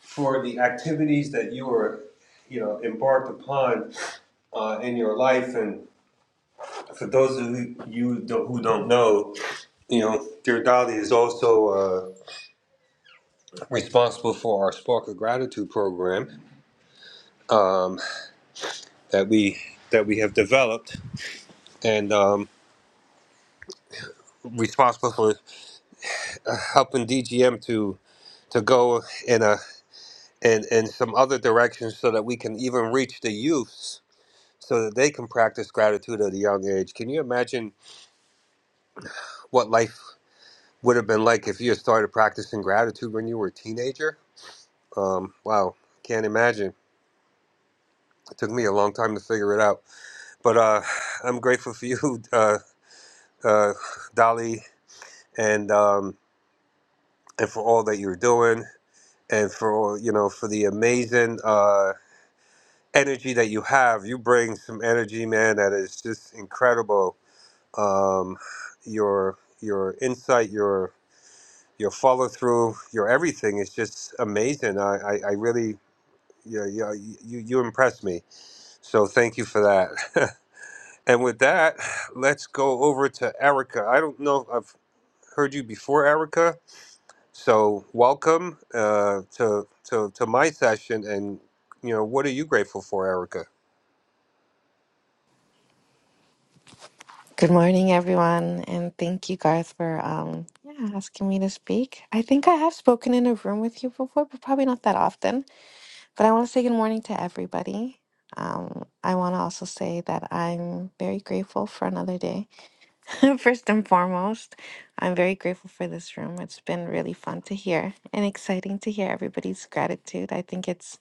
[SPEAKER 6] For the activities that you were, you know, embarked upon uh, in your life and. For those of you who don't know, you know, Dirdali is also uh, responsible for our Spark of Gratitude program um, that we that we have developed, and um, responsible for uh, helping DGM to to go in a in, in some other directions so that we can even reach the youths so that they can practice gratitude at a young age. Can you imagine what life would have been like if you had started practicing gratitude when you were a teenager? Um, wow, can't imagine. It took me a long time to figure it out. But uh, I'm grateful for you, uh, uh, Dolly, and um, and for all that you're doing, and for all you know, for the amazing uh, energy that you have. You bring some energy, man, that is just incredible. Um, your your insight, your your follow through, your everything is just amazing. I I, I really. Yeah, yeah, you, you impressed me. So thank you for that. And with that, let's go over to Erica. I don't know if I've heard you before, Erica. So welcome uh, to, to to my session. And you know, what are you grateful for, Erica?
[SPEAKER 16] Good morning, everyone, and thank you, Garth, for um, yeah, asking me to speak. I think I have spoken in a room with you before, but probably not that often. But I want to say good morning to everybody. Um, I want to also say that I'm very grateful for another day. First and foremost, I'm very grateful for this room. It's been really fun to hear and exciting to hear everybody's gratitude. I think it's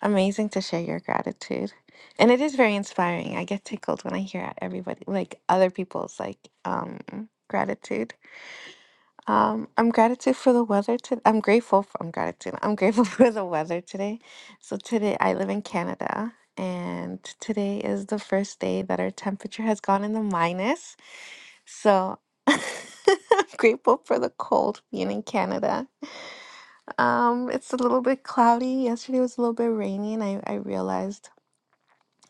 [SPEAKER 16] amazing to share your gratitude. And it is very inspiring. I get tickled when I hear everybody like other people's like um gratitude. Um I'm gratitude for the weather to I'm grateful for I'm gratitude. I'm grateful for the weather today. So today I live in Canada and today is the first day that our temperature has gone in the minus so I'm grateful for the cold being in Canada. Um, it's a little bit cloudy. Yesterday was a little bit rainy, and I, I realized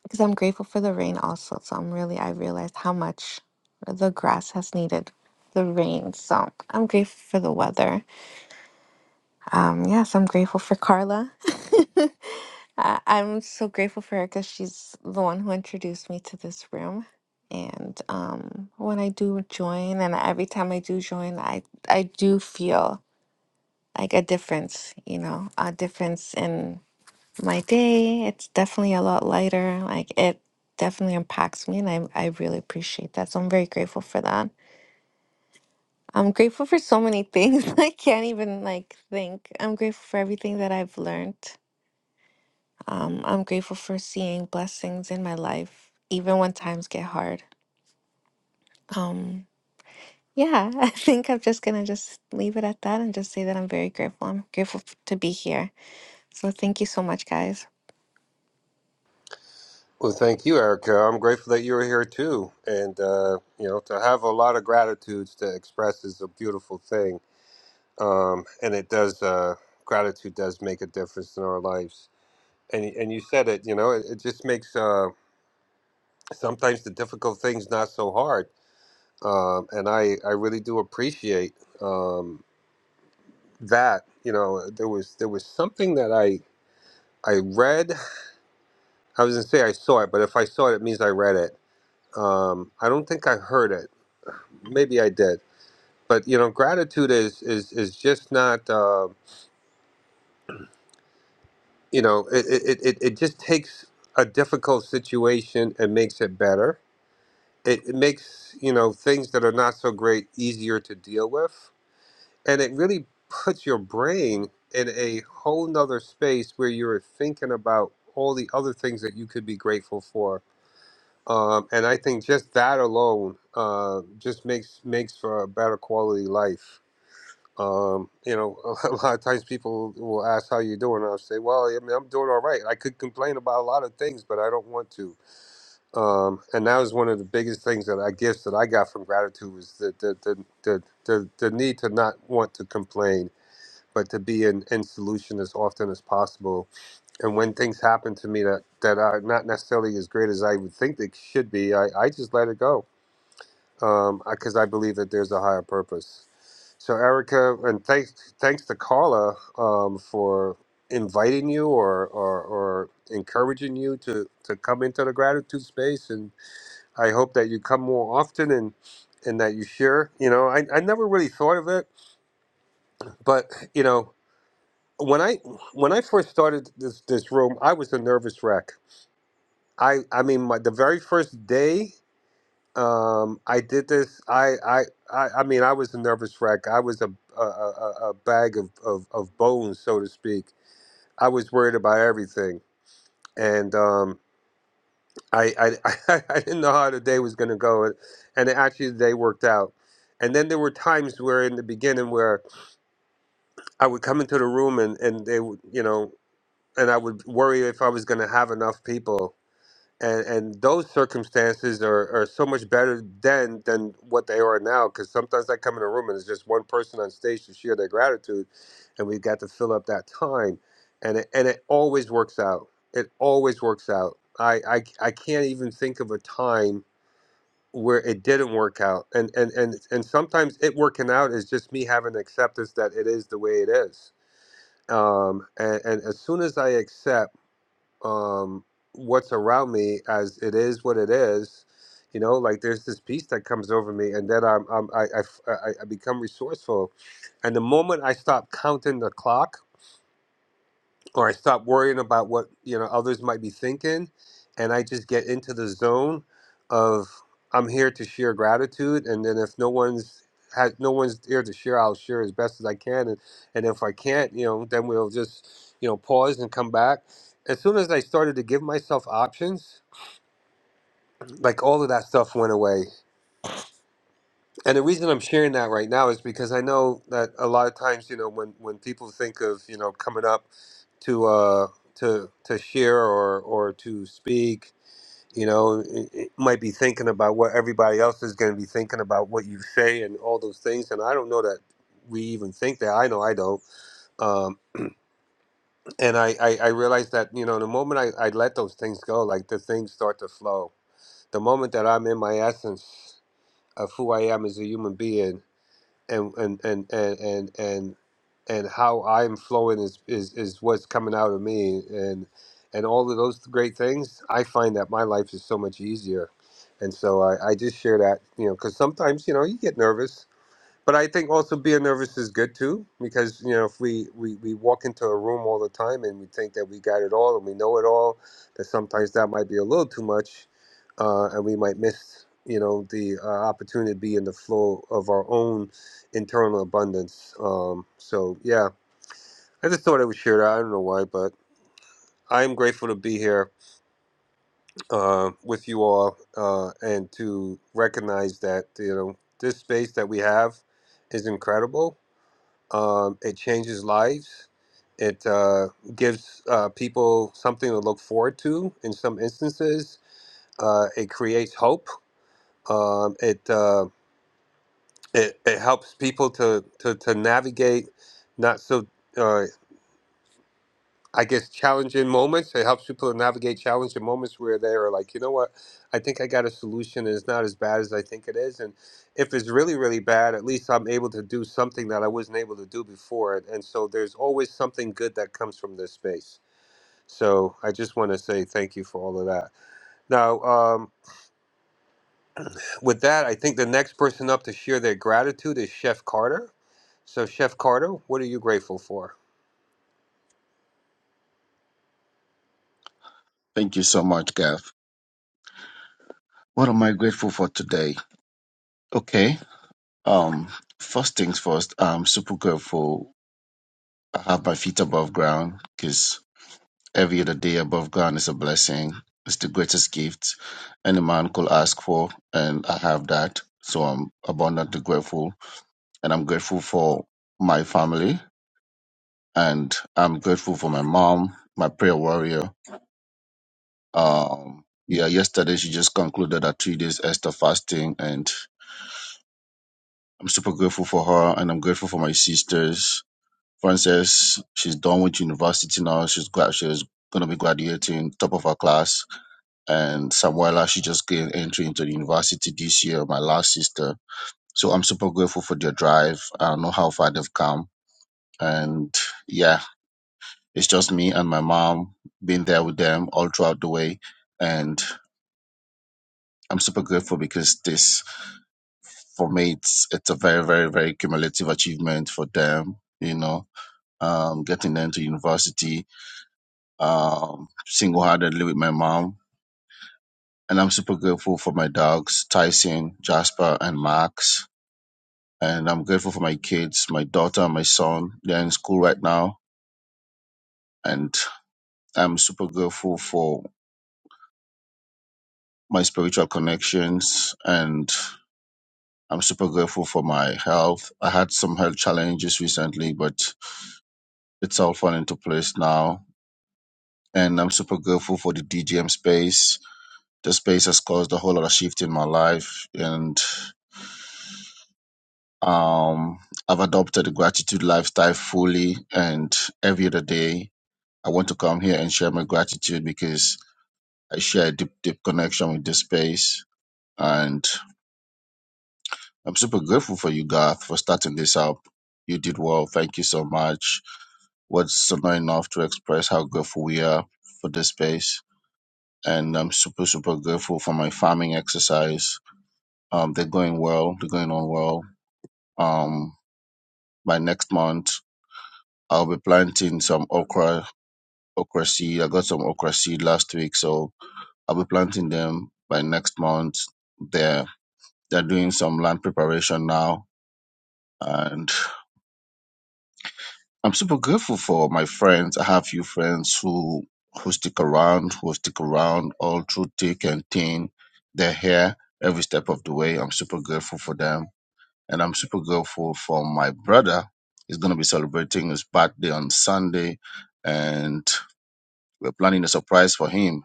[SPEAKER 16] because I'm grateful for the rain also. So I'm really, I realized how much the grass has needed the rain. So I'm grateful for the weather. Um, yes, I'm grateful for Carla. I- I'm so grateful for her because she's the one who introduced me to this room. And um, when I do join, and every time I do join, I I do feel like a difference. You know, a difference in my day. It's definitely a lot lighter. Like it definitely impacts me, and I I really appreciate that. So I'm very grateful for that. I'm grateful for so many things I can't even like think. I'm grateful for everything that I've learned Um, I'm grateful for seeing blessings in my life, even when times get hard. Um, yeah, I think I'm just gonna just leave it at that and just say that I'm very grateful. I'm grateful f- to be here. So thank you so much, guys.
[SPEAKER 6] Well, thank you, Erica. I'm grateful that you're here too. And uh, you know, to have a lot of gratitudes to express is a beautiful thing. Um, and it does uh, gratitude does make a difference in our lives. And and you said it. You know, it, it just makes uh, sometimes the difficult things not so hard um, and I, I really do appreciate um, that. You know, there was there was something that I I read. I was gonna say I saw it, but if I saw it, it means I read it. Um, I don't think I heard it. Maybe I did, but you know, gratitude is is is just not. Uh, you know, it, it it it just takes a difficult situation and makes it better. It, it makes you know things that are not so great easier to deal with and it really puts your brain in a whole nother space where you're thinking about all the other things that you could be grateful for um, and i think just that alone uh, just makes makes for a better quality life um, you know a lot of times people will ask how you are doing and i'll say well i mean i'm doing all right i could complain about a lot of things but i don't want to um, and that was one of the biggest things that i gifts that i got from gratitude was the the the, the, the, the need to not want to complain but to be in, in solution as often as possible. And when things happen to me that, that are not necessarily as great as I would think they should be, I, I just let it go because I believe that there's a higher purpose. So, Erica, and thanks, thanks to Carla um, for inviting you or, or, or encouraging you to, to come into the gratitude space. And I hope that you come more often and, and that you share. You know, I, I never really thought of it, but, you know, when I when I first started this this room, I was a nervous wreck. I I mean, my, the very first day um, I did this, I, I I I mean, I was a nervous wreck. I was a a, a, a bag of, of of bones, so to speak. I was worried about everything, and um, I, I I didn't know how the day was going to go, and actually the day worked out. And then there were times where in the beginning where I would come into the room and, and they would, you know, and I would worry if I was going to have enough people. And and those circumstances are, are so much better then than what they are now. Because sometimes I come in a room and it's just one person on stage to share their gratitude, and we got to fill up that time, and it, and it always works out. It always works out. I, I I can't even think of a time where it didn't work out. And and and and sometimes it working out is just me having acceptance that it is the way it is. Um, and, and as soon as I accept um, what's around me as it is what it is. You know, like there's this peace that comes over me, and then I'm, I'm I, I, I I become resourceful. And the moment I stop counting the clock or I stop worrying about what you know others might be thinking, and I just get into the zone of I'm here to share gratitude, and then if no one's has no one's here to share, I'll share as best as I can, and and if I can't, you know, then we'll just you know pause and come back. As soon as I started to give myself options, like all of that stuff went away, and the reason I'm sharing that right now is because I know that a lot of times, you know, when, when people think of, you know, coming up to uh to to share or or to speak, you know, it, it might be thinking about what everybody else is going to be thinking about what you say and all those things. And I don't know that we even think that. I know I don't. Um, and I, I I realize that you know the moment I I let those things go, like the things start to flow. The moment that I'm in my essence of who I am as a human being and and and and and and, and how I'm flowing is, is is what's coming out of me and and all of those great things I find that my life is so much easier and so I, I just share that you know because sometimes you know you get nervous but I think also being nervous is good too, because you know if we, we we walk into a room all the time and we think that we got it all and we know it all, that sometimes that might be a little too much, uh, and we might miss you know the uh, opportunity to be in the flow of our own internal abundance. Um, so yeah, I just thought I would share that. I don't know why, but I am grateful to be here uh, with you all uh, and to recognize that you know this space that we have is incredible Um, it changes lives. It uh, gives uh, people something to look forward to in some instances. Uh, it creates hope. Um, it, uh, it, it helps people to, to, to navigate not so uh, I guess challenging moments. It helps people navigate challenging moments where they are like, you know what, I think I got a solution and it's not as bad as I think it is. And if it's really, really bad, at least I'm able to do something that I wasn't able to do before. And so there's always something good that comes from this space. So I just want to say thank you for all of that. Now, um, with that, I think the next person up to share their gratitude is Chef Carter. So, Chef Carter, what are you grateful for?
[SPEAKER 17] Thank you so much, Gav. What am I grateful for today? Okay. Um, first things first, I'm super grateful I have my feet above ground because every other day above ground is a blessing. It's the greatest gift any man could ask for, and I have that. So I'm abundantly grateful, and I'm grateful for my family, and I'm grateful for my mom, my prayer warrior. Um, yeah, yesterday she just concluded her three days Esther fasting, and I'm super grateful for her and I'm grateful for my sisters. Frances, she's done with university now. She's glad she's gonna be graduating top of her class. And Samuela, she just gained entry into the university this year, my last sister. So I'm super grateful for their drive. I know how far they've come. And yeah, it's just me and my mom being there with them all throughout the way. And I'm super grateful because this for me it's it's a very, very, very cumulative achievement for them. You know, um, getting them to university, um, single-handedly with my mom. And I'm super grateful for my dogs, Tyson, Jasper, and Max. And I'm grateful for my kids, my daughter and my son. They're in school right now. And I'm super grateful for my spiritual connections. And I'm super grateful for my health. I had some health challenges recently, but it's all falling into place now. And I'm super grateful for the DGM space This space has caused a whole lot of shift in my life, and um, I've adopted the gratitude lifestyle fully. And every other day, I want to come here and share my gratitude because I share a deep, deep connection with this space. And I'm super grateful for you, Garth, for starting this up. You did well. Thank you so much. What's so not enough to express how grateful we are for this space. And I'm super, super grateful for my farming exercise. Um, they're going well. They're going on well Um, by next month, I'll be planting some okra, okra seed. I got some okra seed last week, so I'll be planting them by next month. They're they're doing some land preparation now, and I'm super grateful for my friends. I have few friends who who stick around, who stick around all through thick and thin. They're here every step of the way. I'm super grateful for them and I'm super grateful for my brother. He's going to be celebrating his birthday on Sunday, and we're planning a surprise for him.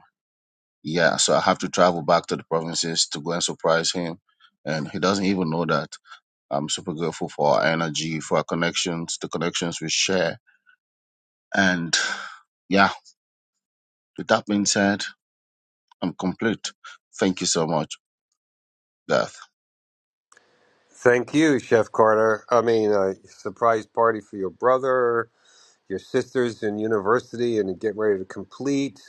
[SPEAKER 17] Yeah, so I have to travel back to the provinces to go and surprise him, and he doesn't even know that. I'm super grateful for our energy, for our connections, the connections we share, and yeah. With that being said, I'm complete. Thank you so much, Garth.
[SPEAKER 6] Thank you, Chef Carter. I mean, a surprise party for your brother, your sisters in university, and getting ready to complete.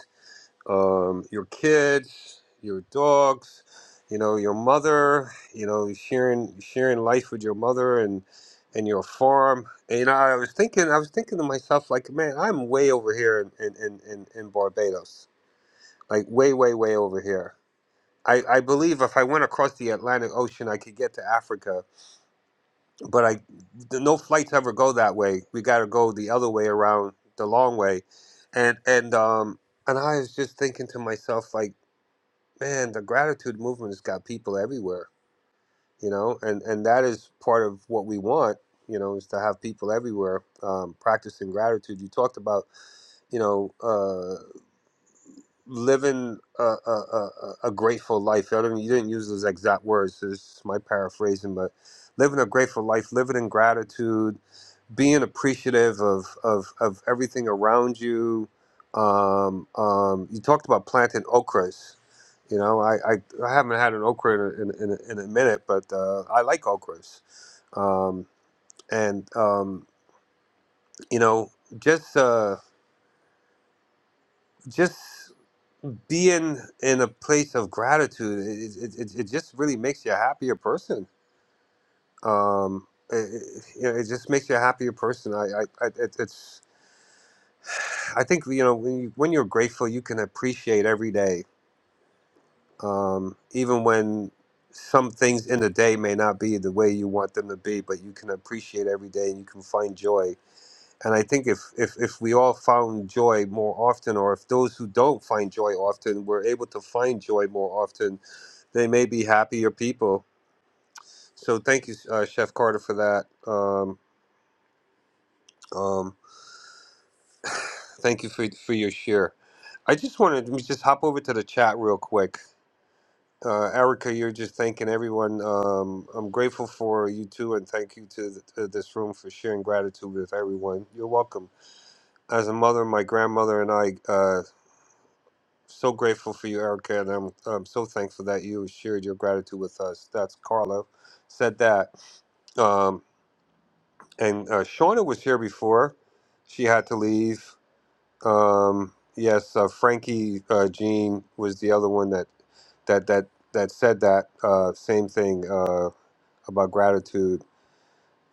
[SPEAKER 6] Um, your kids, your dogs, you know, your mother. You know, sharing sharing life with your mother and and your farm. And, you know, I was thinking, I was thinking to myself, like, man, I'm way over here in in in, in Barbados, like way, way, way over here. I, I believe if I went across the Atlantic Ocean, I could get to Africa but I the, no flights ever go that way. We got to go the other way around, the long way, and and um and I was just thinking to myself like, man, the gratitude movement has got people everywhere, you know, and and that is part of what we want, you know, is to have people everywhere um, practicing gratitude. You talked about you know, uh, living a, a, a, a a grateful life. I don't, you didn't use those exact words. This is my paraphrasing, but living a grateful life, living in gratitude, being appreciative of of, of everything around you. Um, um, you talked about planting okras. You know, I, I, I haven't had an okra in a, in, a, in a minute, but uh, I like okras. Um, and um, you know, just uh, just being in a place of gratitude, it, it, it, it just really makes you a happier person. Um, it, it, it just makes you a happier person. I, I, I it, it's I think you know when you, when you're grateful, you can appreciate every day, um, even when some things in the day may not be the way you want them to be. But you can appreciate every day, and you can find joy. And I think if if if we all found joy more often, or if those who don't find joy often were able to find joy more often, they may be happier people. So thank you, uh, Chef Carter, for that. Um, um, thank you for for your share. I just wanted to just hop over to the chat real quick uh, Erica, you're just thanking everyone. Um, I'm grateful for you too, and thank you to, th- to this room for sharing gratitude with everyone. You're welcome. As a mother, my grandmother and I, uh, so grateful for you, Erica, and I'm, I'm so thankful that you shared your gratitude with us. That's Carla said that. Um, and uh, Shauna was here before. She had to leave. Um, yes, uh, Frankie uh, Jean was the other one that that that that said that uh, same thing. Uh, about gratitude.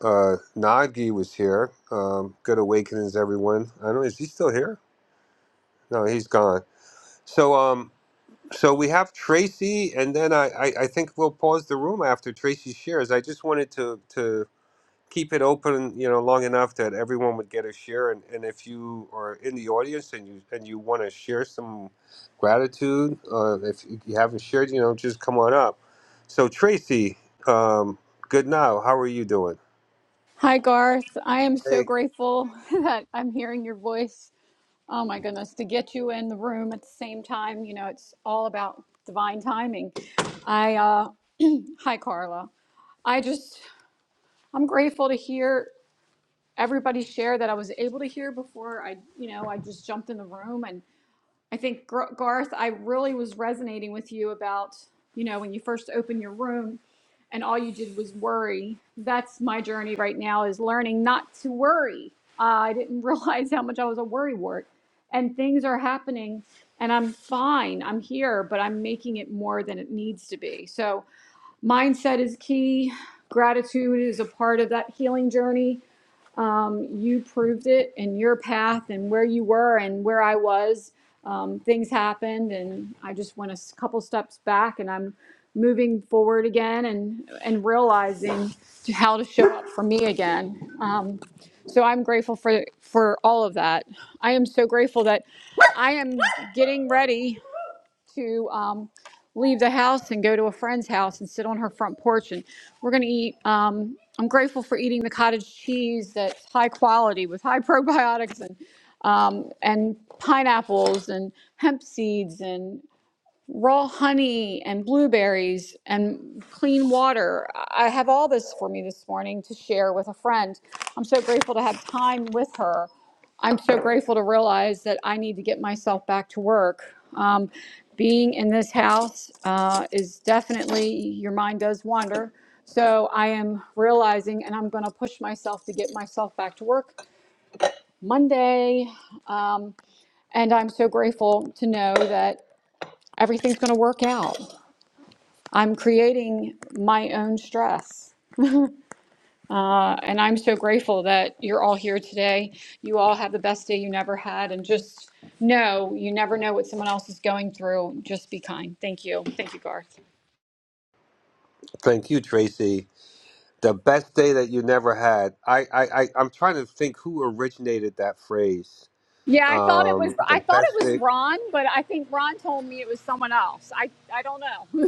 [SPEAKER 6] Uh, Nagi was here. Um, good awakenings, everyone. I don't know. Is he still here? No, he's gone. So, um, so we have Tracy, and then I, I, I think we'll pause the room after Tracy shares. I just wanted to to keep it open, you know, long enough that everyone would get a share. And, and if you are in the audience and you and you want to share some gratitude, uh, if you haven't shared, you know, just come on up. So, Tracy, um, good now. How are you doing?
[SPEAKER 18] Hi, Garth. I am so grateful that I'm hearing your voice. Oh, my goodness, to get you in the room at the same time, you know, it's all about divine timing. I, uh, hi, Carla. I just, I'm grateful to hear everybody share that I was able to hear before I, you know, I just jumped in the room I think Garth, I really was resonating with you about, you know, when you first opened your room and all you did was worry. That's my journey right now is learning not to worry. Uh, I didn't realize how much I was a worry wart. And things are happening and I'm fine. I'm here, but I'm making it more than it needs to be. So mindset is key. Gratitude is a part of that healing journey um, you proved it in your path and where you were and where I was. Um, things happened, and I just went a couple steps back, and I'm moving forward again and and realizing to how to show up for me again. Um, so I'm grateful for for all of that. I am so grateful that I am getting ready to um, leave the house and go to a friend's house and sit on her front porch. And we're going to eat. Um, I'm grateful for eating the cottage cheese that's high quality with high probiotics and um, and pineapples and hemp seeds and raw honey and blueberries and clean water. I have all this for me this morning to share with a friend. I'm so grateful to have time with her. I'm so grateful to realize that I need to get myself back to work. Um, being in this house uh, is definitely, your mind does wander. So I am realizing, and I'm going to push myself to get myself back to work Monday. Um, and I'm so grateful to know that everything's going to work out. I'm creating my own stress. Uh, and I'm so grateful that you're all here today. You all have the best day you never had. And just know you never know what someone else is going through. Just be kind. Thank you. Thank you, Garth.
[SPEAKER 6] Thank you, Tracy. The best day that you never had. I, I, I I'm trying to think who originated that phrase.
[SPEAKER 18] Yeah, I thought it was
[SPEAKER 6] Um, the
[SPEAKER 18] I thought
[SPEAKER 6] best
[SPEAKER 18] it was
[SPEAKER 6] day.
[SPEAKER 18] Ron, but I think Ron told me it was someone else. I I don't know.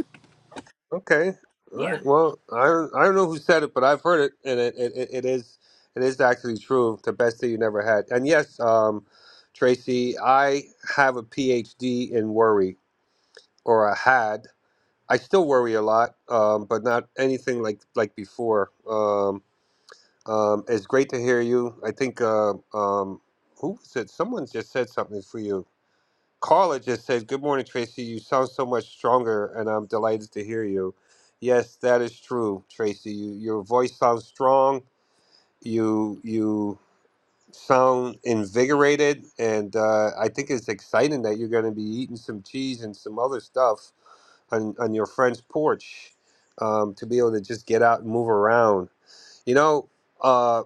[SPEAKER 6] Okay. All
[SPEAKER 18] Yeah.
[SPEAKER 6] right. Well, I don't, I don't know who said it, but I've heard it, and it, it, it it is it is actually true. The best day you never had. And yes, um, Tracy, I have a PhD in worry, or I had. I still worry a lot, um, but not anything like like before. Um, Um, it's great to hear you. I think uh, um, who said someone just said something for you. Carla just said, "Good morning, Tracy. You sound so much stronger, and I'm delighted to hear you." Yes, that is true, Tracy. You, your voice sounds strong. You you sound invigorated, and uh, I think it's exciting that you're going to be eating some cheese and some other stuff on, on your friend's porch um, to be able to just get out and move around. You know, uh,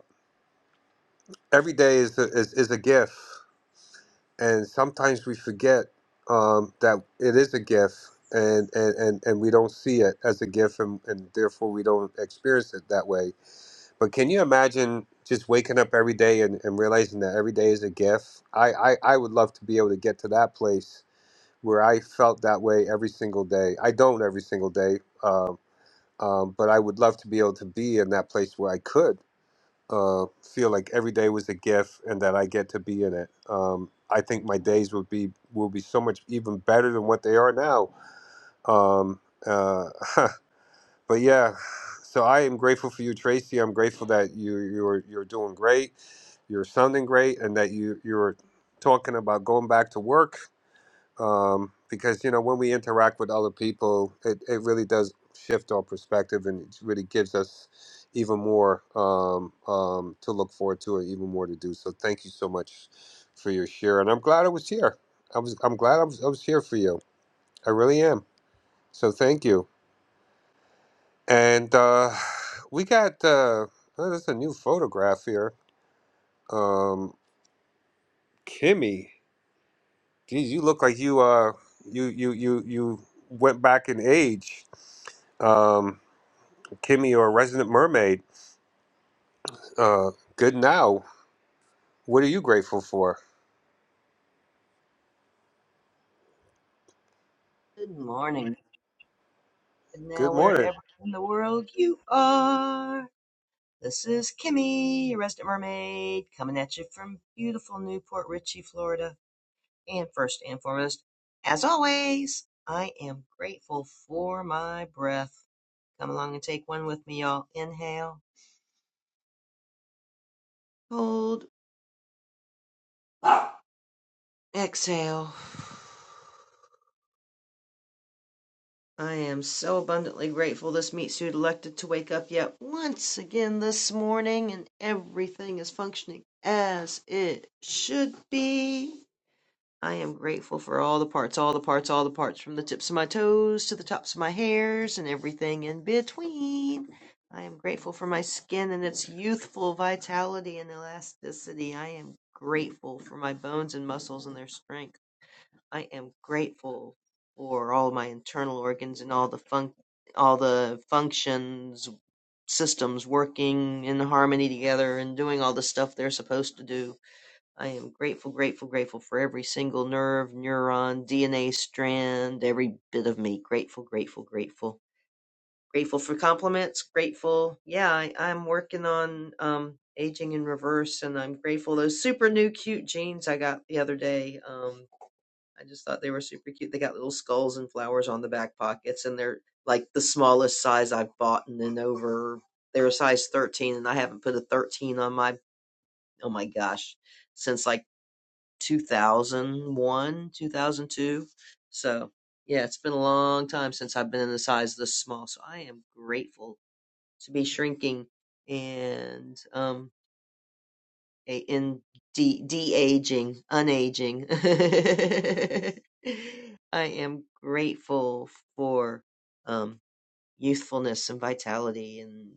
[SPEAKER 6] every day is a, is, is a gift and sometimes we forget um, that it is a gift and, and, and, and we don't see it as a gift and, and therefore we don't experience it that way but can you imagine just waking up every day and, and realizing that every day is a gift I, I, I would love to be able to get to that place where i felt that way every single day i don't every single day um, um, but i would love to be able to be in that place where i could uh, feel like every day was a gift and that I get to be in it. Um, I think my days would be will be so much even better than what they are now. Um, uh, but yeah, so I am grateful for you, Tracy. I'm grateful that you you're you're doing great. You're sounding great, and that you you're talking about going back to work um, because you know when we interact with other people, it, it really does shift our perspective and it really gives us even more um, um, to look forward to and even more to do. So thank you so much for your share, and I'm glad I was here. I was I'm glad I was, I was here for you. I really am. So thank you. And uh, we got uh, oh, there's a new photograph here. Um, Kimmy, geez, you look like you uh you you you you went back in age. Um, Kimmy, or Resident Mermaid. Uh, good now. What are you grateful for?
[SPEAKER 19] Good morning, good now,
[SPEAKER 6] Good morning.
[SPEAKER 19] wherever in the world you are. This is Kimmy, your resident mermaid, coming at you from beautiful Newport Richey, Florida. And first and foremost, as always, I am grateful for my breath. Come along and take one with me, y'all. Inhale, hold, exhale. I am so abundantly grateful this meat suit elected to wake up yet once again this morning, and everything is functioning as it should be. I am grateful for all the parts, all the parts, all the parts, from the tips of my toes to the tops of my hairs and everything in between. I am grateful for my skin and its youthful vitality and elasticity. I am grateful for my bones and muscles and their strength. I am grateful for all my internal organs and all the fun, all the functions systems working in harmony together and doing all the stuff they're supposed to do. I am grateful, grateful, grateful for every single nerve, neuron, DNA strand, every bit of me. Grateful, grateful, grateful. Grateful for compliments. Grateful. Yeah, I, I'm working on um aging in reverse and I'm grateful those super new cute jeans I got the other day. Um I just thought they were super cute. They got little skulls and flowers on the back pockets, and they're like the smallest size I've bought in and then over. They're a size 13, and I haven't put a 13 on my, oh my gosh, since like 2001, 2002. So, yeah, it's been a long time since I've been in a size this small. So, I am grateful to be shrinking. And, um, a in de de-aging, unaging. I am grateful for um youthfulness and vitality and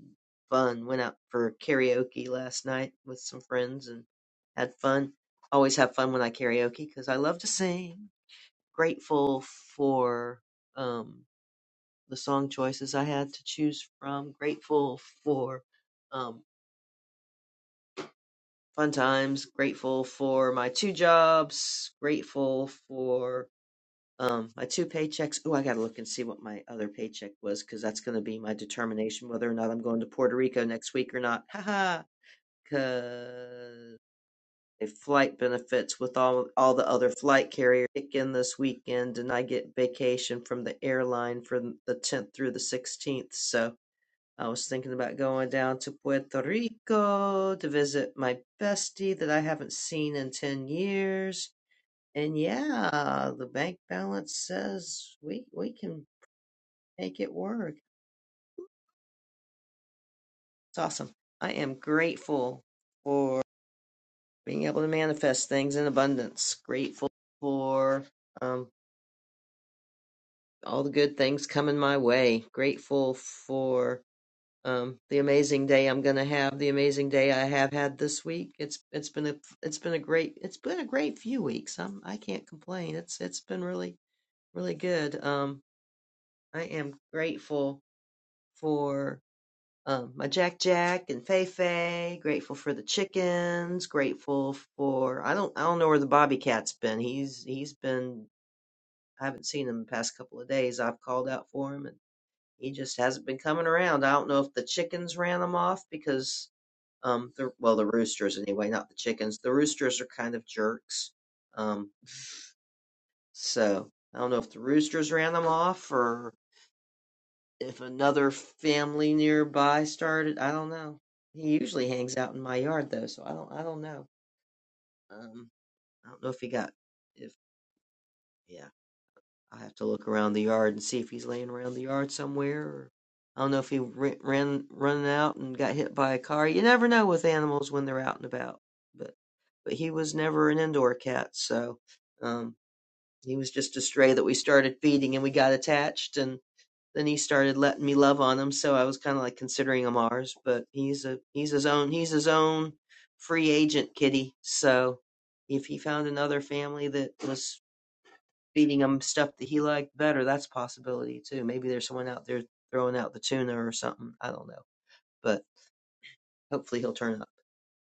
[SPEAKER 19] fun. Went out for karaoke last night with some friends and had fun. Always have fun when I karaoke because I love to sing. Grateful for um the song choices I had to choose from. Grateful for um, fun times. Grateful for my two jobs. Grateful for um, my two paychecks. Oh, I gotta look and see what my other paycheck was because that's gonna be my determination whether or not I'm going to Puerto Rico next week or not. Haha. Cause a flight benefits with all all the other flight carrier kick in this weekend, and I get vacation from the airline from the 10th through the 16th. So I was thinking about going down to Puerto Rico to visit my bestie that I haven't seen in 10 years. And yeah, the bank balance says we we can make it work. It's awesome. I am grateful for being able to manifest things in abundance. Grateful for um, all the good things coming my way. Grateful for um, the amazing day I'm going to have, the amazing day I have had this week. It's it's been a it's been a great it's been a great few weeks. I'm I can't complain. It's it's been really really good. Um, I am grateful for um, my Jack Jack and Fei Fei. Grateful for the chickens. Grateful for I don't I don't know where the Bobby Cat's been. He's he's been I haven't seen him the past couple of days. I've called out for him and he just hasn't been coming around. I don't know if the chickens ran him off because Um, the, well, the roosters anyway, not the chickens. The roosters are kind of jerks. Um, so I don't know if the roosters ran them off or if another family nearby started. I don't know. He usually hangs out in my yard though, so I don't. I don't know. Um, I don't know if he got if yeah. i have to look around the yard and see if he's laying around the yard somewhere. Or I don't know if he ran, ran running out and got hit by a car. You never know with animals when they're out and about. But but he was never an indoor cat, so um, he was just a stray that we started feeding and we got attached and then he started letting me love on him. So I was kind of like considering him ours, but he's a he's his own he's his own free agent kitty. So if he found another family that was feeding him stuff that he liked better. That's a possibility too. Maybe there's someone out there throwing out the tuna or something. I don't know, but hopefully he'll turn up.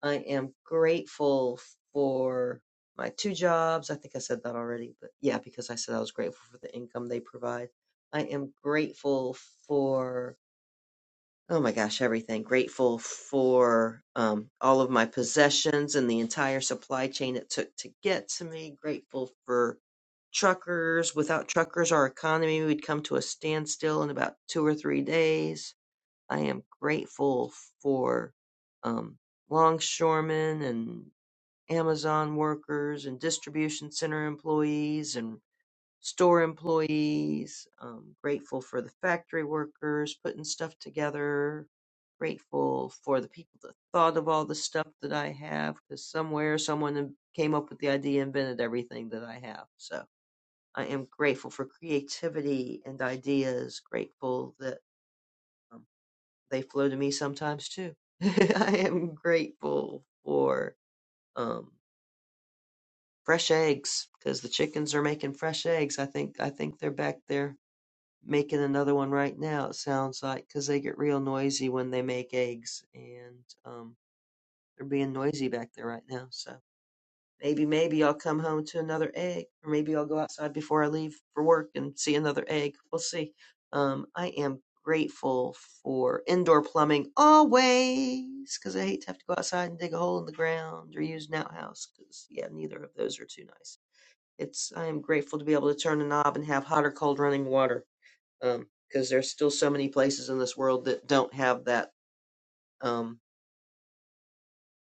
[SPEAKER 19] I am grateful for my two jobs. I think I said that already, but yeah, because I said I was grateful for the income they provide. I am grateful for oh my gosh, everything. Grateful for um, all of my possessions and the entire supply chain it took to get to me. Grateful for truckers. Without truckers, our economy would come to a standstill in about two or three days. I am grateful for um, longshoremen and Amazon workers and distribution center employees and store employees, um, grateful for the factory workers putting stuff together, grateful for the people that thought of all the stuff that I have, because somewhere someone came up with the idea, invented everything that I have. So I am grateful for creativity and ideas, grateful that um, they flow to me sometimes too. I am grateful for um, fresh eggs because the chickens are making fresh eggs. I think I think they're back there making another one right now, it sounds like, 'cause they get real noisy when they make eggs, and um, they're being noisy back there right now. So maybe, maybe I'll come home to another egg, or maybe I'll go outside before I leave for work and see another egg. We'll see. Um, I am grateful for indoor plumbing always, 'cause I hate to have to go outside and dig a hole in the ground or use an outhouse, 'cause yeah, neither of those are too nice. It's I am grateful to be able to turn a knob and have hot or cold running water um, because there's still so many places in this world that don't have that um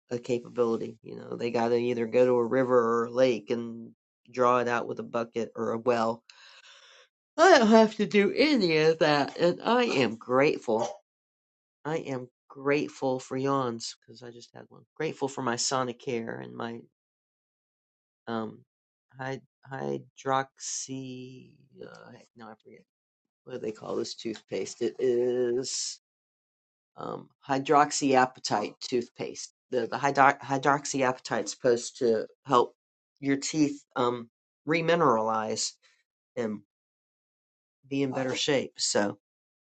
[SPEAKER 19] a capability. You know, they got to either go to a river or a lake and draw it out with a bucket or a well. I don't have to do any of that, and I am grateful. I am grateful for yawns because I just had one. Grateful for my Sonicare and my um hyd- hydroxy. Uh, no, I forget what do they call this toothpaste. It is. um, hydroxyapatite toothpaste. The the hydro- hydroxyapatite is supposed to help your teeth um, remineralize and be in better shape. So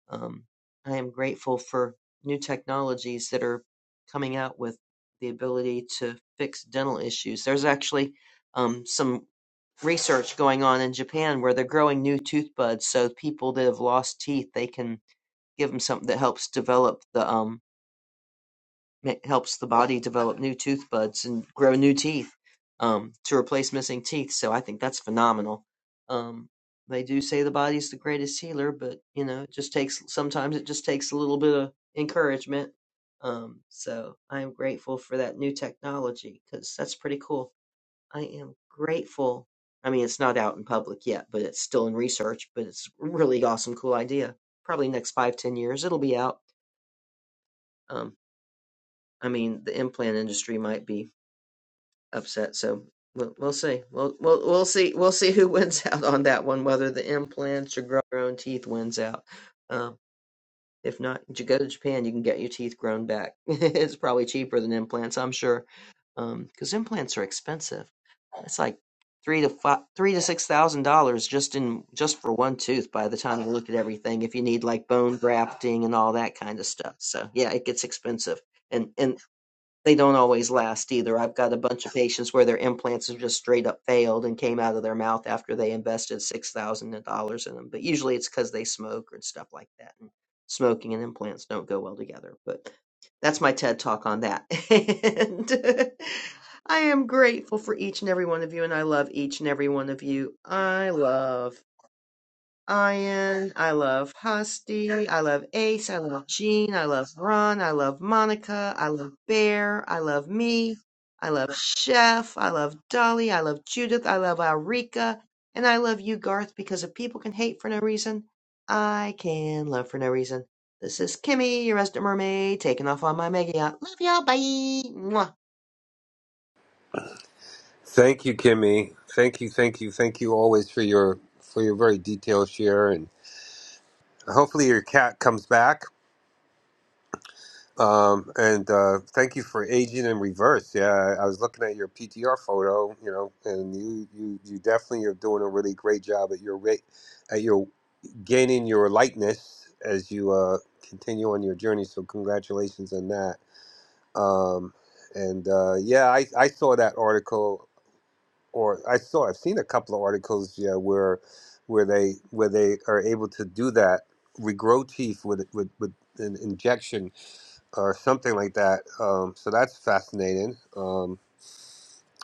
[SPEAKER 19] um, I am grateful for new technologies that are coming out with the ability to fix dental issues. There's actually um, some research going on in Japan where they're growing new tooth buds so people that have lost teeth they can give them something that helps develop the um, It helps the body develop new tooth buds and grow new teeth um, to replace missing teeth. So I think that's phenomenal. Um, they do say the body's the greatest healer, but you know, it just takes sometimes it just takes a little bit of encouragement. Um, so I am grateful for that new technology because that's pretty cool. I am grateful. I mean, it's not out in public yet, but it's still in research. But it's a really awesome, cool idea. Probably next five, ten years, it'll be out. Um, I mean, the implant industry might be upset. So we'll we'll see. We'll we'll we'll see we'll see who wins out on that one. Whether the implants or grow your own teeth wins out. Um, if not, you go to Japan, you can get your teeth grown back. it's probably cheaper than implants, I'm sure, because um, implants are expensive. It's like three to five, three to six thousand dollars just in just for one tooth. By the time you look at everything, if you need like bone grafting and all that kind of stuff, so yeah, it gets expensive. And and they don't always last either. I've got a bunch of patients where their implants have just straight up failed and came out of their mouth after they invested $6,000 in them. But usually it's because they smoke and stuff like that. And smoking and implants don't go well together. But that's my TED talk on that. and I am grateful for each and every one of you, and I love each and every one of you. I love Ian. I love Husty. I love Ace. I love Jean. I love Ron. I love Monica. I love Bear. I love me. I love Chef. I love Dolly. I love Judith. I love Alrika. And I love you, Garth, because if people can hate for no reason, I can love for no reason. This is Kimmy, your resident mermaid, taking off on my mega yacht. Love y'all. Bye. Mwah.
[SPEAKER 6] Thank you, Kimmy. Thank you, thank you, thank you always for your for your very detailed share, and hopefully your cat comes back. Um, and uh, thank you for aging in reverse. Yeah, I I was looking at your PTR photo, you know, and you you you definitely are doing a really great job at your rate at your gaining your lightness as you uh, continue on your journey. So congratulations on that. Um, and uh, yeah, I, I saw that article, or I saw I've seen a couple of articles, yeah, where where they where they are able to do that, regrow teeth with with, with an injection or something like that. Um, so that's fascinating. Um,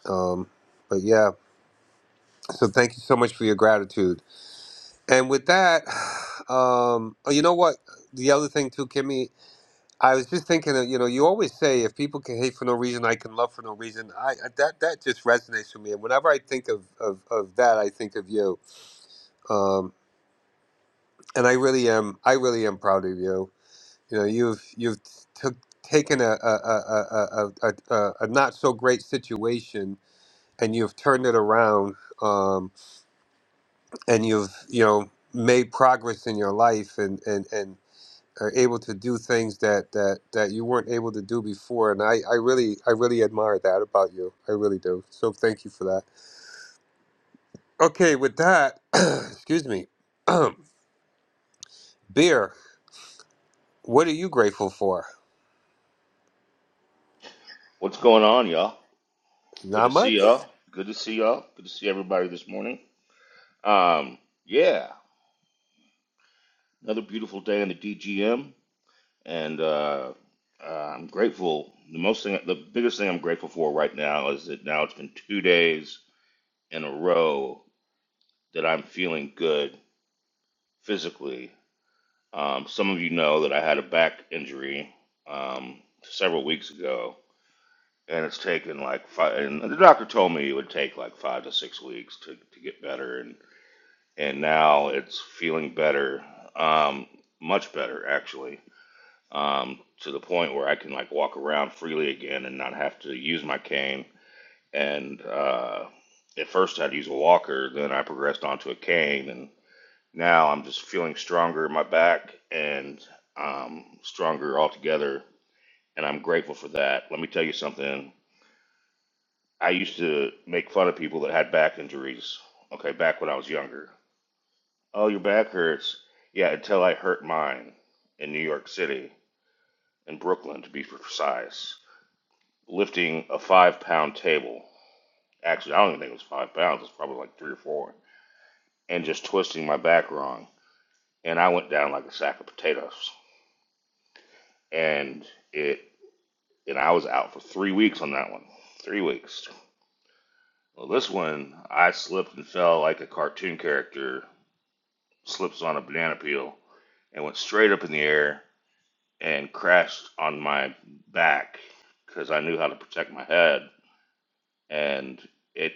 [SPEAKER 6] um, but yeah, so thank you so much for your gratitude. And with that, um, oh, you know what? The other thing too, Kimmy. I was just thinking that you know you always say if people can hate for no reason, I can love for no reason. I that that just resonates with me, and whenever I think of of, of that, I think of you. Um, and I really am I really am proud of you. You know you've you've took taken a a, a, a, a, a a not so great situation and you've turned it around, um, and you've you know made progress in your life, and and and are able to do things that that that you weren't able to do before and i i really i really admire that about you i really do so thank you for that okay with that excuse me beer what are you grateful for
[SPEAKER 20] What's going on, y'all? Good
[SPEAKER 6] not
[SPEAKER 20] to see
[SPEAKER 6] much
[SPEAKER 20] y'all. Good to see y'all. Good to see everybody this morning. Um, yeah, another beautiful day in the DGM, and uh, uh, I'm grateful. The most thing, the biggest thing I'm grateful for right now is that now it's been two days in a row that I'm feeling good physically. Um, some of you know that I had a back injury um, several weeks ago, and it's taken like five. And the doctor told me it would take like five to six weeks to to get better, and and now it's feeling better, um, much better actually, um, to the point where I can like walk around freely again and not have to use my cane. And uh, at first I'd use a walker, then I progressed onto a cane, and now I'm just feeling stronger in my back and um, stronger altogether. And I'm grateful for that. Let me tell you something. I used to make fun of people that had back injuries. Okay, back when I was younger Oh, your back hurts. Yeah, until I hurt mine in New York City, in Brooklyn to be precise, lifting a five pound table. Actually, I don't even think it was five pounds, it was probably like three or four, and just twisting my back wrong. And I went down like a sack of potatoes. And it, and I was out for three weeks on that one. Three weeks. Well, this one, I slipped and fell like a cartoon character slips on a banana peel and went straight up in the air and crashed on my back because I knew how to protect my head, and it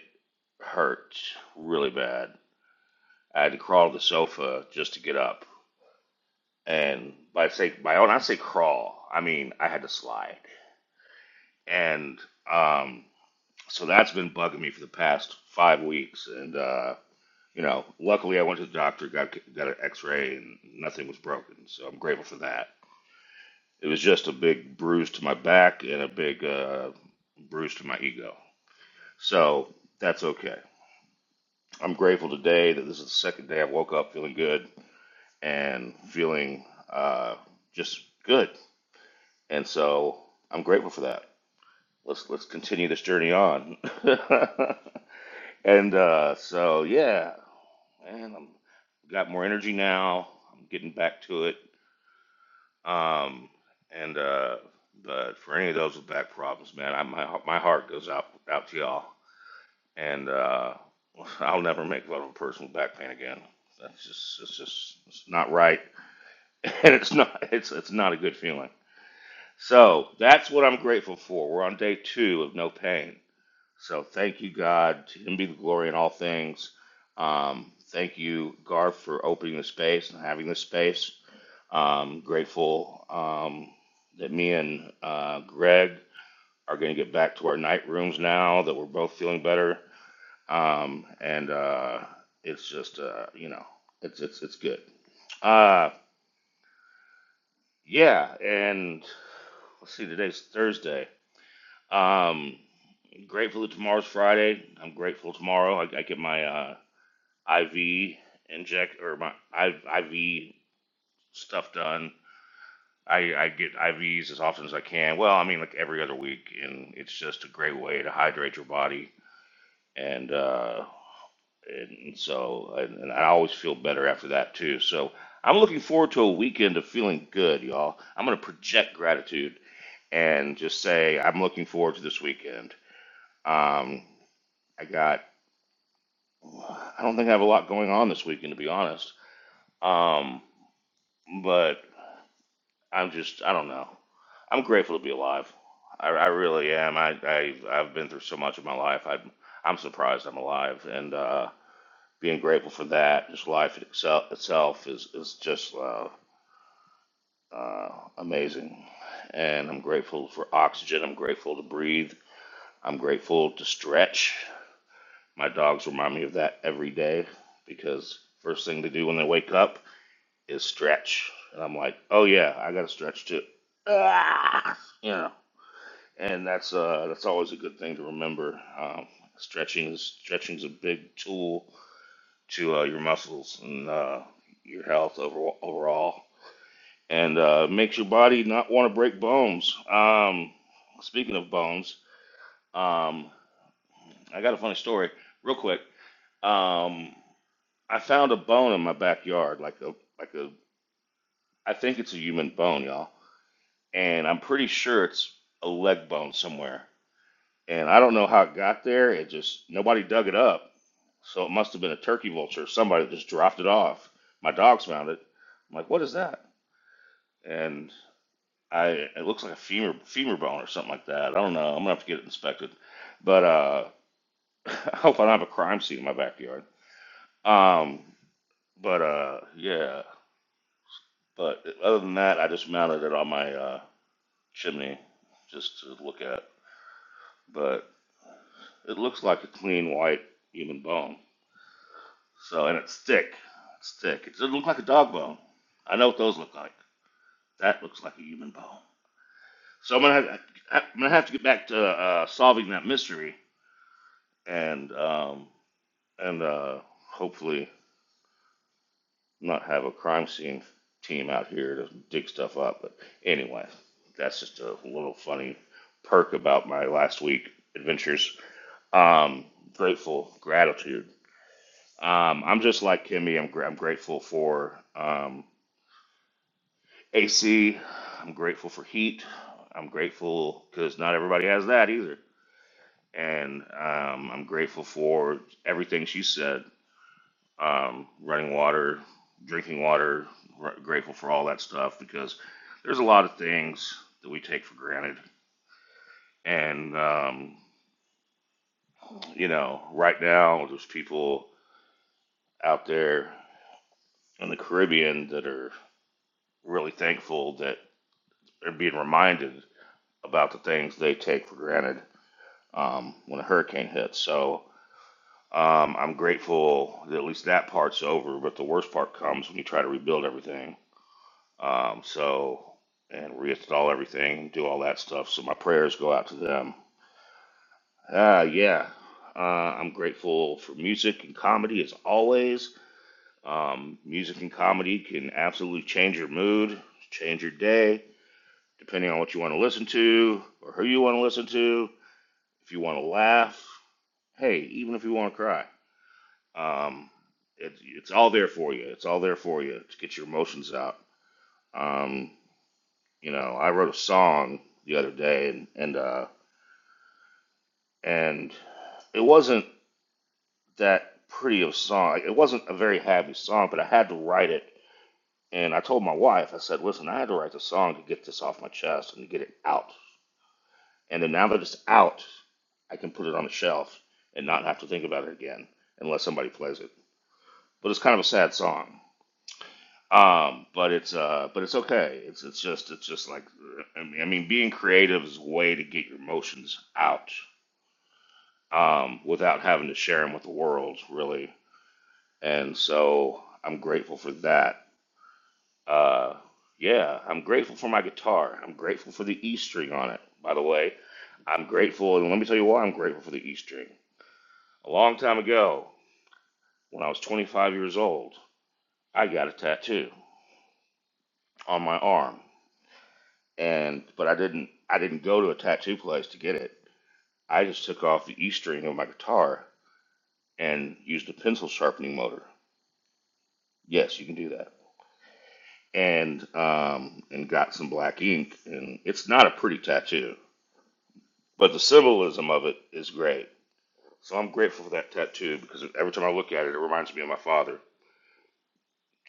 [SPEAKER 20] hurt really bad. I had to crawl to the sofa just to get up, and by say by when I say crawl, I mean I had to slide, and um, so that's been bugging me for the past five weeks, and uh, you know, luckily I went to the doctor, got got an X-ray, and nothing was broken, so I'm grateful for that. It was just a big bruise to my back and a big uh, bruise to my ego. So that's okay. I'm grateful today that this is the second day I woke up feeling good and feeling uh, just good. And so I'm grateful for that. Let's let's continue this journey on. and uh, so yeah, man, I'm got more energy now. I'm getting back to it. Um, and uh, but for any of those with back problems, man, I, my my heart goes out out to y'all. And uh, I'll never make fun of a person with back pain again. That's just it's just it's not right, and it's not it's it's not a good feeling. So that's what I'm grateful for. We're on day two of no pain. So thank you, God. To Him be the glory in all things. Um, thank you, Garth, for opening the space and having this space um, grateful um, that me and uh, Greg are going to get back to our night rooms now that we're both feeling better. Um, and uh, it's just, uh, you know, it's it's it's good. Uh, yeah, and let's see, today's Thursday. Um, grateful that tomorrow's Friday. I'm grateful tomorrow. I, I get my uh, IV inject or my IV stuff done I, I get IVs as often as I can. Well, I mean, like every other week, and it's just a great way to hydrate your body. And uh, and so, and, and I always feel better after that too. So I'm looking forward to a weekend of feeling good, y'all. I'm gonna project gratitude and just say I'm looking forward to this weekend. Um, I got, I don't think I have a lot going on this weekend, to be honest. Um, but I'm just, I don't know. I'm grateful to be alive. I, I really am. I, I, I've been through so much of my life. I, I'm surprised I'm alive. And uh, being grateful for that, just life itself, itself is, is just uh, uh, amazing. And I'm grateful for oxygen. I'm grateful to breathe. I'm grateful to stretch. My dogs remind me of that every day because first thing they do when they wake up is stretch. And I'm like, oh yeah, I got to stretch too. Ah! you know. and that's uh, that's always a good thing to remember. Um, stretching is stretching's a big tool to uh, your muscles and uh, your health over, overall, and uh, makes your body not want to break bones. Um, speaking of bones, um, I got a funny story, real quick. Um, I found a bone in my backyard, like a like a I think it's a human bone, y'all, and I'm pretty sure it's a leg bone somewhere. and I don't know how it got there. It just nobody dug it up, so it must have been a turkey vulture. Somebody just dropped it off. My dogs found it. I'm like, what is that? And I it looks like a femur femur bone or something like that. I don't know. I'm gonna have to get it inspected, but uh, I hope I don't have a crime scene in my backyard. Um, but uh, yeah. But other than that, I just mounted it on my uh, chimney just to look at. But it looks like a clean white human bone. So and it's thick. It's thick. It doesn't look like a dog bone. I know what those look like. That looks like a human bone. So I'm gonna have, I'm gonna have to get back to uh, solving that mystery and um, and uh, hopefully not have a crime scene team out here to dig stuff up. But anyway, that's just a little funny perk about my last week adventures. Um, grateful, gratitude. Um, I'm just like Kimmy. I'm, gr- I'm grateful for um, AC. I'm grateful for heat. I'm grateful because not everybody has that either. And um, I'm grateful for everything she said um, running water, drinking water, r- grateful for all that stuff because there's a lot of things that we take for granted. And, um, you know, right now, there's people out there in the Caribbean that are really thankful that they're being reminded about the things they take for granted um, when a hurricane hits. So um, I'm grateful that at least that part's over, but the worst part comes when you try to rebuild everything. Um, so, and reinstall everything and do all that stuff. So my prayers go out to them. Uh, yeah, uh, I'm grateful for music and comedy as always. Um, music and comedy can absolutely change your mood, change your day, depending on what you want to listen to or who you want to listen to. If you want to laugh, hey, even if you want to cry Um, it, it's all there for you. It's all there for you to get your emotions out. Um, you know, I wrote a song the other day, and and uh, and it wasn't that pretty of a song. It wasn't a very happy song, but I had to write it. And I told my wife, I said, "Listen, I had to write the song to get this off my chest and to get it out. And then now that it's out, I can put it on the shelf and not have to think about it again unless somebody plays it. But it's kind of a sad song. Um, but it's uh, but it's okay. It's it's just it's just like I mean, I mean, being creative is a way to get your emotions out um, without having to share them with the world, really. And so I'm grateful for that. Uh, yeah, I'm grateful for my guitar. I'm grateful for the E string on it. By the way, I'm grateful, and let me tell you why I'm grateful for the E string. A long time ago, when I was 25 years old, I got a tattoo on my arm and but I didn't I didn't go to a tattoo place to get it. I just took off the E string of my guitar and used a pencil sharpening motor. Yes, you can do that. And um and got some black ink and it's not a pretty tattoo, but the symbolism of it is great. So I'm grateful for that tattoo because every time I look at it, it reminds me of my father.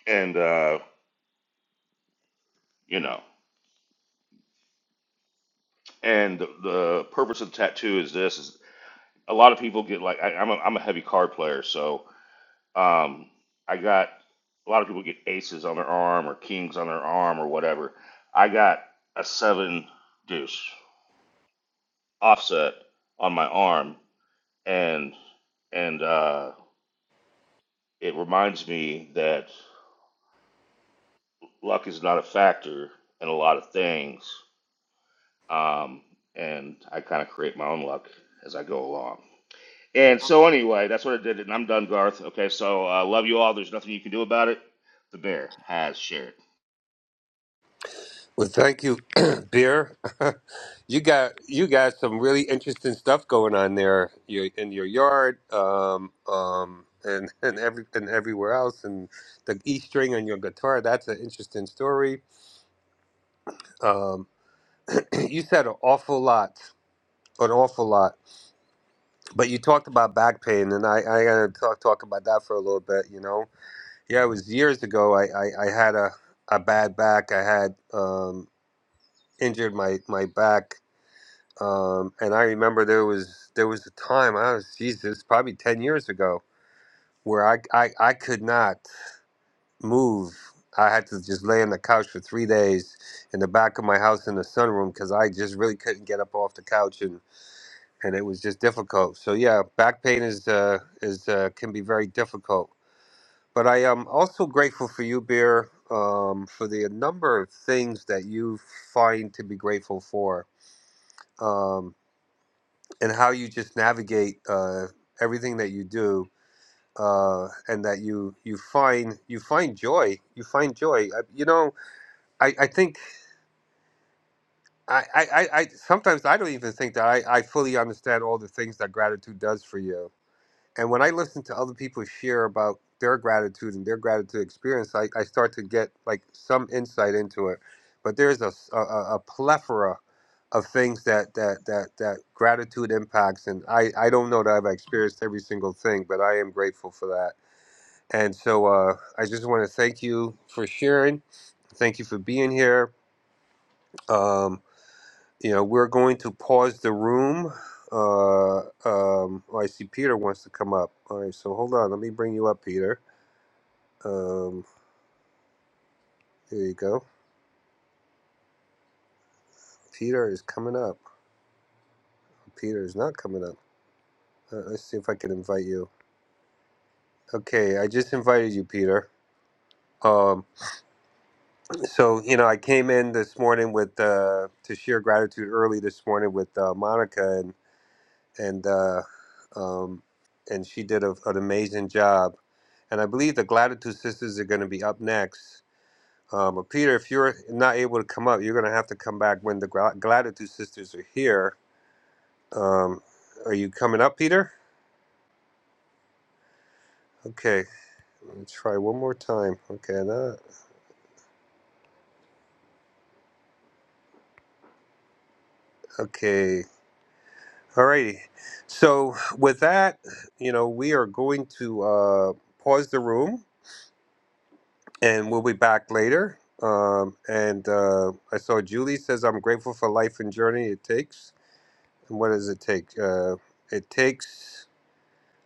[SPEAKER 20] And uh, you know, and the, the purpose of the tattoo is this: is a lot of people get like I, I'm a, I'm a heavy card player, so Um, I got a lot of people get aces on their arm or kings on their arm or whatever. I got a seven deuce offset on my arm, and and uh, it reminds me that luck is not a factor in a lot of things. Um, and I kind of create my own luck as I go along. And so anyway, that's what I did, and I'm done, Garth. Okay, so I uh, love you all. There's nothing you can do about it. The bear has shared.
[SPEAKER 6] well thank you beer you got you got some really interesting stuff going on there you in your yard um um and and every and everywhere else and the e string on your guitar that's an interesting story Um, you said an awful lot, an awful lot. But you talked about back pain, and I I gotta talk talk about that for a little bit. You know, yeah, it was years ago. I I, I had a a bad back. I had um, injured my my back, um, and I remember there was there was a time I was Jesus probably ten years ago where I I, I could not move. I had to just lay on the couch for three days in the back of my house in the sunroom because I just really couldn't get up off the couch and and it was just difficult. So yeah, back pain is uh, is uh, can be very difficult. But I am also grateful for you, Beer, um, for the number of things that you find to be grateful for, um, and how you just navigate uh, everything that you do, uh, and that you you find you find joy. You find joy. I, you know, I, I think I, I, I I- sometimes I don't even think that I, I fully understand all the things that gratitude does for you And when I listen to other people share about their gratitude and their gratitude experience, I, I start to get like some insight into it. But there's a, s- a, a- a plethora of things that, that, that, that gratitude impacts. And I, I don't know that I've experienced every single thing, but I am grateful for that. And so uh, I just want to thank you for sharing. Thank you for being here. Um, you know, we're going to pause the room. Uh, um, oh, I see Peter wants to come up. All right, so hold on. Let me bring you up, Peter. Um, here you go. Peter is coming up. Peter is not coming up. Uh, let's see if I can invite you. Okay, I just invited you, Peter. Um, so you know, I came in this morning with uh, to share gratitude early this morning with uh, Monica, and uh, um, and she did a, an amazing job. And I believe the Gratitude Sisters are going to be up next. Um, but Peter, if you're not able to come up, you're going to have to come back when the Gra- Gratitude Sisters are here. Um, are you coming up, Peter? Okay, let me try one more time. Okay, not, okay, alrighty. So with that, you know, we are going to uh, pause the room and we'll be back later. Um, and uh, I saw Julie says, I'm grateful for life and journey it takes. And what does it take? Uh, it takes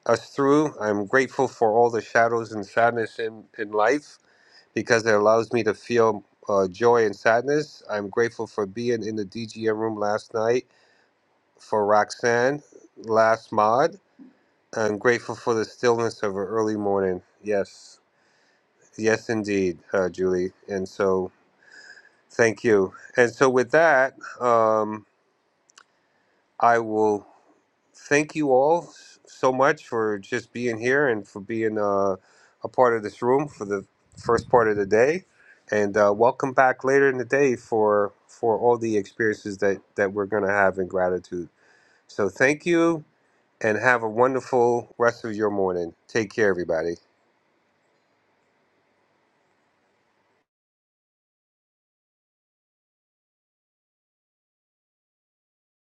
[SPEAKER 6] us through. I'm grateful for all the shadows and sadness in, in life because it allows me to feel uh, joy and sadness. I'm grateful for being in the DGM room last night, for Roxanne, last mod. I'm grateful for the stillness of an early morning. Yes, yes, indeed, uh, Julie. And so Thank you. And so, with that, um, I will thank you all s- so much for just being here and for being uh, a part of this room for the first part of the day. And uh, welcome back later in the day for for all the experiences that that we're going to have in gratitude. So, thank you, and have a wonderful rest of your morning. Take care, everybody.